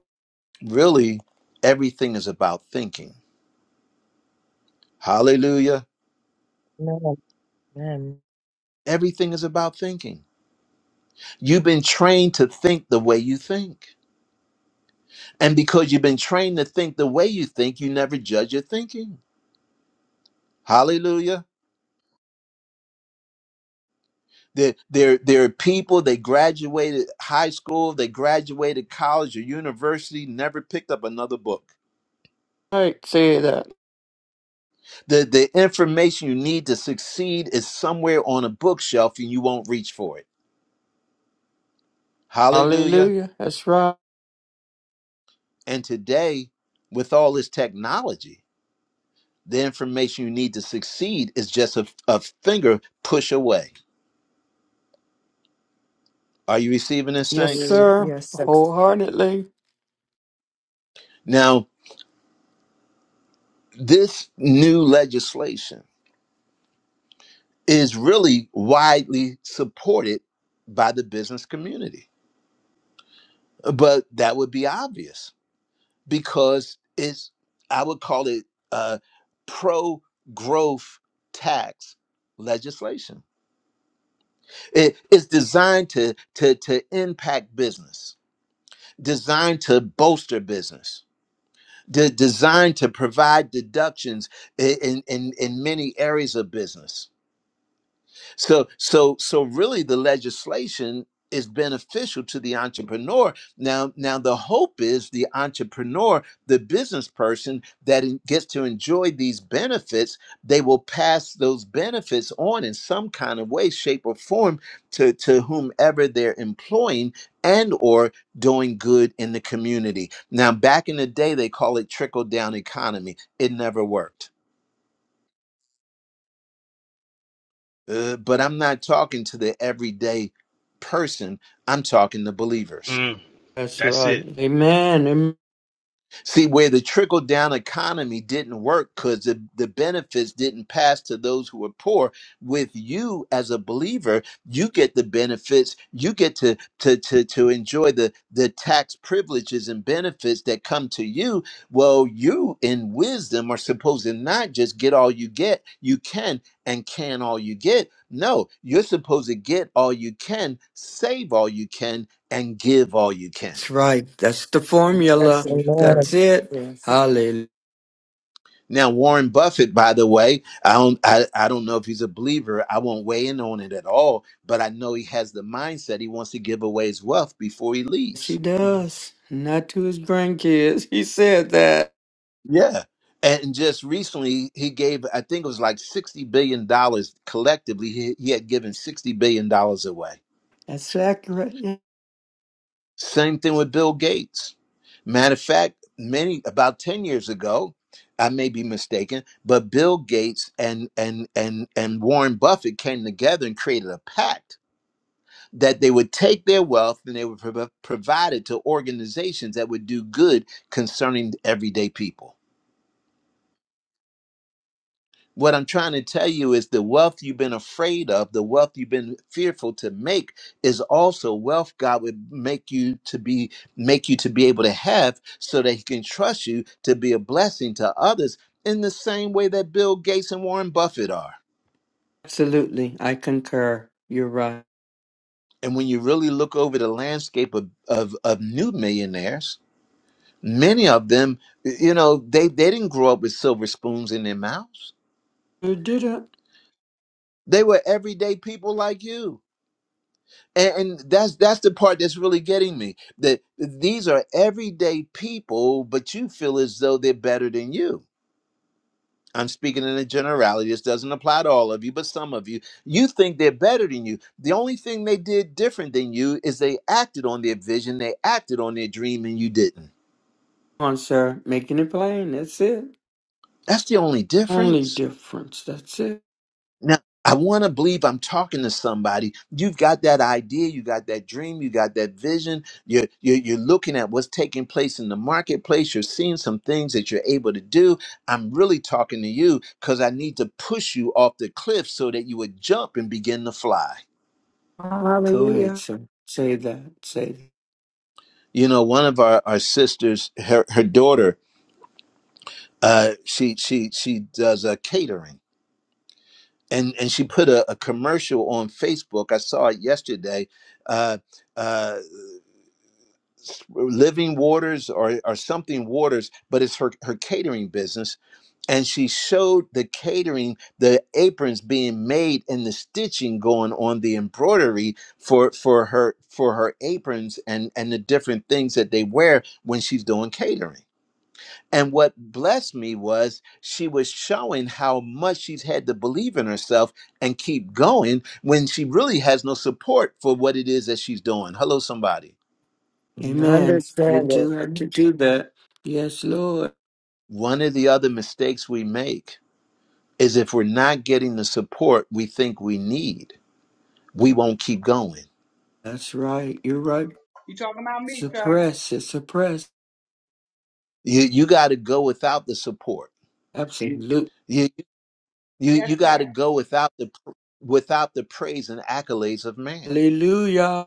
A: Really, everything is about thinking. Hallelujah. Everything is about thinking. You've been trained to think the way you think. And because you've been trained to think the way you think, you never judge your thinking. Hallelujah. There, there, there are people, they graduated high school, they graduated college or university, never picked up another book.
E: right. Say that.
A: The the information you need to succeed is somewhere on a bookshelf and you won't reach for it. Hallelujah.
E: Hallelujah. That's right.
A: And today, with all this technology, the information you need to succeed is just a, a finger push away. Are you receiving this,
E: Yes,
A: Saints?
B: Mm,
E: sir.
B: Yes, sir.
E: Wholeheartedly.
A: Now, this new legislation is really widely supported by the business community, but that would be obvious because it's I would call it uh, pro growth tax legislation. It is designed to to to impact business, designed to bolster business, de- designed to provide deductions i- in in in many areas of business So so so really the legislation is beneficial to the entrepreneur. Now now the hope is the entrepreneur, the business person that en- gets to enjoy these benefits, they will pass those benefits on in some kind of way, shape or form to to whomever they're employing and or doing good in the community. Now back in the day they call it trickle down economy. It never worked Uh, but I'm not talking to the everyday person. I'm talking to believers.
I: mm.
E: That's
I: That's
E: right.
I: it.
E: Amen. Amen.
A: See, where the trickle down economy didn't work because the, the benefits didn't pass to those who were poor, with you as a believer, you get the benefits. You get to, to, to, to enjoy the, the tax privileges and benefits that come to you. Well, you in wisdom are supposed to not just get all you get, you can and can all you get. No, you're supposed to get all you can, save all you can, and give all you can.
E: That's right. That's the
B: yes,
E: formula.
C: Amen. Amen.
B: sir.
C: Amen.
E: That's it.
B: Yes. sir.
E: Hallelujah.
A: Now, Warren Buffett, by the way, I don't, I, I don't know if he's a believer. I won't weigh in on it at all, but I know he has the mindset he wants to give away his wealth before he
E: Yes, he
A: leaves.
E: does. Not to his grandkids. He said that.
A: Yeah. And just recently, he gave, I think it was like $60 billion dollars collectively. He, he had given $60 billion dollars away.
E: That's accurate. Yeah.
A: Same thing with Bill Gates. Matter of fact, many, about 10 years ago, I may be mistaken, but Bill Gates and, and, and, and Warren Buffett came together and created a pact that they would take their wealth and they would prov- provide it to organizations that would do good concerning everyday people. What I'm trying to tell you is the wealth you've been afraid of, the wealth you've been fearful to make is also wealth God would make you to be make you to be able to have so that he can trust you to be a blessing to others in the same way that Bill Gates and Warren Buffett are.
E: Absolutely. I concur. You're right.
A: And when you really look over the landscape of, of, of new millionaires, many of them you know they they didn't grow up with silver spoons in their mouths
E: You did it.
A: they were everyday people like you and, and that's that's the part that's really getting me that these are everyday people but you feel as though they're better than you i'm speaking in a generality this doesn't apply to all of you but some of you you think they're better than you the only thing they did different than you is they acted on their vision they acted on their dream and you didn't
E: Come on, sir. Making it plain. That's it.
A: that's the only
E: Only
A: difference
E: difference. That's it.
A: Now, I want to believe I'm talking to somebody. You've got that idea, you got that dream, you got that vision. You're, you're, you're looking at what's taking place in the marketplace. You're seeing some things that you're able to do. I'm really talking to you because I need to push you off the cliff so that you would jump and begin to fly.
E: Go ahead,
B: Hallelujah.
E: sir. Say that. Say that.
A: You know, one of our, our sisters, her, her daughter, uh, she she she does uh, catering, and and she put a, a commercial on Facebook. I saw it yesterday. Uh, uh, living waters or, or something waters but it's her, her catering business and she showed the catering the aprons being made and the stitching going on the embroidery for for her for her aprons and and the different things that they wear when she's doing catering and what blessed me was she was showing how much she's had to believe in herself and keep going when she really has no support for what it is that she's doing hello somebody
E: Amen. You
B: Understand it.
E: do have to do that. Yes, Lord.
A: One of the other mistakes we make is if we're not getting the support we think we need, we won't keep going.
E: That's right. You're right.
G: You talking about me, sir?
E: Suppress it. Suppress.
A: You you got to go without the support.
E: Absolutely.
A: You you
G: Yes,
A: you got to
G: sir.
A: go without the pr- without the praise and accolades of man.
E: Hallelujah.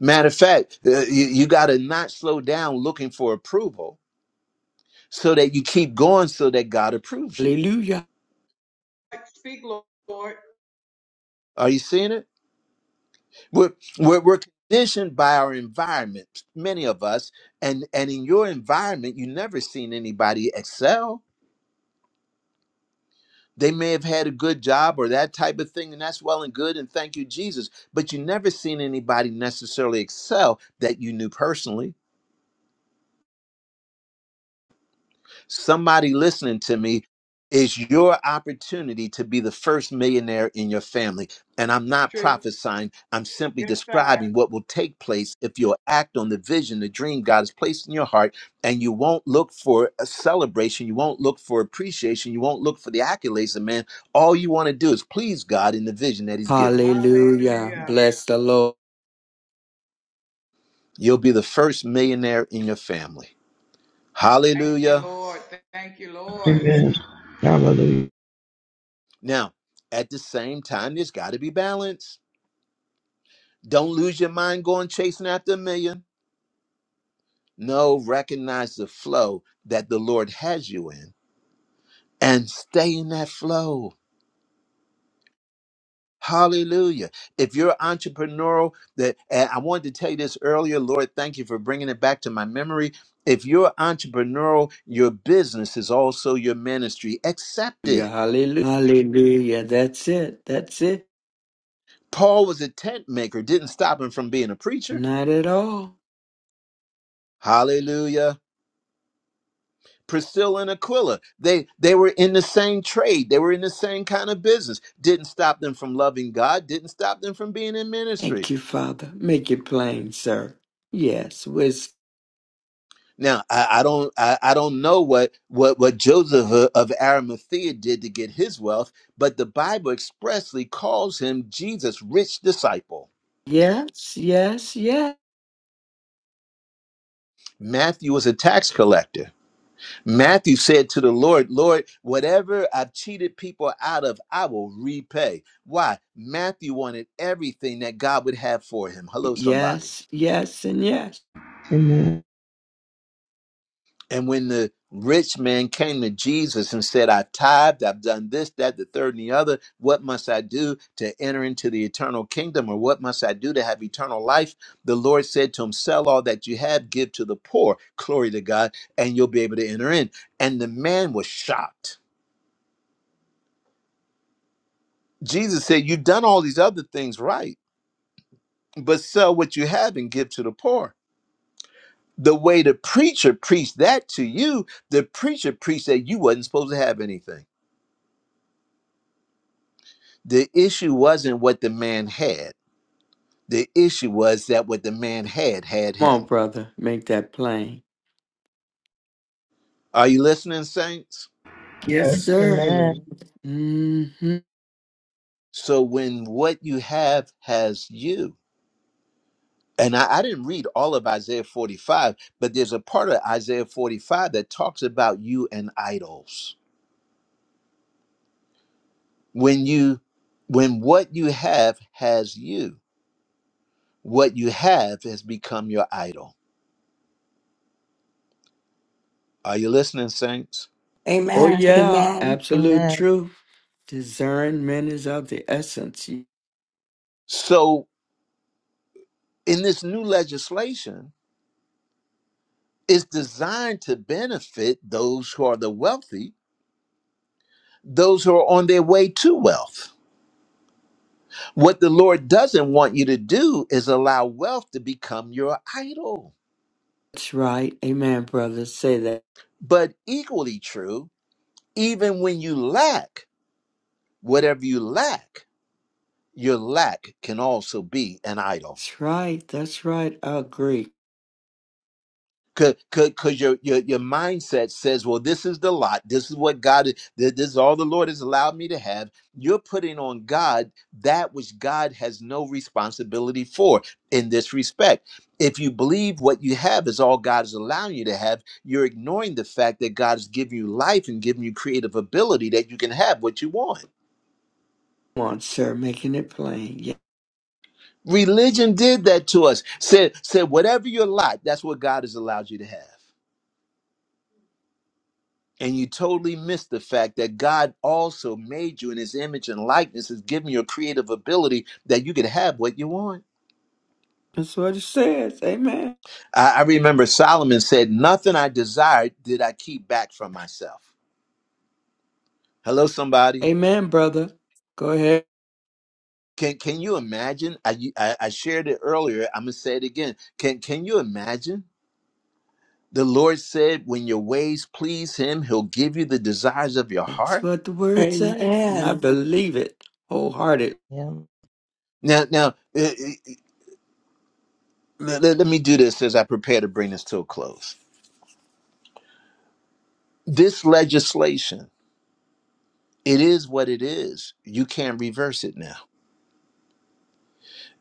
A: Matter of fact, uh, you, you got to not slow down looking for approval so that you keep going so that God approves you.
E: Hallelujah.
G: Speak, Lord.
A: Are you seeing it? We're, we're, we're conditioned by our environment, many of us. And, and in your environment, you never seen anybody excel. They may have had a good job or that type of thing, and that's well and good. And thank you, Jesus. But you never seen anybody necessarily excel that you knew personally. Somebody listening to me is your opportunity to be the first millionaire in your family. And I'm not
G: True.
A: prophesying, I'm simply
G: Yes, sir.
A: describing what will take place if you'll act on the vision, the dream God has placed in your heart, and you won't look for a celebration, you won't look for appreciation, you won't look for the accolades of man. All you want to do is please God in the vision that He's given you.
E: Hallelujah.
G: Hallelujah.
E: Bless the Lord.
A: You'll be the first millionaire in your family.
G: Thank you,
A: Hallelujah.
G: Lord. Thank you, Lord.
H: Amen. Hallelujah.
A: Now, at the same time, there's got to be balance Don't lose your mind going chasing after a million. No, recognize the flow that the Lord has you in and stay in that flow. Hallelujah. If you're entrepreneurial, that and I wanted to tell you this earlier, Lord, thank you for bringing it back to my memory. If you're entrepreneurial, your business is also your ministry. Accept it.
E: Hallelujah. Hallelujah. That's it. That's it.
A: Paul was a tent maker, didn't stop him from being a preacher.
E: Not at all.
A: Hallelujah. Priscilla and Aquila, they they were in the same trade. They were in the same kind of business. Didn't stop them from loving God. Didn't stop them from being in
E: Thank
A: ministry.
E: you, Father. Make it plain, sir. Yes. With
A: Now I, I don't I, I don't know what what what Joseph of of Arimathea did to get his wealth, but the Bible expressly calls him Jesus' rich disciple.
E: yes, yes, yes.
A: Matthew was a tax collector. Matthew said to the Lord, Lord, whatever I've cheated people out of, I will repay. Why? Matthew wanted everything that God would have for him. Hello, somebody.
E: Yes, yes, and yes.
H: Amen.
A: And when the rich man came to Jesus and said, I've tithed, I've done this, that, the third, and the other, what must I do to enter into the eternal kingdom? Or what must I do to have eternal life? The Lord said to him, Sell all that you have, give to the poor, glory to God, and you'll be able to enter in. And the man was shocked. Jesus said, You've done all these other things right, but sell what you have and give to the poor. The way the preacher preached that to you, the preacher preached that you wasn't supposed to have anything. The issue wasn't what the man had. The issue was that what the man had had
E: Come on,
A: him.
E: brother. Make that plain.
A: Are you listening, saints?
E: Yes,
H: Yes.
E: sir.
B: Amen.
E: hmm
A: So when what you have has you, and I, I didn't read all of Isaiah 45, but there's a part of Isaiah 45 that talks about you and idols when you when what you have has you what you have has become your idol are you listening saints
E: Oh, yeah, absolute
C: Amen. Amen.
E: truth. Discernment is of the essence.
A: so in this new legislation it's designed to benefit those who are the wealthy those who are on their way to wealth what the lord doesn't want you to do is allow wealth to become your idol
E: That's right. Amen, brother. Say that.
A: but equally true even when you lack whatever you lack your lack can also be an idol
E: That's right. That's right. I agree.
A: Cause, cause, 'cause your, your your mindset says, well, this is the lot. This is what God is. This is all the Lord has allowed me to have. You're putting on God that which God has no responsibility for in this respect. If you believe what you have is all God is allowing you to have, you're ignoring the fact that God has given you life and given you creative ability that you can have what you want.
E: Come on, sir, making it plain. Yeah,
A: Religion did that to us. Said said whatever your lot, that's what God has allowed you to have. and you totally miss the fact that God also made you in his image and likeness, has given you a creative ability that you could have what you want.
E: that's what it says. Amen.
A: I, I remember Solomon said, Nothing I desired did I keep back from myself. Hello, somebody.
E: Amen, brother. Go ahead.
A: Can can you imagine? I I, I shared it earlier. I'm gonna say it again. Can can you imagine? The Lord said, When your ways please him, he'll give you the desires of your
E: That's
A: heart.
E: what the word say. And I
F: Amen.
E: believe it wholehearted.
C: Yeah.
A: Now, now uh, uh, let let me do this as I prepare to bring this to a close this legislation it is what it is you can't reverse it now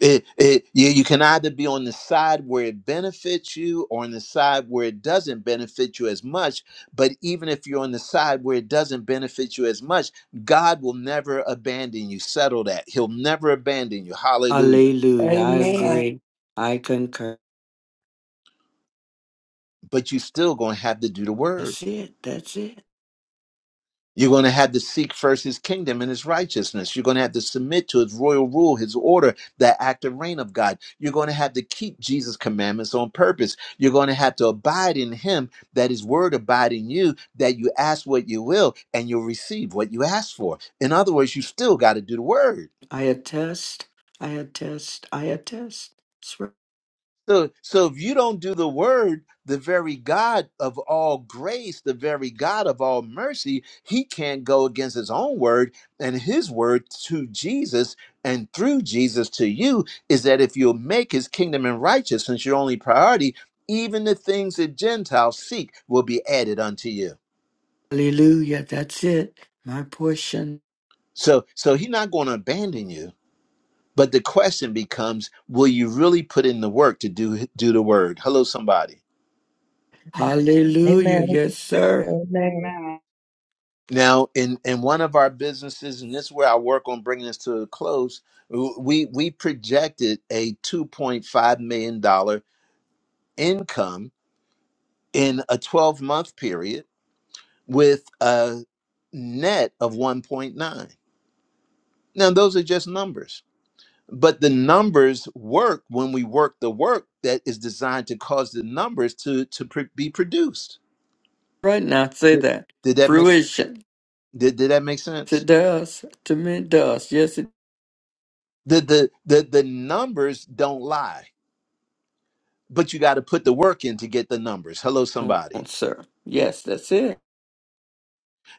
A: it, it you, you can either be on the side where it benefits you or on the side where it doesn't benefit you as much but even if you're on the side where it doesn't benefit you as much god will never abandon you settle that he'll never abandon you hallelujah
E: Hallelujah. I
F: Amen.
E: agree. I concur.
A: but you still gonna have to do the word
E: That's it. That's it.
A: You're going to have to seek first his kingdom and his righteousness. You're going to have to submit to his royal rule, his order, the active reign of God. You're going to have to keep Jesus' commandments on purpose. You're going to have to abide in him, that his word abide in you, that you ask what you will and you'll receive what you ask for. In other words, you still got to do the word.
E: I attest. I attest. I attest. That's right.
A: So, so if you don't do the word, the very God of all grace, the very God of all mercy, he can't go against his own word and his word to Jesus and through Jesus to you is that if you'll make his kingdom and righteousness your only priority, even the things that Gentiles seek will be added unto you.
E: Hallelujah. That's it. My portion.
A: So, so he's not going to abandon you. But the question becomes, will you really put in the work to do do the word? Hello, somebody.
E: Hallelujah.
C: Amen.
E: Yes, sir.
G: Hallelujah.
C: Amen.
G: Amen.
A: Now, in in one of our businesses, and this is where I work on bringing this to a close, we we projected a two point five million dollar income in a twelve month period with a net of one point nine. Now, those are just numbers, but the numbers work when we work the work that is designed to cause the numbers to to pr- be produced.
E: Right now, say
A: Did,
E: that.
A: did that make
E: Fruition.
A: did, did that make sense?
E: It does. To me, it does. Yes, it
A: The, the the the numbers don't lie but you got to put the work in to get the numbers. Hello,
E: does,
A: somebody.
E: sir. Yes, that's it.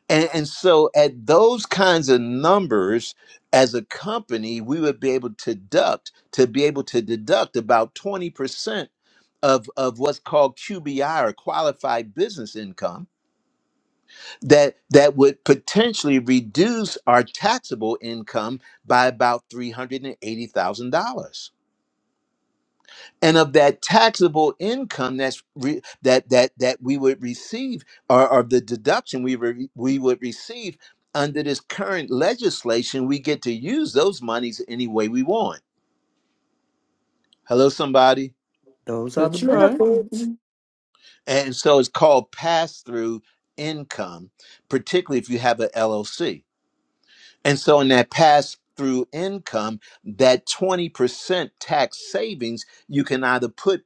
A: And, and so, at those kinds of numbers, as a company, we would be able to deduct to be able to deduct about twenty percent of of what's called QBI or qualified business income that that would potentially reduce our taxable income by about three hundred and eighty thousand dollars. and of that taxable income that's re- that that that we would receive or, or the deduction we re- we would receive under this current legislation we get to use those monies any way we want hello somebody
B: Those are the
E: That's right.
B: benefits.
A: and so it's called pass through income particularly if you have a LLC and so in that pass through income that 20% tax savings you can either put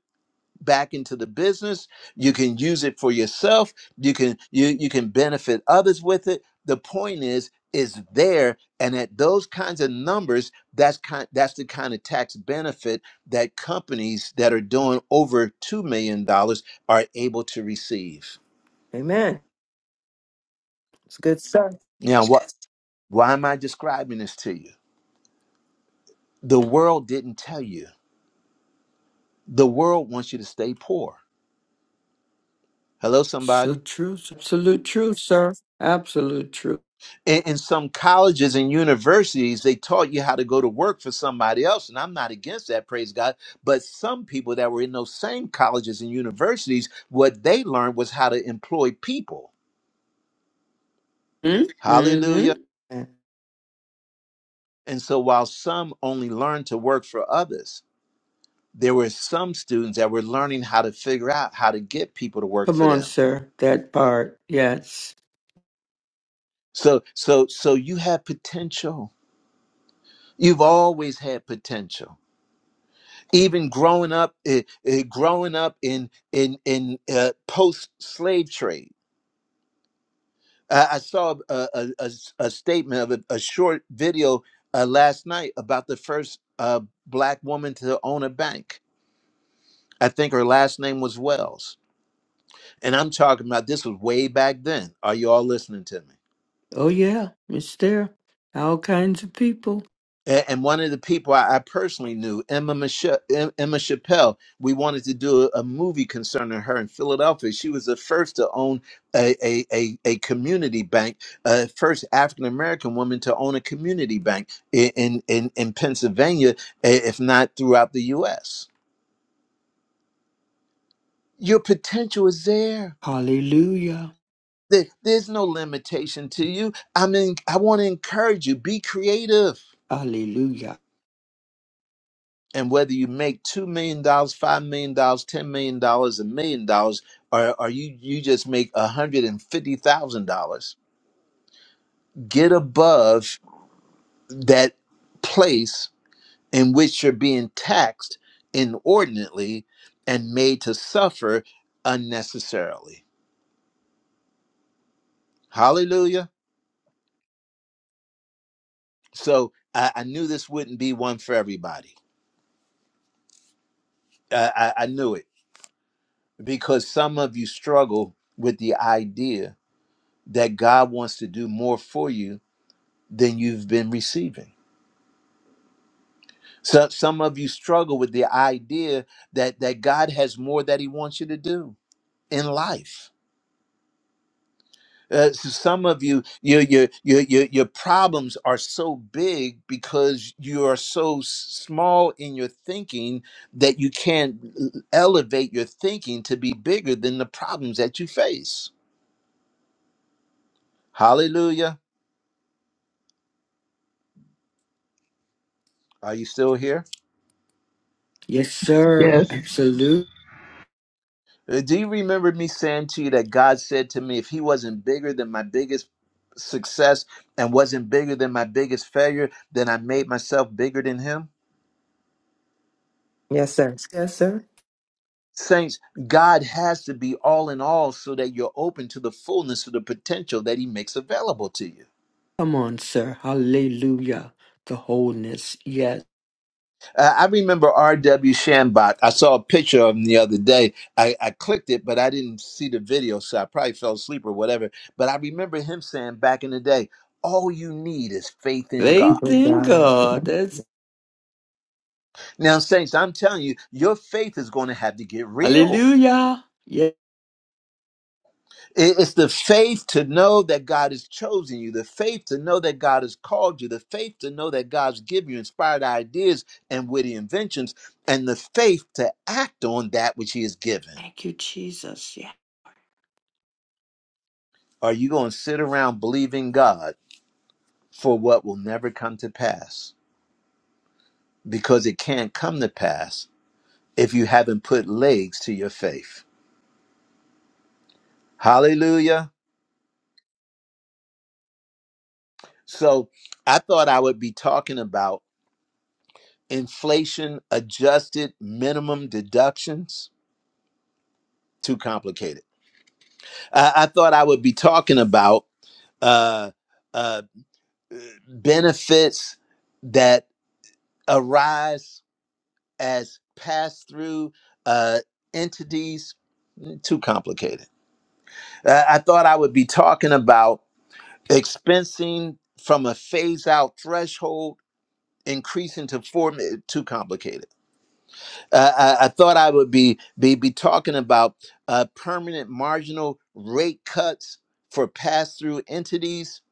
A: back into the business you can use it for yourself you can you you can benefit others with it the point is is there and at those kinds of numbers that's kind that's the kind of tax benefit that companies that are doing over 2 million dollars are able to receive
B: Amen. It's good stuff.
A: now what why am i describing this to you the world didn't tell you the world wants you to stay poor hello somebody
E: So true. Absolute truth, sir. Absolute truth.
A: in, in some colleges and universities, they taught you how to go to work for somebody else. And I'm not against that, praise God. But some people that were in those same colleges and universities, what they learned was how to employ people.
E: Mm-hmm.
A: Hallelujah. And so while some only learned to work for others, there were some students that were learning how to figure out how to get people to work
E: Come
A: for
E: on,
A: them.
E: sir. That part. Yes.
A: So so so you have potential. You've always had potential even growing up eh, eh, growing up in in in uh, post slave trade I, I saw a, a, a s- a statement of a, a short video uh, last night about the first uh, black woman to own a bank i think her last name was wells and i'm talking about this was way back then are you all listening to me
E: Oh, yeah. It's there. All kinds of people.
A: A- And one of the people I I personally knew, Emma, Michelle, Emma Chappelle, we wanted to do a a movie concerning her in Philadelphia. She was the first to own a, a, a, a community bank, uh, first African American woman to own a community bank i- in, in, in Pennsylvania, i- if not throughout the U.S. Your potential is there.
E: Hallelujah.
A: There- There's no limitation to you. I mean, I want to encourage you be creative.
E: Hallelujah.
A: and whether you make two million dollars, five million dollars, ten million dollars, a million dollars, or or you you just make a hundred and fifty thousand dollars, get above that place in which you're being taxed inordinately and made to suffer unnecessarily. Hallelujah. So I, I knew this wouldn't be one for everybody. I, I I knew it because some of you struggle with the idea that God wants to do more for you than you've been receiving. So some of you struggle with the idea that that God has more that He wants you to do in life. Uh, so some of you, your your your your your problems are so big because you are so s- small in your thinking that you can't l- elevate your thinking to be bigger than the problems that you face. Hallelujah! Are you still here?
E: Yes, sir.
H: Yes.
E: Absolutely.
A: Uh, Do you remember me saying to you that God said to me, if He wasn't bigger than my biggest success and wasn't bigger than my biggest failure, then I made myself bigger than Him?
B: Yes, sir. Yes, sir.
A: Saints, God has to be all in all so that you're open to the fullness of the potential that He makes available to you.
E: Come on, sir. Hallelujah. The wholeness. Yes.
A: Uh, I remember R.W. Shambach. I saw a picture of him the other day. I, I clicked it, but I didn't see the video, so I probably fell asleep or whatever. But I remember him saying back in the day, all you need is faith in God.
E: Faith
B: Good
E: in
B: God.
E: God. That's
A: Now, Saints, I'm telling you, your faith is going to have to get real.
E: hallelujah. Yes.
A: It- It's the faith to know that God has chosen you, the faith to know that God has called you, the faith to know that God's given you inspired ideas and witty inventions, and the faith to act on that which He has given.
E: Thank you, Jesus. Yeah.
A: Are you going to sit around believing God for what will never come to pass? Because it can't come to pass if you haven't put legs to your faith. Hallelujah. So I thought I would be talking about inflation adjusted minimum deductions too complicated i, I thought i would be talking about uh, uh, benefits that arise as pass-through uh, entities too complicated I, I thought i would be talking about expensing from a phase-out threshold increasing to four too complicated I, I I thought I would be be be talking about uh, permanent marginal rate cuts for pass through entities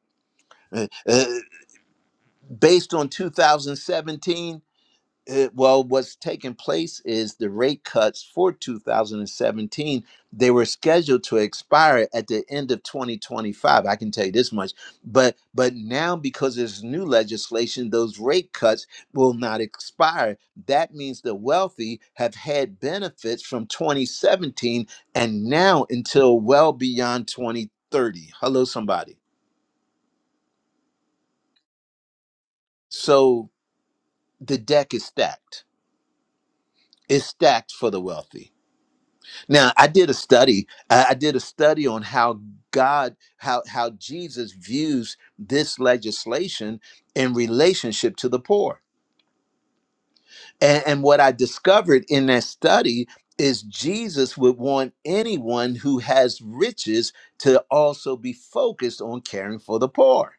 A: uh, uh, based on 2017. Uh, well, what's taking place is the rate cuts for 2017. They were scheduled to expire at the end of 2025. I can tell you this much. But but now because there's new legislation, those rate cuts will not expire. That means the wealthy have had benefits from 2017 and now until well beyond 2030. Hello, somebody. So the deck is stacked. It's stacked for the wealthy Now, I did a study. I I did a study on how God, how how Jesus views this legislation in relationship to the poor. And, and what I discovered in that study is Jesus would want anyone who has riches to also be focused on caring for the poor.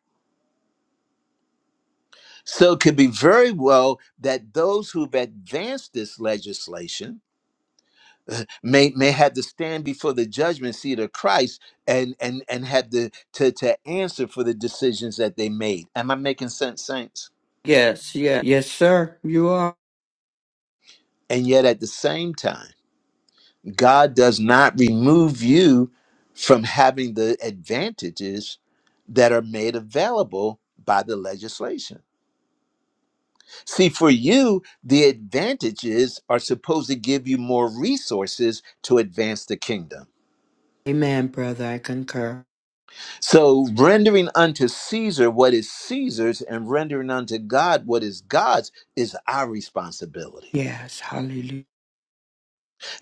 A: So it could be very well that those who've advanced this legislation may may had to stand before the judgment seat of Christ and and and had to to to answer for the decisions that they made. Am I making sense, saints?
E: Yes, yes. Yes, sir. You are.
A: And yet at the same time, God does not remove you from having the advantages that are made available by the legislation. See, for you, the advantages are supposed to give you more resources to advance the kingdom
E: Amen, brother. I concur.
A: So rendering unto Caesar what is Caesar's and rendering unto God what is God's is our responsibility.
E: Yes. Hallelujah.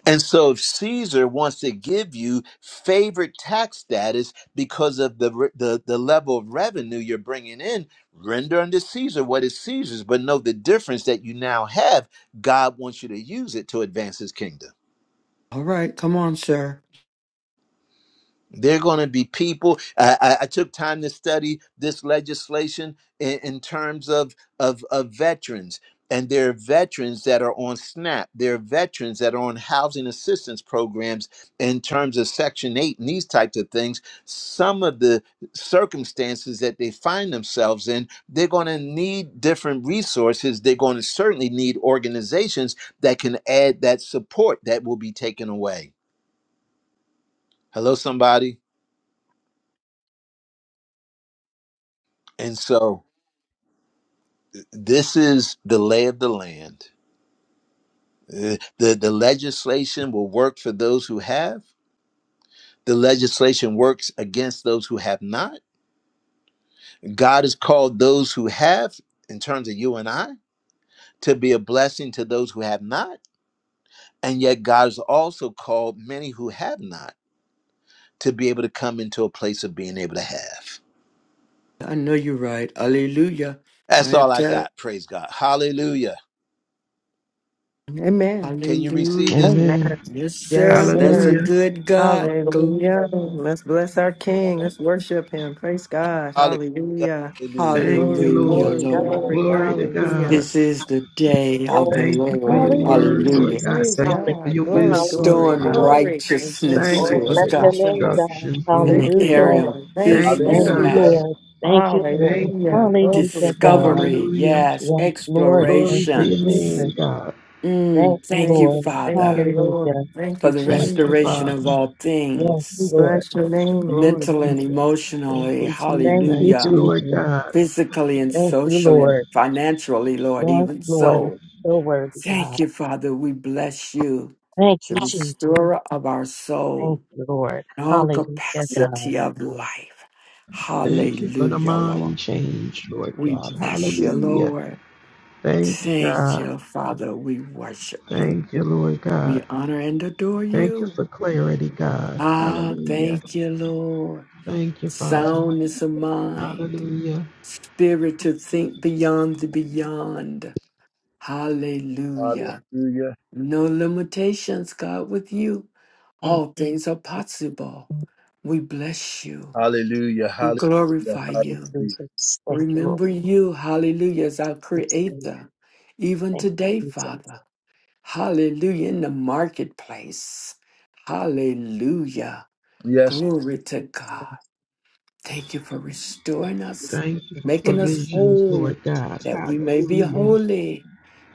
A: And so if Caesar wants to give you favored tax status because of the, re- the, the level of revenue you're bringing in, render unto Caesar what is Caesar's, but know the difference that you now have. God wants you to use it to advance his kingdom.
E: All right. Come on, sir.
A: they are going to be people. I, I, I took time to study this legislation in, in terms of, of of veterans, and there are veterans that are on SNAP. There are veterans that are on housing assistance programs in terms of Section Eight and these types of things. Some of the circumstances that they find themselves in, they're going to need different resources. They're going to certainly need organizations that can add that support that will be taken away. Hello, somebody, and so. this is the lay of the land. Uh, The, the legislation will work for those who have. The legislation works against those who have not. God has called those who have, in terms of you and I, to be a blessing to those who have not. And yet, God has also called many who have not to be able to come into a place of being able to have.
E: I know you're right. Hallelujah.
A: That's
E: I
A: all I
E: tell
A: got. Praise God. Hallelujah.
B: Amen.
A: Can you receive
E: Hallelujah.
A: this?
B: Amen.
H: Amen.
E: Yes,
B: Yes,
E: sir. That's a
B: sir.
H: Hallelujah.
E: good God. Gl-
B: Hallelujah.
C: Yes,
B: Let's bless our King.
C: Lord.
B: Let's worship him. Praise God.
A: Hallelujah.
B: Hallelujah.
A: Hallelujah.
H: Thank you,
B: Glory,
E: Hallelujah,
H: Lord.
C: Praise
B: glory,
E: Lord.
C: God.
B: glory.
C: Thank
H: Glory
C: you,
H: to
B: Hallelujah.
C: Jesus.
H: God.
E: This is the day of
C: Lord,
E: the
H: Thank you for
E: Lord.
H: your
C: thank you,
H: word,
B: Hallelujah.
E: Hallelujah.
H: Lord God.
C: Jesus.
B: Praise
H: Thank you for
B: God.
H: your
E: you
C: Hallelujah.
B: Glory,
H: wisdom,
B: glory,
C: Hallelujah,
E: restoring
C: Lord.
H: God.
B: glory. We thank
E: righteousness
B: you,
H: Thank you
C: Oh,
E: to
H: for
E: us,
B: Lord
C: bless
H: the
C: your
E: God,
C: name,
B: Jesus.
C: God.
H: instructions,
E: in
H: Lord.
E: the
B: Thank you,
C: Hallelujah.
E: area of
B: Lord. Thank you,
H: Thank you,
C: Thank
E: business
B: Lord.
C: you,
H: God.
E: matter,
A: Hallelujah.
C: Lord. Thank you, Lord.
H: Thank you.
B: Hallelujah.
C: Hallelujah,
B: Glory,
C: God.
B: glory.
E: discovery,
H: Hallelujah.
E: yes,
C: Yes, Lord. Thank
H: Glory to
C: you,
H: your
E: explorations.
C: Jesus.
H: name, God.
C: Thank
E: Mm,
C: you,
E: thank
B: Thank
E: you,
B: you,
C: Lord.
B: thank you,
E: Father,
B: Lord.
C: Hallelujah.
B: Thank
E: for
B: you,
E: the
B: Jesus.
H: Thank
C: Hallelujah.
H: you,
E: restoration of
H: Father.
E: all
C: Yes,
B: We
E: things,
C: Lord.
B: bless your name,
C: Thank you,
B: Lord.
E: mentally and
C: Jesus.
B: Thank
E: emotionally,
B: you,
C: Thank
B: Jesus.
C: you,
H: Thank you,
E: hallelujah,
H: Lord
C: Jesus.
H: God.
E: physically and
C: Thank you,
E: socially and
C: Lord.
E: financially, Lord,
C: Yes,
E: even
C: Lord.
E: so.
C: So worthy,
E: Thank
C: God.
E: you, Father. We bless you,
C: Thank
E: the
C: you, Jesus.
E: restorer of our
C: Thank
E: soul.
C: you, Lord.
E: in all
C: Hallelujah, God.
E: capacity of life.
H: Thank you for the
E: Hallelujah, Lord.
H: mind change, Lord
E: We
H: God.
E: bless you,
H: Hallelujah.
E: Lord.
H: Thank you,
E: Thank
H: God.
E: you, Father. We worship you.
H: Thank you, Lord God.
E: We honor and adore
H: Thank you
E: you.
H: for clarity, God.
E: Ah,
H: Hallelujah.
E: thank you, Lord.
H: Thank you, Father.
E: Soundness of mind,
H: Hallelujah.
E: spirit to think beyond the beyond. Hallelujah.
A: Hallelujah.
E: No limitations, God, with you. All things are possible. We bless you.
A: Hallelujah.
E: We
A: Hallelujah.
E: glorify
C: Thank you,
E: you.
A: Hallelujah.
C: Jesus. Thank you, Lord.
E: Remember you, hallelujah, as our
C: Yes, God.
E: creator, even
C: Thank you,
E: today,
C: Jesus.
E: Father. Hallelujah, in the marketplace. Hallelujah.
A: Yes.
E: Glory to
C: Thank you,
E: God.
C: God.
E: Thank you for
C: Thank
E: restoring us,
H: Thank you
C: you,
H: for
E: making
C: Jesus.
E: us
H: provisions,
E: whole,
H: Lord God.
E: that we may be
H: Hallelujah.
E: holy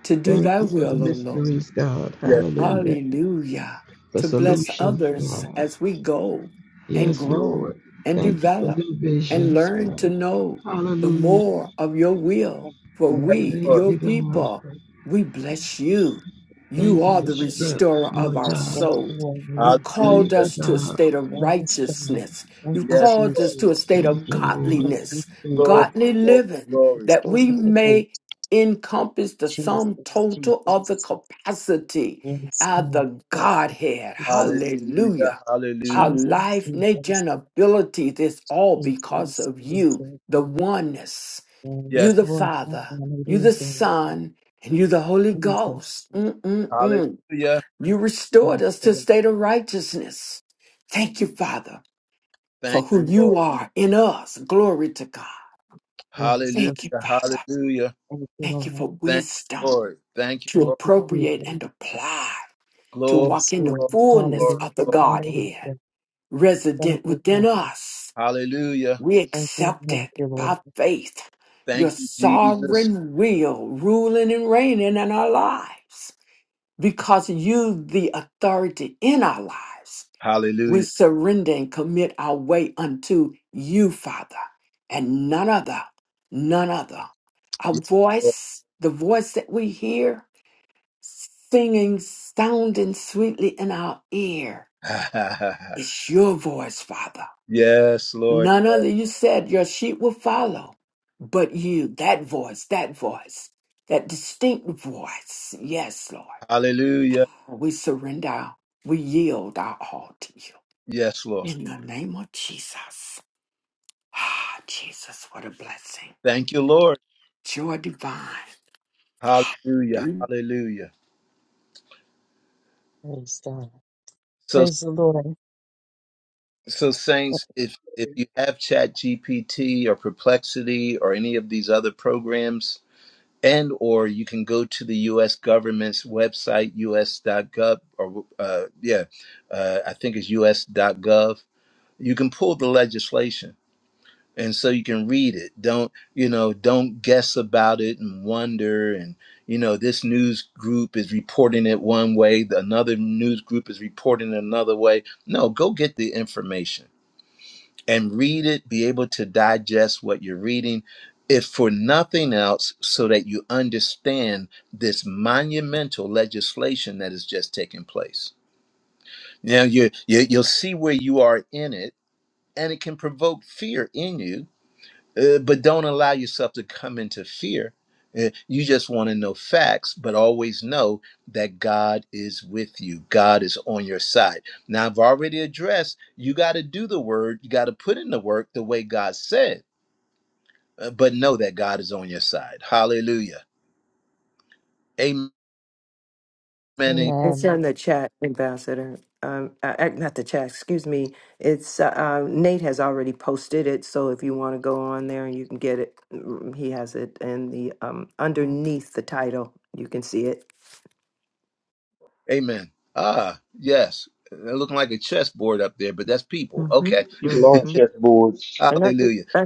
E: to do
H: Thank
E: thy
H: you for the
E: will, O Lord.
H: mysteries, God.
A: Yes.
H: Hallelujah.
E: Hallelujah.
H: For
E: To bless
H: solutions,
C: Jesus,
E: others
H: God.
E: as we go and
H: Yes,
E: grow
H: Lord.
E: and
H: Thank you for
E: develop
H: new
E: and
H: visions,
E: learn to
H: God.
E: know the
H: Hallelujah.
E: more of your will. For
C: glory
A: Yes,
E: we,
H: Thank
A: Lord.
C: to
E: your
H: you,
C: you,
H: God.
E: people,
C: Jesus,
E: we bless you. You
H: Thank you
E: are
H: for
E: the
C: Jesus.
H: strength,
E: restorer of
H: Lord
E: our
H: God.
C: Yes,
E: souls.
C: Lord,
E: You
C: Lord,
E: called
H: Thank
A: Hallelujah.
H: you,
E: us to a
H: God.
E: state of
C: all is well.
E: righteousness.
C: Thank
E: You
C: you,
A: Yes,
E: called
A: Lord.
E: us to a
C: Jesus.
E: state
H: Thank
E: of
H: you, Lord.
C: Thank
E: godliness,
C: you,
A: Glory.
C: Jesus.
E: godly
A: Glory.
E: living,
A: glory.
E: that
C: Restore
E: we
C: the boat,
E: may encompass the
C: Jesus,
E: sum total of the
C: Jesus.
E: capacity
C: Yes,
E: of
C: God.
E: the
C: Thank
E: Godhead.
C: you, Jesus,
A: Hallelujah.
E: Hallelujah.
A: Hallelujah.
E: Our
C: Jesus,
E: life, nature,
C: Jesus,
E: and abilities this all because
C: Jesus,
E: of you,
C: Jesus.
E: the oneness.
A: Yes.
E: You,
C: Yes,
E: the
C: Lord,
E: Father, you, the
C: hallelujah.
E: Son, and you, the Holy
C: Jesus,
E: Ghost. Mm-mm-mm.
A: Hallelujah.
E: You
C: yes,
E: restored us to a
C: Lord,
E: state of righteousness. Thank you, Father, for
A: Thank
E: who
A: you,
E: you
A: Lord.
E: are in us. Glory to God.
C: yes,
A: Hallelujah.
C: Lord.
E: Thank you, Father.
A: Hallelujah.
C: Thank you,
E: Thank you
C: Lord.
E: for
A: Thank you,
E: wisdom
A: Lord. Thank you,
E: to
C: Thank
A: Lord.
C: you,
E: appropriate and
C: Jesus.
E: apply to
A: Glory.
E: walk
C: Yes,
E: in the
C: Lord,
A: Glory.
E: fullness
A: Glory.
E: of the
C: hallelujah,
A: glory.
E: Godhead.
C: hallelujah. Thank
E: resident
C: you,
E: within
C: thank you.
E: us.
A: Hallelujah.
E: We
C: Thank you,
E: accept
C: thank
E: it
C: you, Lord.
E: by faith. Your
A: Thank you, Jesus.
E: sovereign will ruling and reigning in our lives because you, the authority in our lives, we
A: Hallelujah.
E: surrender and commit our way unto you, Father, and none other, none other. Our
A: Yes, Lord.
E: voice, the voice that we hear singing, sounding sweetly in our ear, it's your voice, Father
A: yes, Lord.
E: None
A: Yes.
E: other. You said your sheep will follow, but you, that voice, that voice, that distinct voice. Yes, Lord.
A: Hallelujah.
E: We surrender, our- we yield our all to you.
A: Yes, Lord.
E: In the name of Jesus. Ah, Jesus, what a blessing.
A: Thank you, Lord.
E: Joy divine.
A: Hallelujah.
E: Do-
A: Hallelujah.
C: Praise God.
A: So
C: Praise the Lord.
A: so saints, if if you have Chat GPT or Perplexity or any of these other programs, and or you can go to the US government's website, us.gov or uh, yeah, uh, I think it's us.gov. You can pull the legislation and so you can read it don't you know don't guess about it and wonder and you know this news group is reporting it one way the another news group is reporting it another way no go get the information and read it be able to digest what you're reading if for nothing else so that you understand this monumental legislation that has just taken place now you, you you'll see where you are in it and it can provoke fear in you uh, but don't allow yourself to come into fear. Uh, You just want to know facts, but always know that God is with you. God is on your side. Now, I've already addressed you got to do the word, you got to put in the work the way God said, uh, but know that God is on your side. Hallelujah. Amen. am-
B: It's in
C: Amen.
B: the chat, Ambassador. Um, uh, uh, not the chat. Excuse me. It's uh, uh, Nate has already posted it, so if you want to go on there and you can get it, mm, he has it in the um underneath the title. You can see it.
A: Amen. Ah, yes. They're looking like a chessboard up there, but that's people.
B: Mm-hmm.
A: Okay.
I: People are not
B: Mm-hmm.
I: chessboards.
B: And I
A: Hallelujah.
B: did.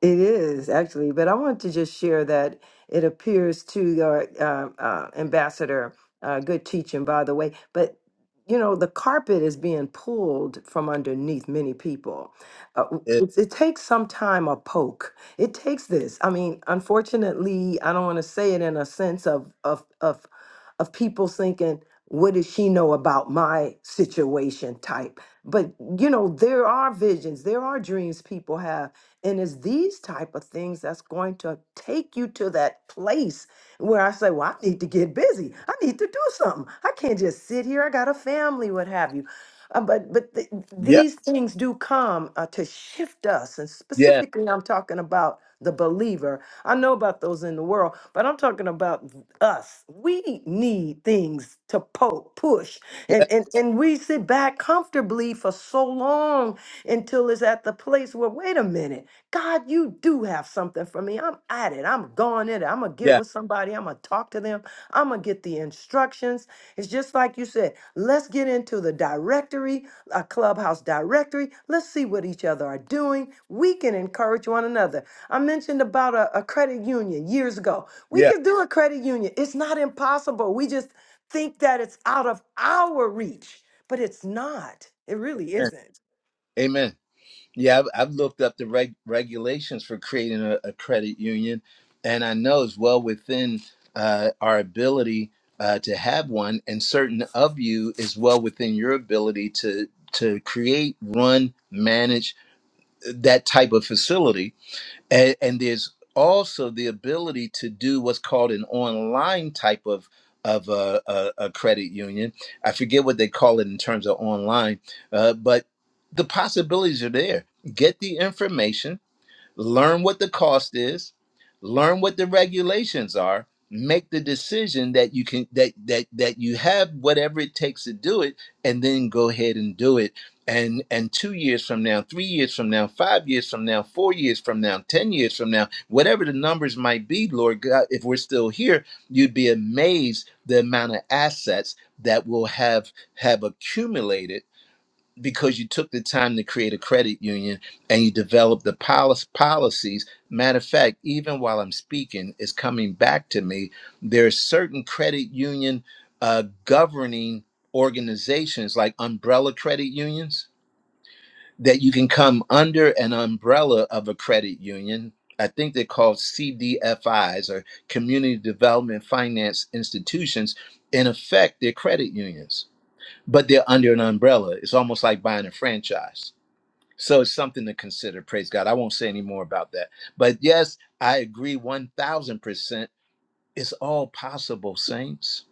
B: It is actually, but I want to just share that it appears to your uh, uh, ambassador, uh, good teaching, by the way. But you know, the carpet is being pulled from underneath many people. Uh,
A: Uh,
B: it, it takes some time a poke. It takes this. I mean, unfortunately, I don't want to say it in a sense of of of of people thinking, "What does she know about my situation?" type. But you know, there are visions, there are dreams people have and it's these type of things that's going to take you to that place where i say well i need to get busy i need to do something i can't just sit here i got a family what have you Uh, but but th-
A: yeah.
B: these things do come uh, to shift us and
A: Yeah.
B: specifically i'm talking about the believer i know about those in the world but i'm talking about us we need things to poke push and and, and we sit back comfortably for so long until it's was at the place where, wait a minute, God, you do have something for me. I'm at it. I'm going in it. I'm going to get
A: Yeah.
B: with somebody. I'm going to talk to them. I'm going to get the instructions. It's just like you said, let's get into the directory, a clubhouse directory. Let's see what each other are doing. We can encourage one another. I mentioned about a, a credit union years ago. We
A: Yeah.
B: could do a credit union. It's not impossible. We just think that it's out of our reach, but it's not. It really
A: Amen.
B: isn't.
A: Amen. Yeah, I've, I've looked up the reg- regulations for creating a, a credit union, and I know it's well within uh, our ability uh, to have one, and certain of you is well within your ability to to create, run, manage uh, that type of facility and, and there's also the ability to do what's called an online type of of a, a, a credit union. I forget what they call it in terms of online, uh, but the possibilities are there. Get the information, learn what the cost is, learn what the regulations are, make the decision that you can that that that you have whatever it takes to do it and then go ahead and do it. And and 2 years from now, 3 years from now, 5 years from now, 4 years from now, 10 years from now, whatever the numbers might be, Lord God, if we're still here, you'd be amazed the amount of assets that will have have accumulated because you took the time to create a credit union and you developed the polic policies. Matter of fact, even while I'm speaking, it's coming back to me. There are certain credit union uh, governing organizations like umbrella credit unions that you can come under an umbrella of a credit union. I think they're called CDFIs or Community Development Finance Institutions. In effect, they're credit unions but they're under an umbrella. It's almost like buying a franchise. So it's something to consider. Praise God. I won't say any more about that. But yes, I agree 1000%. It's all possible, saints.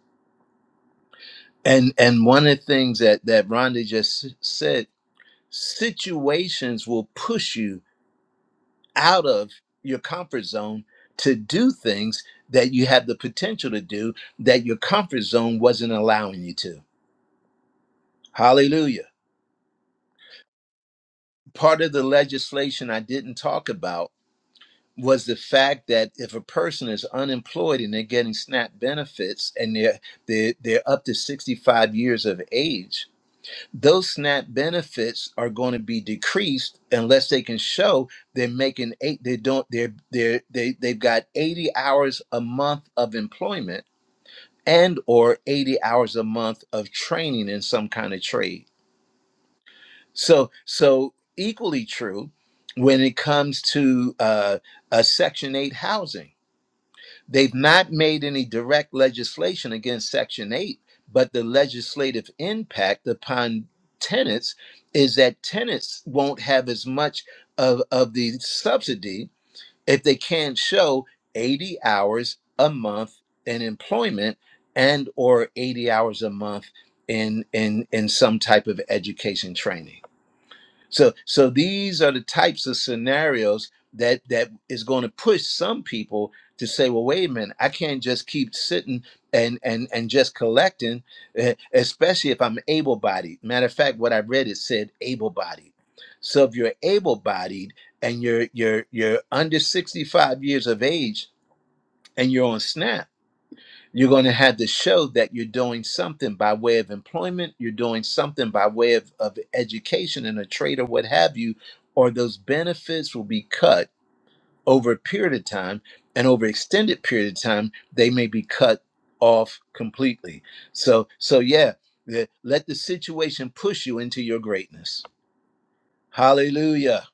A: And and one of the things that that Rhonda just s- said, situations will push you out of your comfort zone to do things that you have the potential to do that your comfort zone wasn't allowing you to. Hallelujah. Part of the legislation I didn't talk about was the fact that if a person is unemployed and they're getting SNAP benefits and they're, they're, they're up to 65 years of age, those SNAP benefits are going to be decreased unless they can show they're making eight, they don't, they're, they're, they, they've got 80 hours a month of employment and or 80 hours a month of training in some kind of trade. So, so equally true when it comes to uh, uh, Section 8 housing They've not made any direct legislation against Section 8, but the legislative impact upon tenants is that tenants won't have as much of, of the subsidy if they can't show 80 hours a month in employment and or 80 hours a month in in in some type of education training. So so these are the types of scenarios that that is going to push some people to say, well, wait a minute, I can't just keep sitting and and and just collecting, eh, especially if I'm able-bodied. Matter of fact, what I read it said able-bodied. So if you're able-bodied and you're you're you're under 65 years of age and you're on SNAP you're going to have to show that you're doing something by way of employment, you're doing something by way of, of education and a trade or what have you, or those benefits will be cut over a period of time. And over extended period of time, they may be cut off completely. So, so yeah, the- let the situation push you into your greatness. Hallelujah.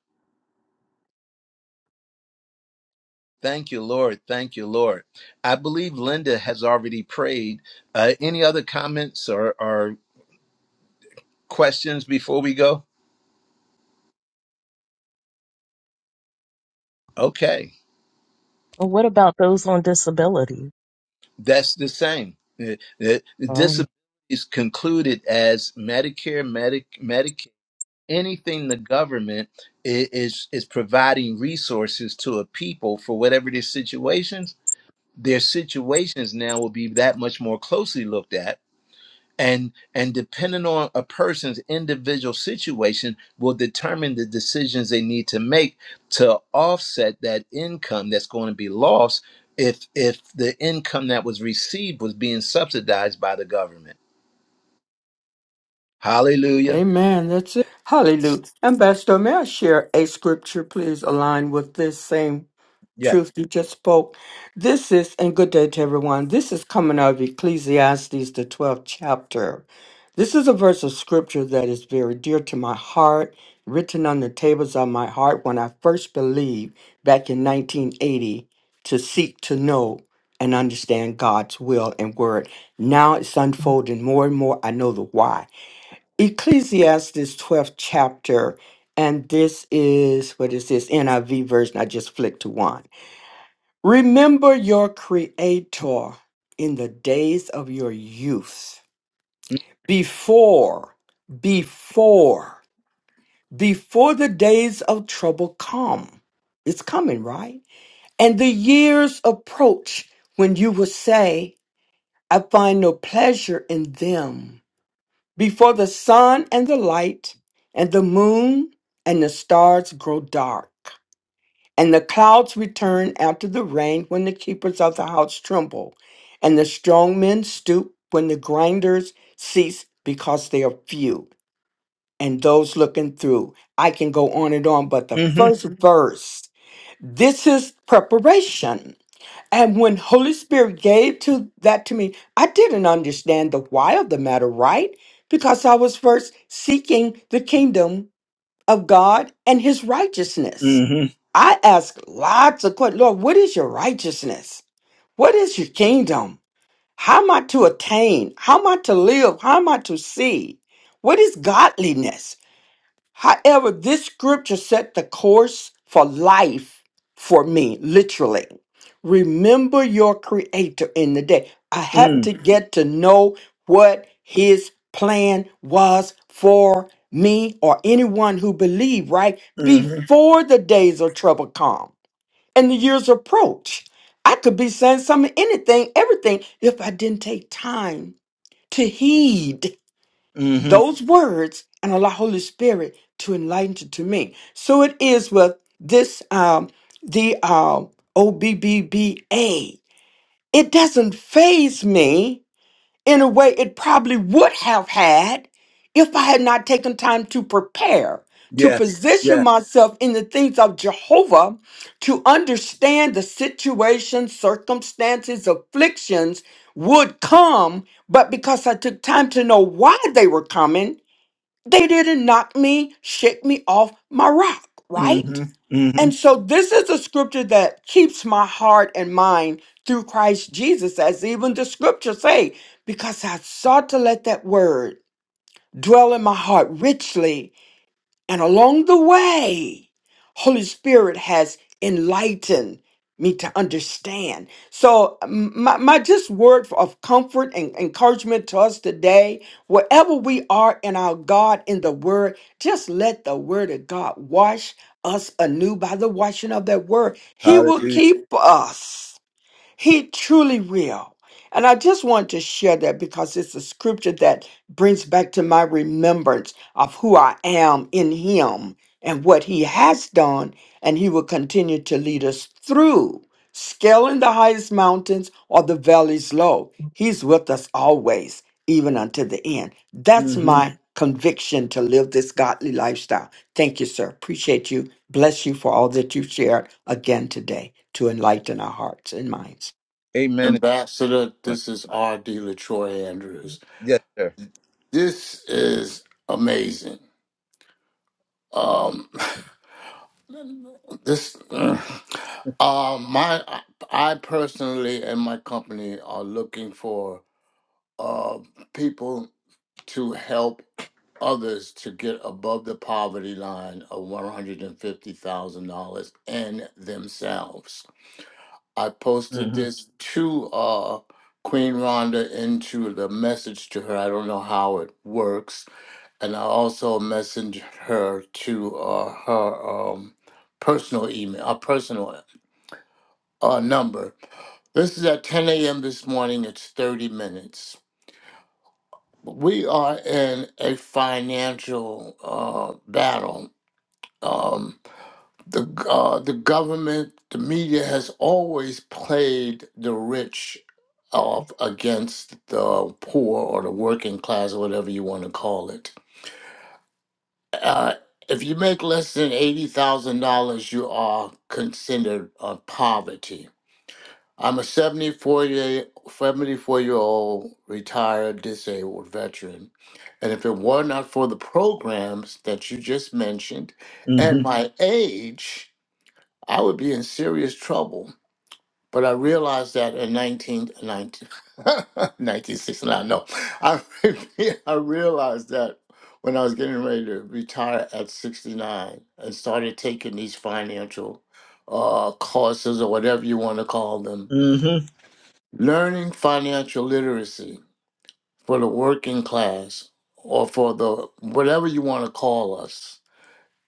A: Thank you, Lord. Thank you, Lord. I believe Linda has already prayed. Uh, any other comments or, or questions before we go? Okay,
C: Well, what about those on disability?
A: that's the same. Uh, uh,
C: Um,
A: Disability is concluded as Medicare, Medic, Medicaid, anything the government i- is is providing resources to a people for whatever their situations. Their situations now will be that much more closely looked at and and depending on a person's individual situation will determine the decisions they need to make to offset that income that's going to be lost if if the income that was received was being subsidized by the government hallelujah
E: Amen. That's it. Hallelujah. Ambassador, may I share a scripture, please, aligned with this same
A: Yes.
E: truth you just spoke. This is, and good day to everyone. This is coming out of Ecclesiastes, the 12th chapter. This is a verse of scripture that is very dear to my heart, written on the tables of my heart when I first believed back in 1980 to seek to know and understand God's will and word. Now it's unfolding more and more. I know the why. Ecclesiastes 12th chapter, and this is, what is this? NIV version. I just flicked to one. Remember your Creator in the days of your youth, before, before, before the days of trouble come. It's coming, right? And the years approach when you will say, I find no pleasure in them. Before the sun and the light, and the moon and the stars grow dark. And the clouds return after the rain when the keepers of the house tremble, and the strong men stoop when the grinders cease because they are few. And those looking through, I can go on and on, but the
A: Mm-hmm.
E: 1st verse, this is preparation. And when Holy Spirit gave to that to me, I didn't understand the why of the matter, right? Because I was first seeking the kingdom of God and his righteousness. I ask lots of questions. Lord, what is your righteousness? What is your kingdom? How am I to attain? How am I to live? How am I to see? What is godliness? However, this scripture set the course for life for me, literally. Remember your creator in the day. I had
A: Mm.
E: to get to know what his plan was for me or anyone who believed, right?
A: Mm-hmm.
E: Before the days of trouble come and the years approach. I could be saying something, anything, everything, if I didn't take time to heed
A: Mm-hmm.
E: those words and allow Holy Spirit to enlighten it to me. So it is with this um the um OBBBA. It doesn't phase me in a way it probably would have had if I had not taken time to prepare, to
A: Yes.
E: position
A: Yeah.
E: myself in the things of Jehovah, to understand the situations, circumstances, afflictions would come, but because I took time to know why they were coming, they didn't knock me, shake me off my rock, right?
A: Mm-hmm. Mm-hmm.
E: And so this is a scripture that keeps my heart and mind through Christ Jesus, as even the scriptures say, because I sought to let that word dwell in my heart richly and along the way, Holy Spirit has enlightened me to understand. So m- my, my just word of comfort and encouragement to us today, wherever we are in our God in the word, just let the word of God wash us anew by the washing of that word. He will
A: Hallelujah.
E: keep us. He truly will. And I just want to share that because it's a scripture that brings back to my remembrance of who I am in Him and what He has done, and He will continue to lead us through scaling the highest mountains or the valleys low. He's with us always, even unto the end.
A: Mm.
E: That's my conviction to live this godly lifestyle. Thank you, sir. Appreciate you Bless you for all that you've shared again today to enlighten our hearts and minds.
A: amen
J: Ambassador, this is R.D. LaTroy Andrews.
A: yes sir
J: This is amazing. Um, this, uh, uh, my, I personally and my company are looking for uh, people to help others to get above the poverty line of $150,000 and themselves. I posted
A: Mm-hmm.
J: this to uh, Queen Rhonda into the message to her. I don't know how it works. And I also messaged her to uh, her um, personal email, a personal uh, number. This is at 10 a.m. this morning. It's 30 minutes. We are in a financial uh, battle. Um, the uh, the government, the media has always played the rich of against the poor or the working class or whatever you want to call it. Uh, if you make less than eighty thousand dollars, you are considered uh, poverty. I'm a 74 year, 74 year old retired disabled veteran. And if it were not for the programs that you just mentioned and
A: Mm-hmm.
J: my age, I would be in serious trouble But I realized that in 19, ninety 19 1969, no, I, I realized that when I was getting ready to retire at 69 and started taking these financial uh, courses or whatever you want to call them,
A: Mm-hmm.
J: learning financial literacy for the working class or for the whatever you want to call us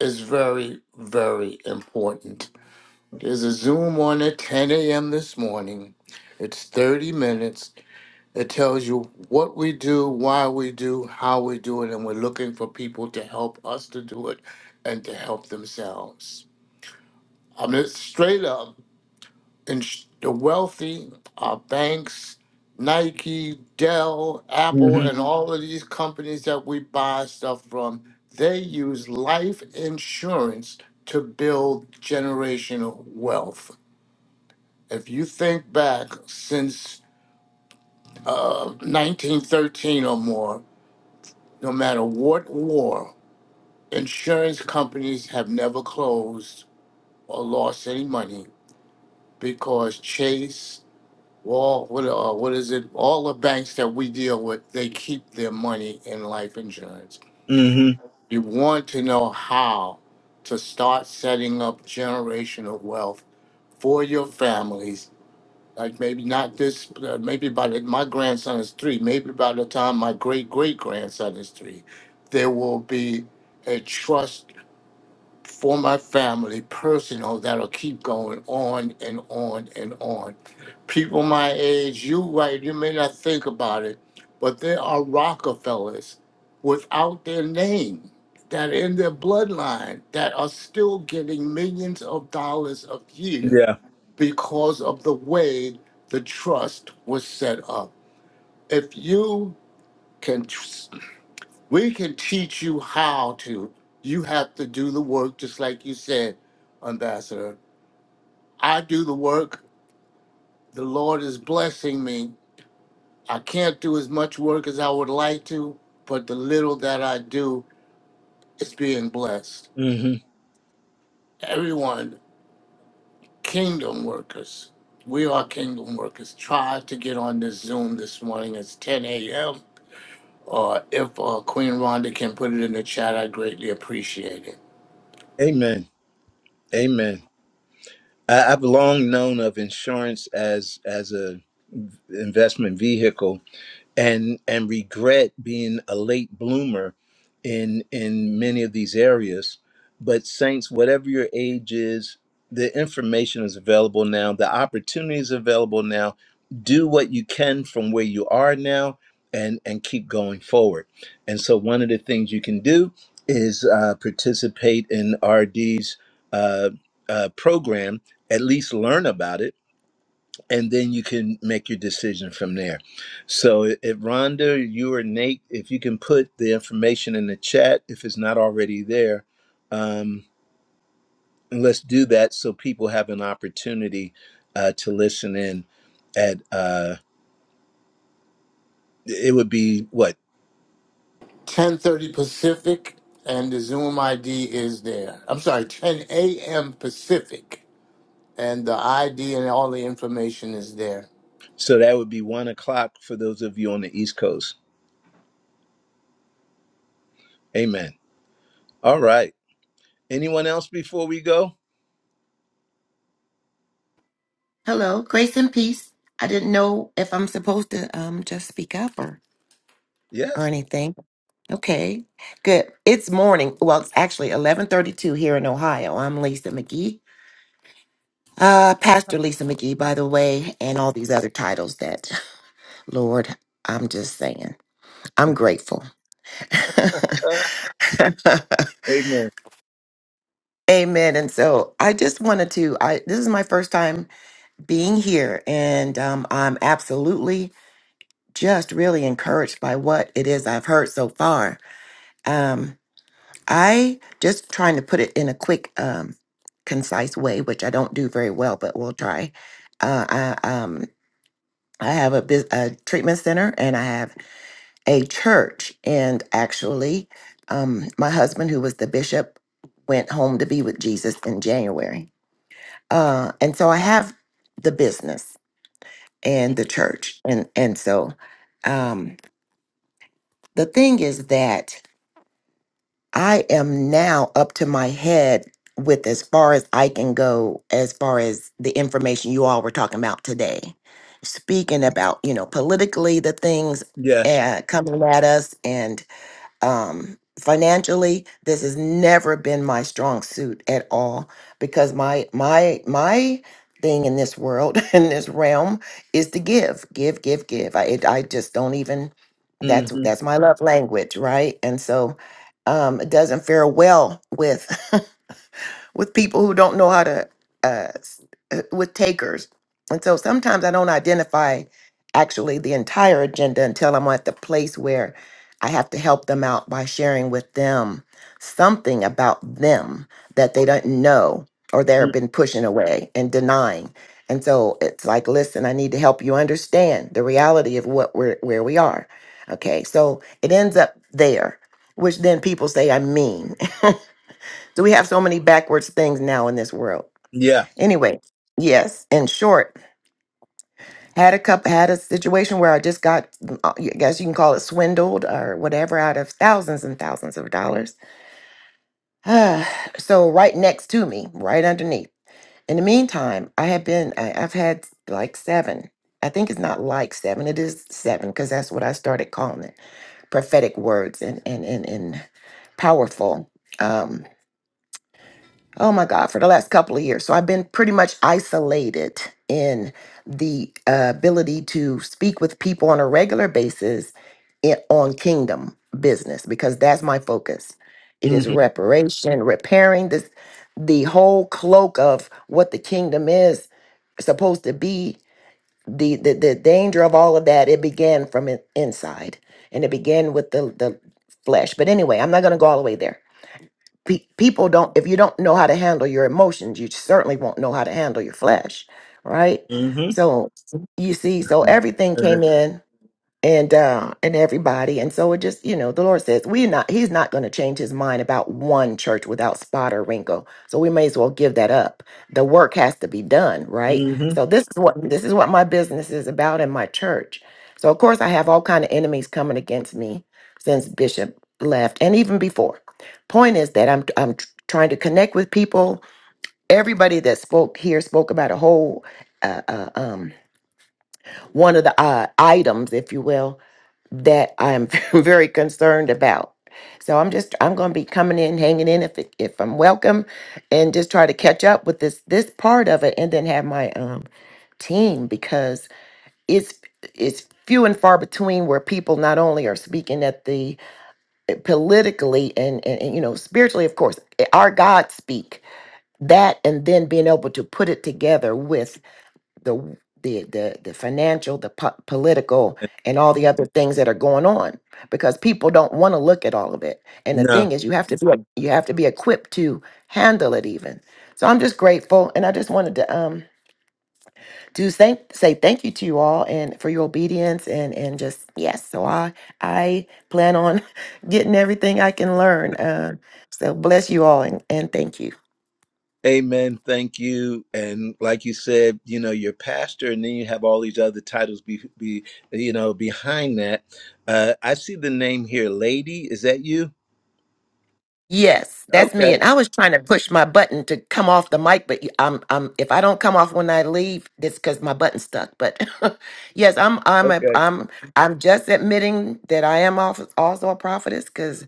J: is very, very important. There's a Zoom on at 10 a.m. this morning. It's 30 minutes. It tells you what we do, why we do, how we do it, and we're looking for people to help us to do it and to help themselves. I mean, it's straight up, and sh- the wealthy, our banks, Nike, Dell, Apple,
A: Mm-hmm.
J: and all of these companies that we buy stuff from, they use life insurance to build generational wealth if you think back since uh, 1913 or more, no matter what war, insurance companies have never closed or lost any money because Chase, Wall, what, uh, what is it? All the banks that we deal with, they keep their money in life insurance.
A: Mm-hmm.
J: You want to know how to start setting up generational wealth for your families like maybe not this, uh, maybe by the, my grandson is three, maybe by the time my great great grandson is three, there will be a trust for my family, personal, that'll keep going on and on and on. People my age, you right, you may not think about it, but there are Rockefellers without their name that are in their bloodline that are still getting millions of dollars a year
A: Yeah.
J: because of the way the trust was set up. If you can, tr- we can teach you how to. You have to do the work, just like you said, Ambassador. I do the work. The Lord is blessing me. I can't do as much work as I would like to, but the little that I do is being blessed. Everyone, kingdom workers. We are kingdom workers. Try to get on this Zoom this morning. It's 10 a.m. Uh, if uh, Queen Rhonda can put it in the chat, I greatly appreciate it.
A: Amen. Amen. I, I've long known of insurance as as a investment vehicle and and regret being a late bloomer in in many of these areas but saints whatever your age is the information is available now the opportunity is available now do what you can from where you are now and and keep going forward and so one of the things you can do is uh, participate in rd's uh, uh, program at least learn about it and then you can make your decision from there. So, if Rhonda, you or Nate, if you can put the information in the chat, if it's not already there, um, and let's do that so people have an opportunity uh, to listen in. At uh, it would be what?
J: 10:30 Pacific, and the Zoom ID is there. I'm sorry, 10 a.m. Pacific, and the ID and all the information is there.
A: So that would be one o'clock for those of you on the East Coast. Amen. All right. Anyone else before we go?
K: Hello, grace and peace. I didn't know if I'm supposed to um just speak up or or
A: Yes.
K: anything. Okay, good. It's morning. Well, it's actually 11:32 here in Ohio. I'm Lisa McGee, uh, Pastor Lisa McGee, by the way, and all these other titles that, Lord, I'm just saying, I'm grateful.
A: sir. Amen.
K: Amen. And so I just wanted to. I this is my first time being here, and um, I'm absolutely just really encouraged by what it is I've heard so far. Um, I just trying to put it in a quick, um, concise way, which I don't do very well, but we'll try. Uh, I, um, I have a, bus- a treatment center and I have a church. And actually, um, my husband, who was the bishop, went home to be with Jesus in January. Uh, and so I have the business and the church. And, and so um, the thing is that I am now up to my head with as far as I can go, as far as the information you all were talking about today. Speaking about, you know, politically the things
A: Yes.
K: uh, coming at us and um financially this has never been my strong suit at all because my my my thing in this world in this realm is to give give give give i it, i just don't even
A: hmm
K: that's that's my love language right and so um it doesn't fare well with with people who don't know how to uh, s- uh, with takers and so sometimes i don't identify actually the entire agenda until i'm at the place where i have to help them out by sharing with them something about them that they don't know or they've been pushing away and denying and so it's like listen i need to help you understand the reality of what we're where we are okay so it ends up there which then people say i'm mean so we have so many backwards things now in this world.
A: Yeah.
K: Anyway, yes, in short, had a cup had a situation where I just got mm, uh, I guess you can call it swindled or whatever out of thousands and thousands of dollars. Ah, so right next to me, right underneath. In the meantime, I have been I, I've had like 7. I think it's not like 7, it is 7 because that's what I started calling it. Prophetic words and and and, and powerful. Um. oh my God, for the last couple of years. So I've been pretty much isolated in the uh, ability to speak with people on a regular basis in, on kingdom business because that's my focus. It
A: hmm
K: is reparation, repairing this the whole cloak of what the kingdom is supposed to be. The, the the danger of all of that it began from in, inside and it began with the the flesh. But anyway, I'm not going to go all the way there Pe- people don't, if you don't know how to handle your emotions, you certainly won't know how to handle your flesh, right?
A: hmm
K: So you see, so everything came in and uh and everybody and so it just you know the lord says we not he's not going to change his mind about one church without spot or wrinkle so we may as well give that up the work has to be done right
A: hmm
K: so this is what this is what my business is about in my church so of course i have all kind of enemies coming against me since bishop left and even before point is that i'm i'm tr- trying to connect with people everybody that spoke here spoke about a whole uh, uh, um one of the uh, items if you will that I'm very concerned about. So I'm just I'm going to be coming in, hanging in if it- if I'm welcome, and just try to catch up with this this part of it, and then have my um team because it's it's few and far between where people not only are speaking at the eh, politically and, and and you know spiritually of course eh, our god speak that and then being able to put it together with the the the, the financial, the po- political, and all the other things that are going on because people don't want to look at all of it. And the
A: No.
K: thing is, you have to be you have to be equipped to handle it even. So I'm just grateful, and I just wanted to um to thank say thank you to you all and for your obedience and and just yes. So I I plan on getting everything I can learn. Uh, so bless you all and and thank you.
A: Amen. Thank you. And like you said, you know, your pastor, and then you have all these other titles be, be you know, behind that. Uh, I see the name here, lady. Is that you?
K: Yes, that's me.
A: Okay.
K: And I was trying to push my button to come off the mic, but you- I'm, I'm, if I don't come off when I leave, that's because my button's stuck. But yes, I'm, I'm, a,
A: Okay.
K: I'm, I'm just admitting that I am also also a prophetess because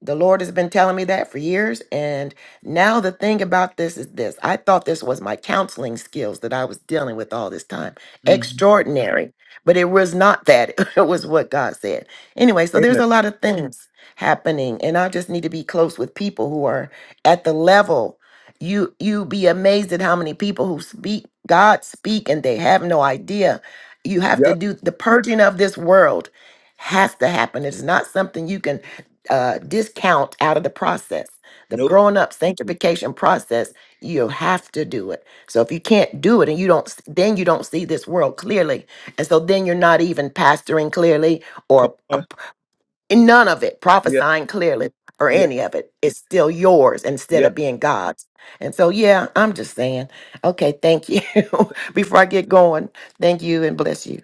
K: the Lord has been telling me that for years. And now the thing about this is this I thought this was my counseling skills that I was dealing with all this time.
A: hmm
K: Extraordinary. But it was not that. It was what God said. Anyway, so there's
A: Amen.
K: a lot of things happening. And I just need to be close with people who are at the level. You you be amazed at how many people who speak God speak and they have no idea. You have to
A: Yep.
K: do the purging of this world has to happen. It's not something you can uh, discount out of the process. The
A: Nope.
K: growing up sanctification process, you have to do it. So if you can't do it and you don't, s- then you don't see this world clearly. And so then you're not even pastoring clearly
A: Come
K: or a
A: on.
K: p- in none of it,
A: Yeah.
K: prophesying clearly or
A: Yeah.
K: any of it. It's still yours instead
A: Yep.
K: of being God's. And so, yeah, I'm just saying, okay, thank you. Before I get going, thank you and bless you.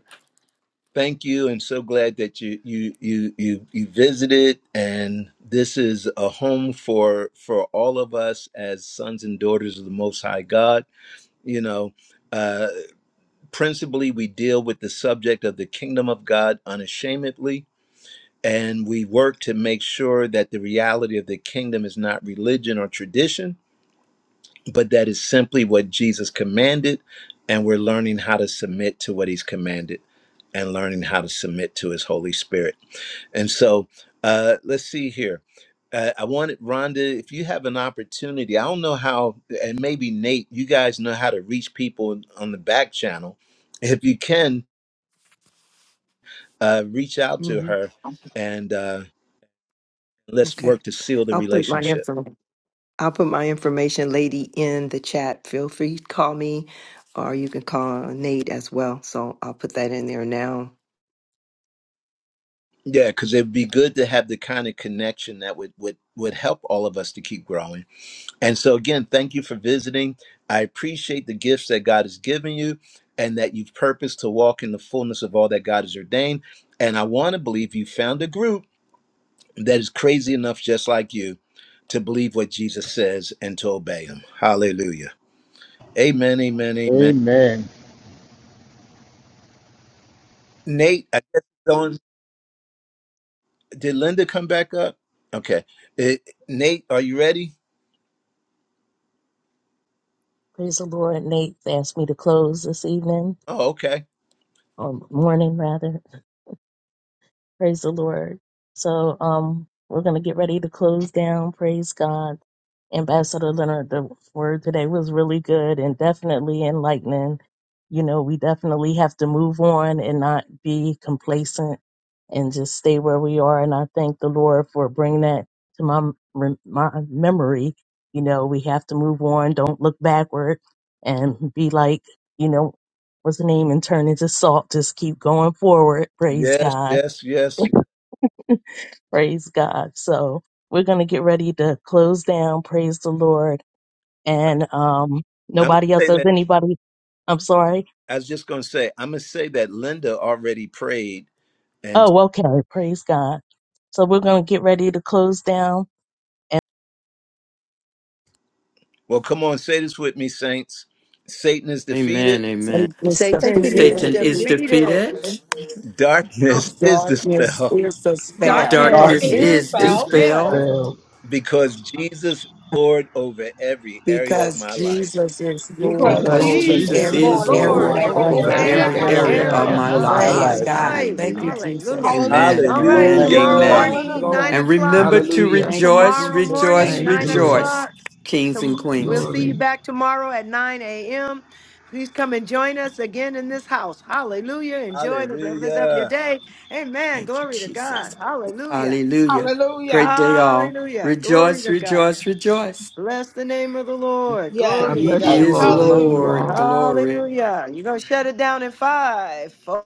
A: Thank you, and so glad that you you you you you visited, and this is a home for for all of us as sons and daughters of the Most High God. You know. uh, Principally, we deal with the subject of the kingdom of God unashamedly, and we work to make sure that the reality of the kingdom is not religion or tradition, but that is simply what Jesus commanded, and we're learning how to submit to what he's commanded and learning how to submit to his Holy Spirit. And so uh, let's see here. Uh, I wanted Rhonda, if you have an opportunity, I don't know how, and maybe Nate, you guys know how to reach people on the back channel. If you can, uh, reach out to
B: Mhm.
A: her and uh, let's
B: Okay.
A: work to seal the
B: I'll put my
A: relationship.
B: info. I'll put my information, lady, in the chat. Feel free to call me or you can call Nate as well. So I'll put that in there now.
A: Yeah, because it'd be good to have the kind of connection that would, would would help all of us to keep growing. And so again, thank you for visiting. I appreciate the gifts that God has given you and that you've purposed to walk in the fullness of all that God has ordained. And I want to believe you found a group that is crazy enough just like you to believe what Jesus says and to obey him. Hallelujah. Amen, amen, amen.
J: Amen.
A: Nate, I guess it's on Did Linda come back up? Okay. Eh, Nate, are you ready?
C: praise the Lord. Nate asked me to close this evening,
A: Oh, okay.
C: or morning rather. Praise the Lord. So um we're gonna get ready to close down. Praise God. Ambassador Leonard, the word today was really good and definitely enlightening. You know, we definitely have to move on and not be complacent and just stay where we are. And I thank the Lord for bringing that to my, rem- my memory. You know, we have to move on. Don't look backward and be like, you know, what's the name and turn into salt. Just keep going forward. Praise
A: Yes,
C: God
A: yes, yes.
C: Praise God. So we're going to get ready to close down. Praise the Lord. And um,
A: I'm
C: nobody
A: gonna
C: else,
A: say
C: does
A: that.
C: anybody? I'm sorry.
A: I was just gonna say. I'm gonna say that Linda already prayed, and
C: Oh, okay. Praise God. So we're going to get ready to close down.
A: well, come on, say this with me, saints. Satan is defeated.
E: Amen. Amen.
F: Take this the
B: Satan
D: Satan is
B: is
F: Satan's
E: Satan is
D: defeated.
B: defeated.
E: defeated.
A: Darkness
F: of
A: is
F: Darkness
A: dispelled
F: is a spell
D: Darkness
B: Darkness
E: Darkness
D: is
H: Darkness
J: Darkness
B: is
E: is
J: is
H: is
D: dispelled
B: dispelled
E: dispelled
J: dispelled
H: dispelled
A: because Jesus is Lord over every area of
F: because
A: my life.
F: Jesus is
D: because
B: because
F: Lord
J: because
E: because
H: because
F: over
D: Jesus is
E: Jesus
B: Jesus
J: Jesus
H: Jesus
B: is
F: every
H: is
E: is
D: Lord
J: is
D: over
B: Lord
E: Lord
H: Lord
F: area
J: Lord
D: every
B: over
F: of
H: over
E: over
J: over
F: my
D: area of
H: every
E: every
D: my
J: every
B: every
F: life.
D: life.
E: area
H: area
E: of
J: area
H: of
B: area
E: my
J: of
B: of
H: my
J: my
E: life.
B: our
F: Praise
H: life.
J: life.
F: God.
B: life.
F: Thank you,
E: Hallelujah.
B: Hallelujah.
F: Jesus.
J: Praise
D: Hallelujah.
E: Amen.
B: All
J: God.
B: right,
E: Amen.
J: Thank
F: Glory,
J: you.
B: tomorrow
A: Hallelujah.
F: glory,
E: Amen.
B: morning,
D: Hallelujah.
B: nine
E: And
F: glory.
B: o'clock.
E: remember to
H: Hallelujah.
F: Thank you,
E: rejoice,
B: Tomorrow
F: Jesus. Thank
B: morning,
E: rejoice,
F: you,
H: Thank you,
B: nine
H: Lord.
F: Jesus.
E: rejoice,
B: o'clock.
E: kings and
B: Tom- We'll
E: queens.
B: see you
H: Glory.
B: back tomorrow at 9 a.m. Please come and join us again in this house. Hallelujah. Enjoy the rest of your
A: Hallelujah.
B: day. Amen.
E: Thank you,
B: Glory to God.
E: Jesus.
B: Hallelujah.
E: Hallelujah.
D: Hallelujah.
E: Great day, all.
B: Hallelujah. Glory
E: Rejoice,
B: to God.
E: rejoice, rejoice.
B: Bless the name of the Lord.
H: God
B: Glory to
E: He
H: bless
D: Yes.
B: God.
H: you
E: is
H: all.
J: Hallelujah.
H: Love you
D: Hallelujah.
E: Lord.
H: all.
E: Glory.
B: Hallelujah. You're going to shut it down in five, four.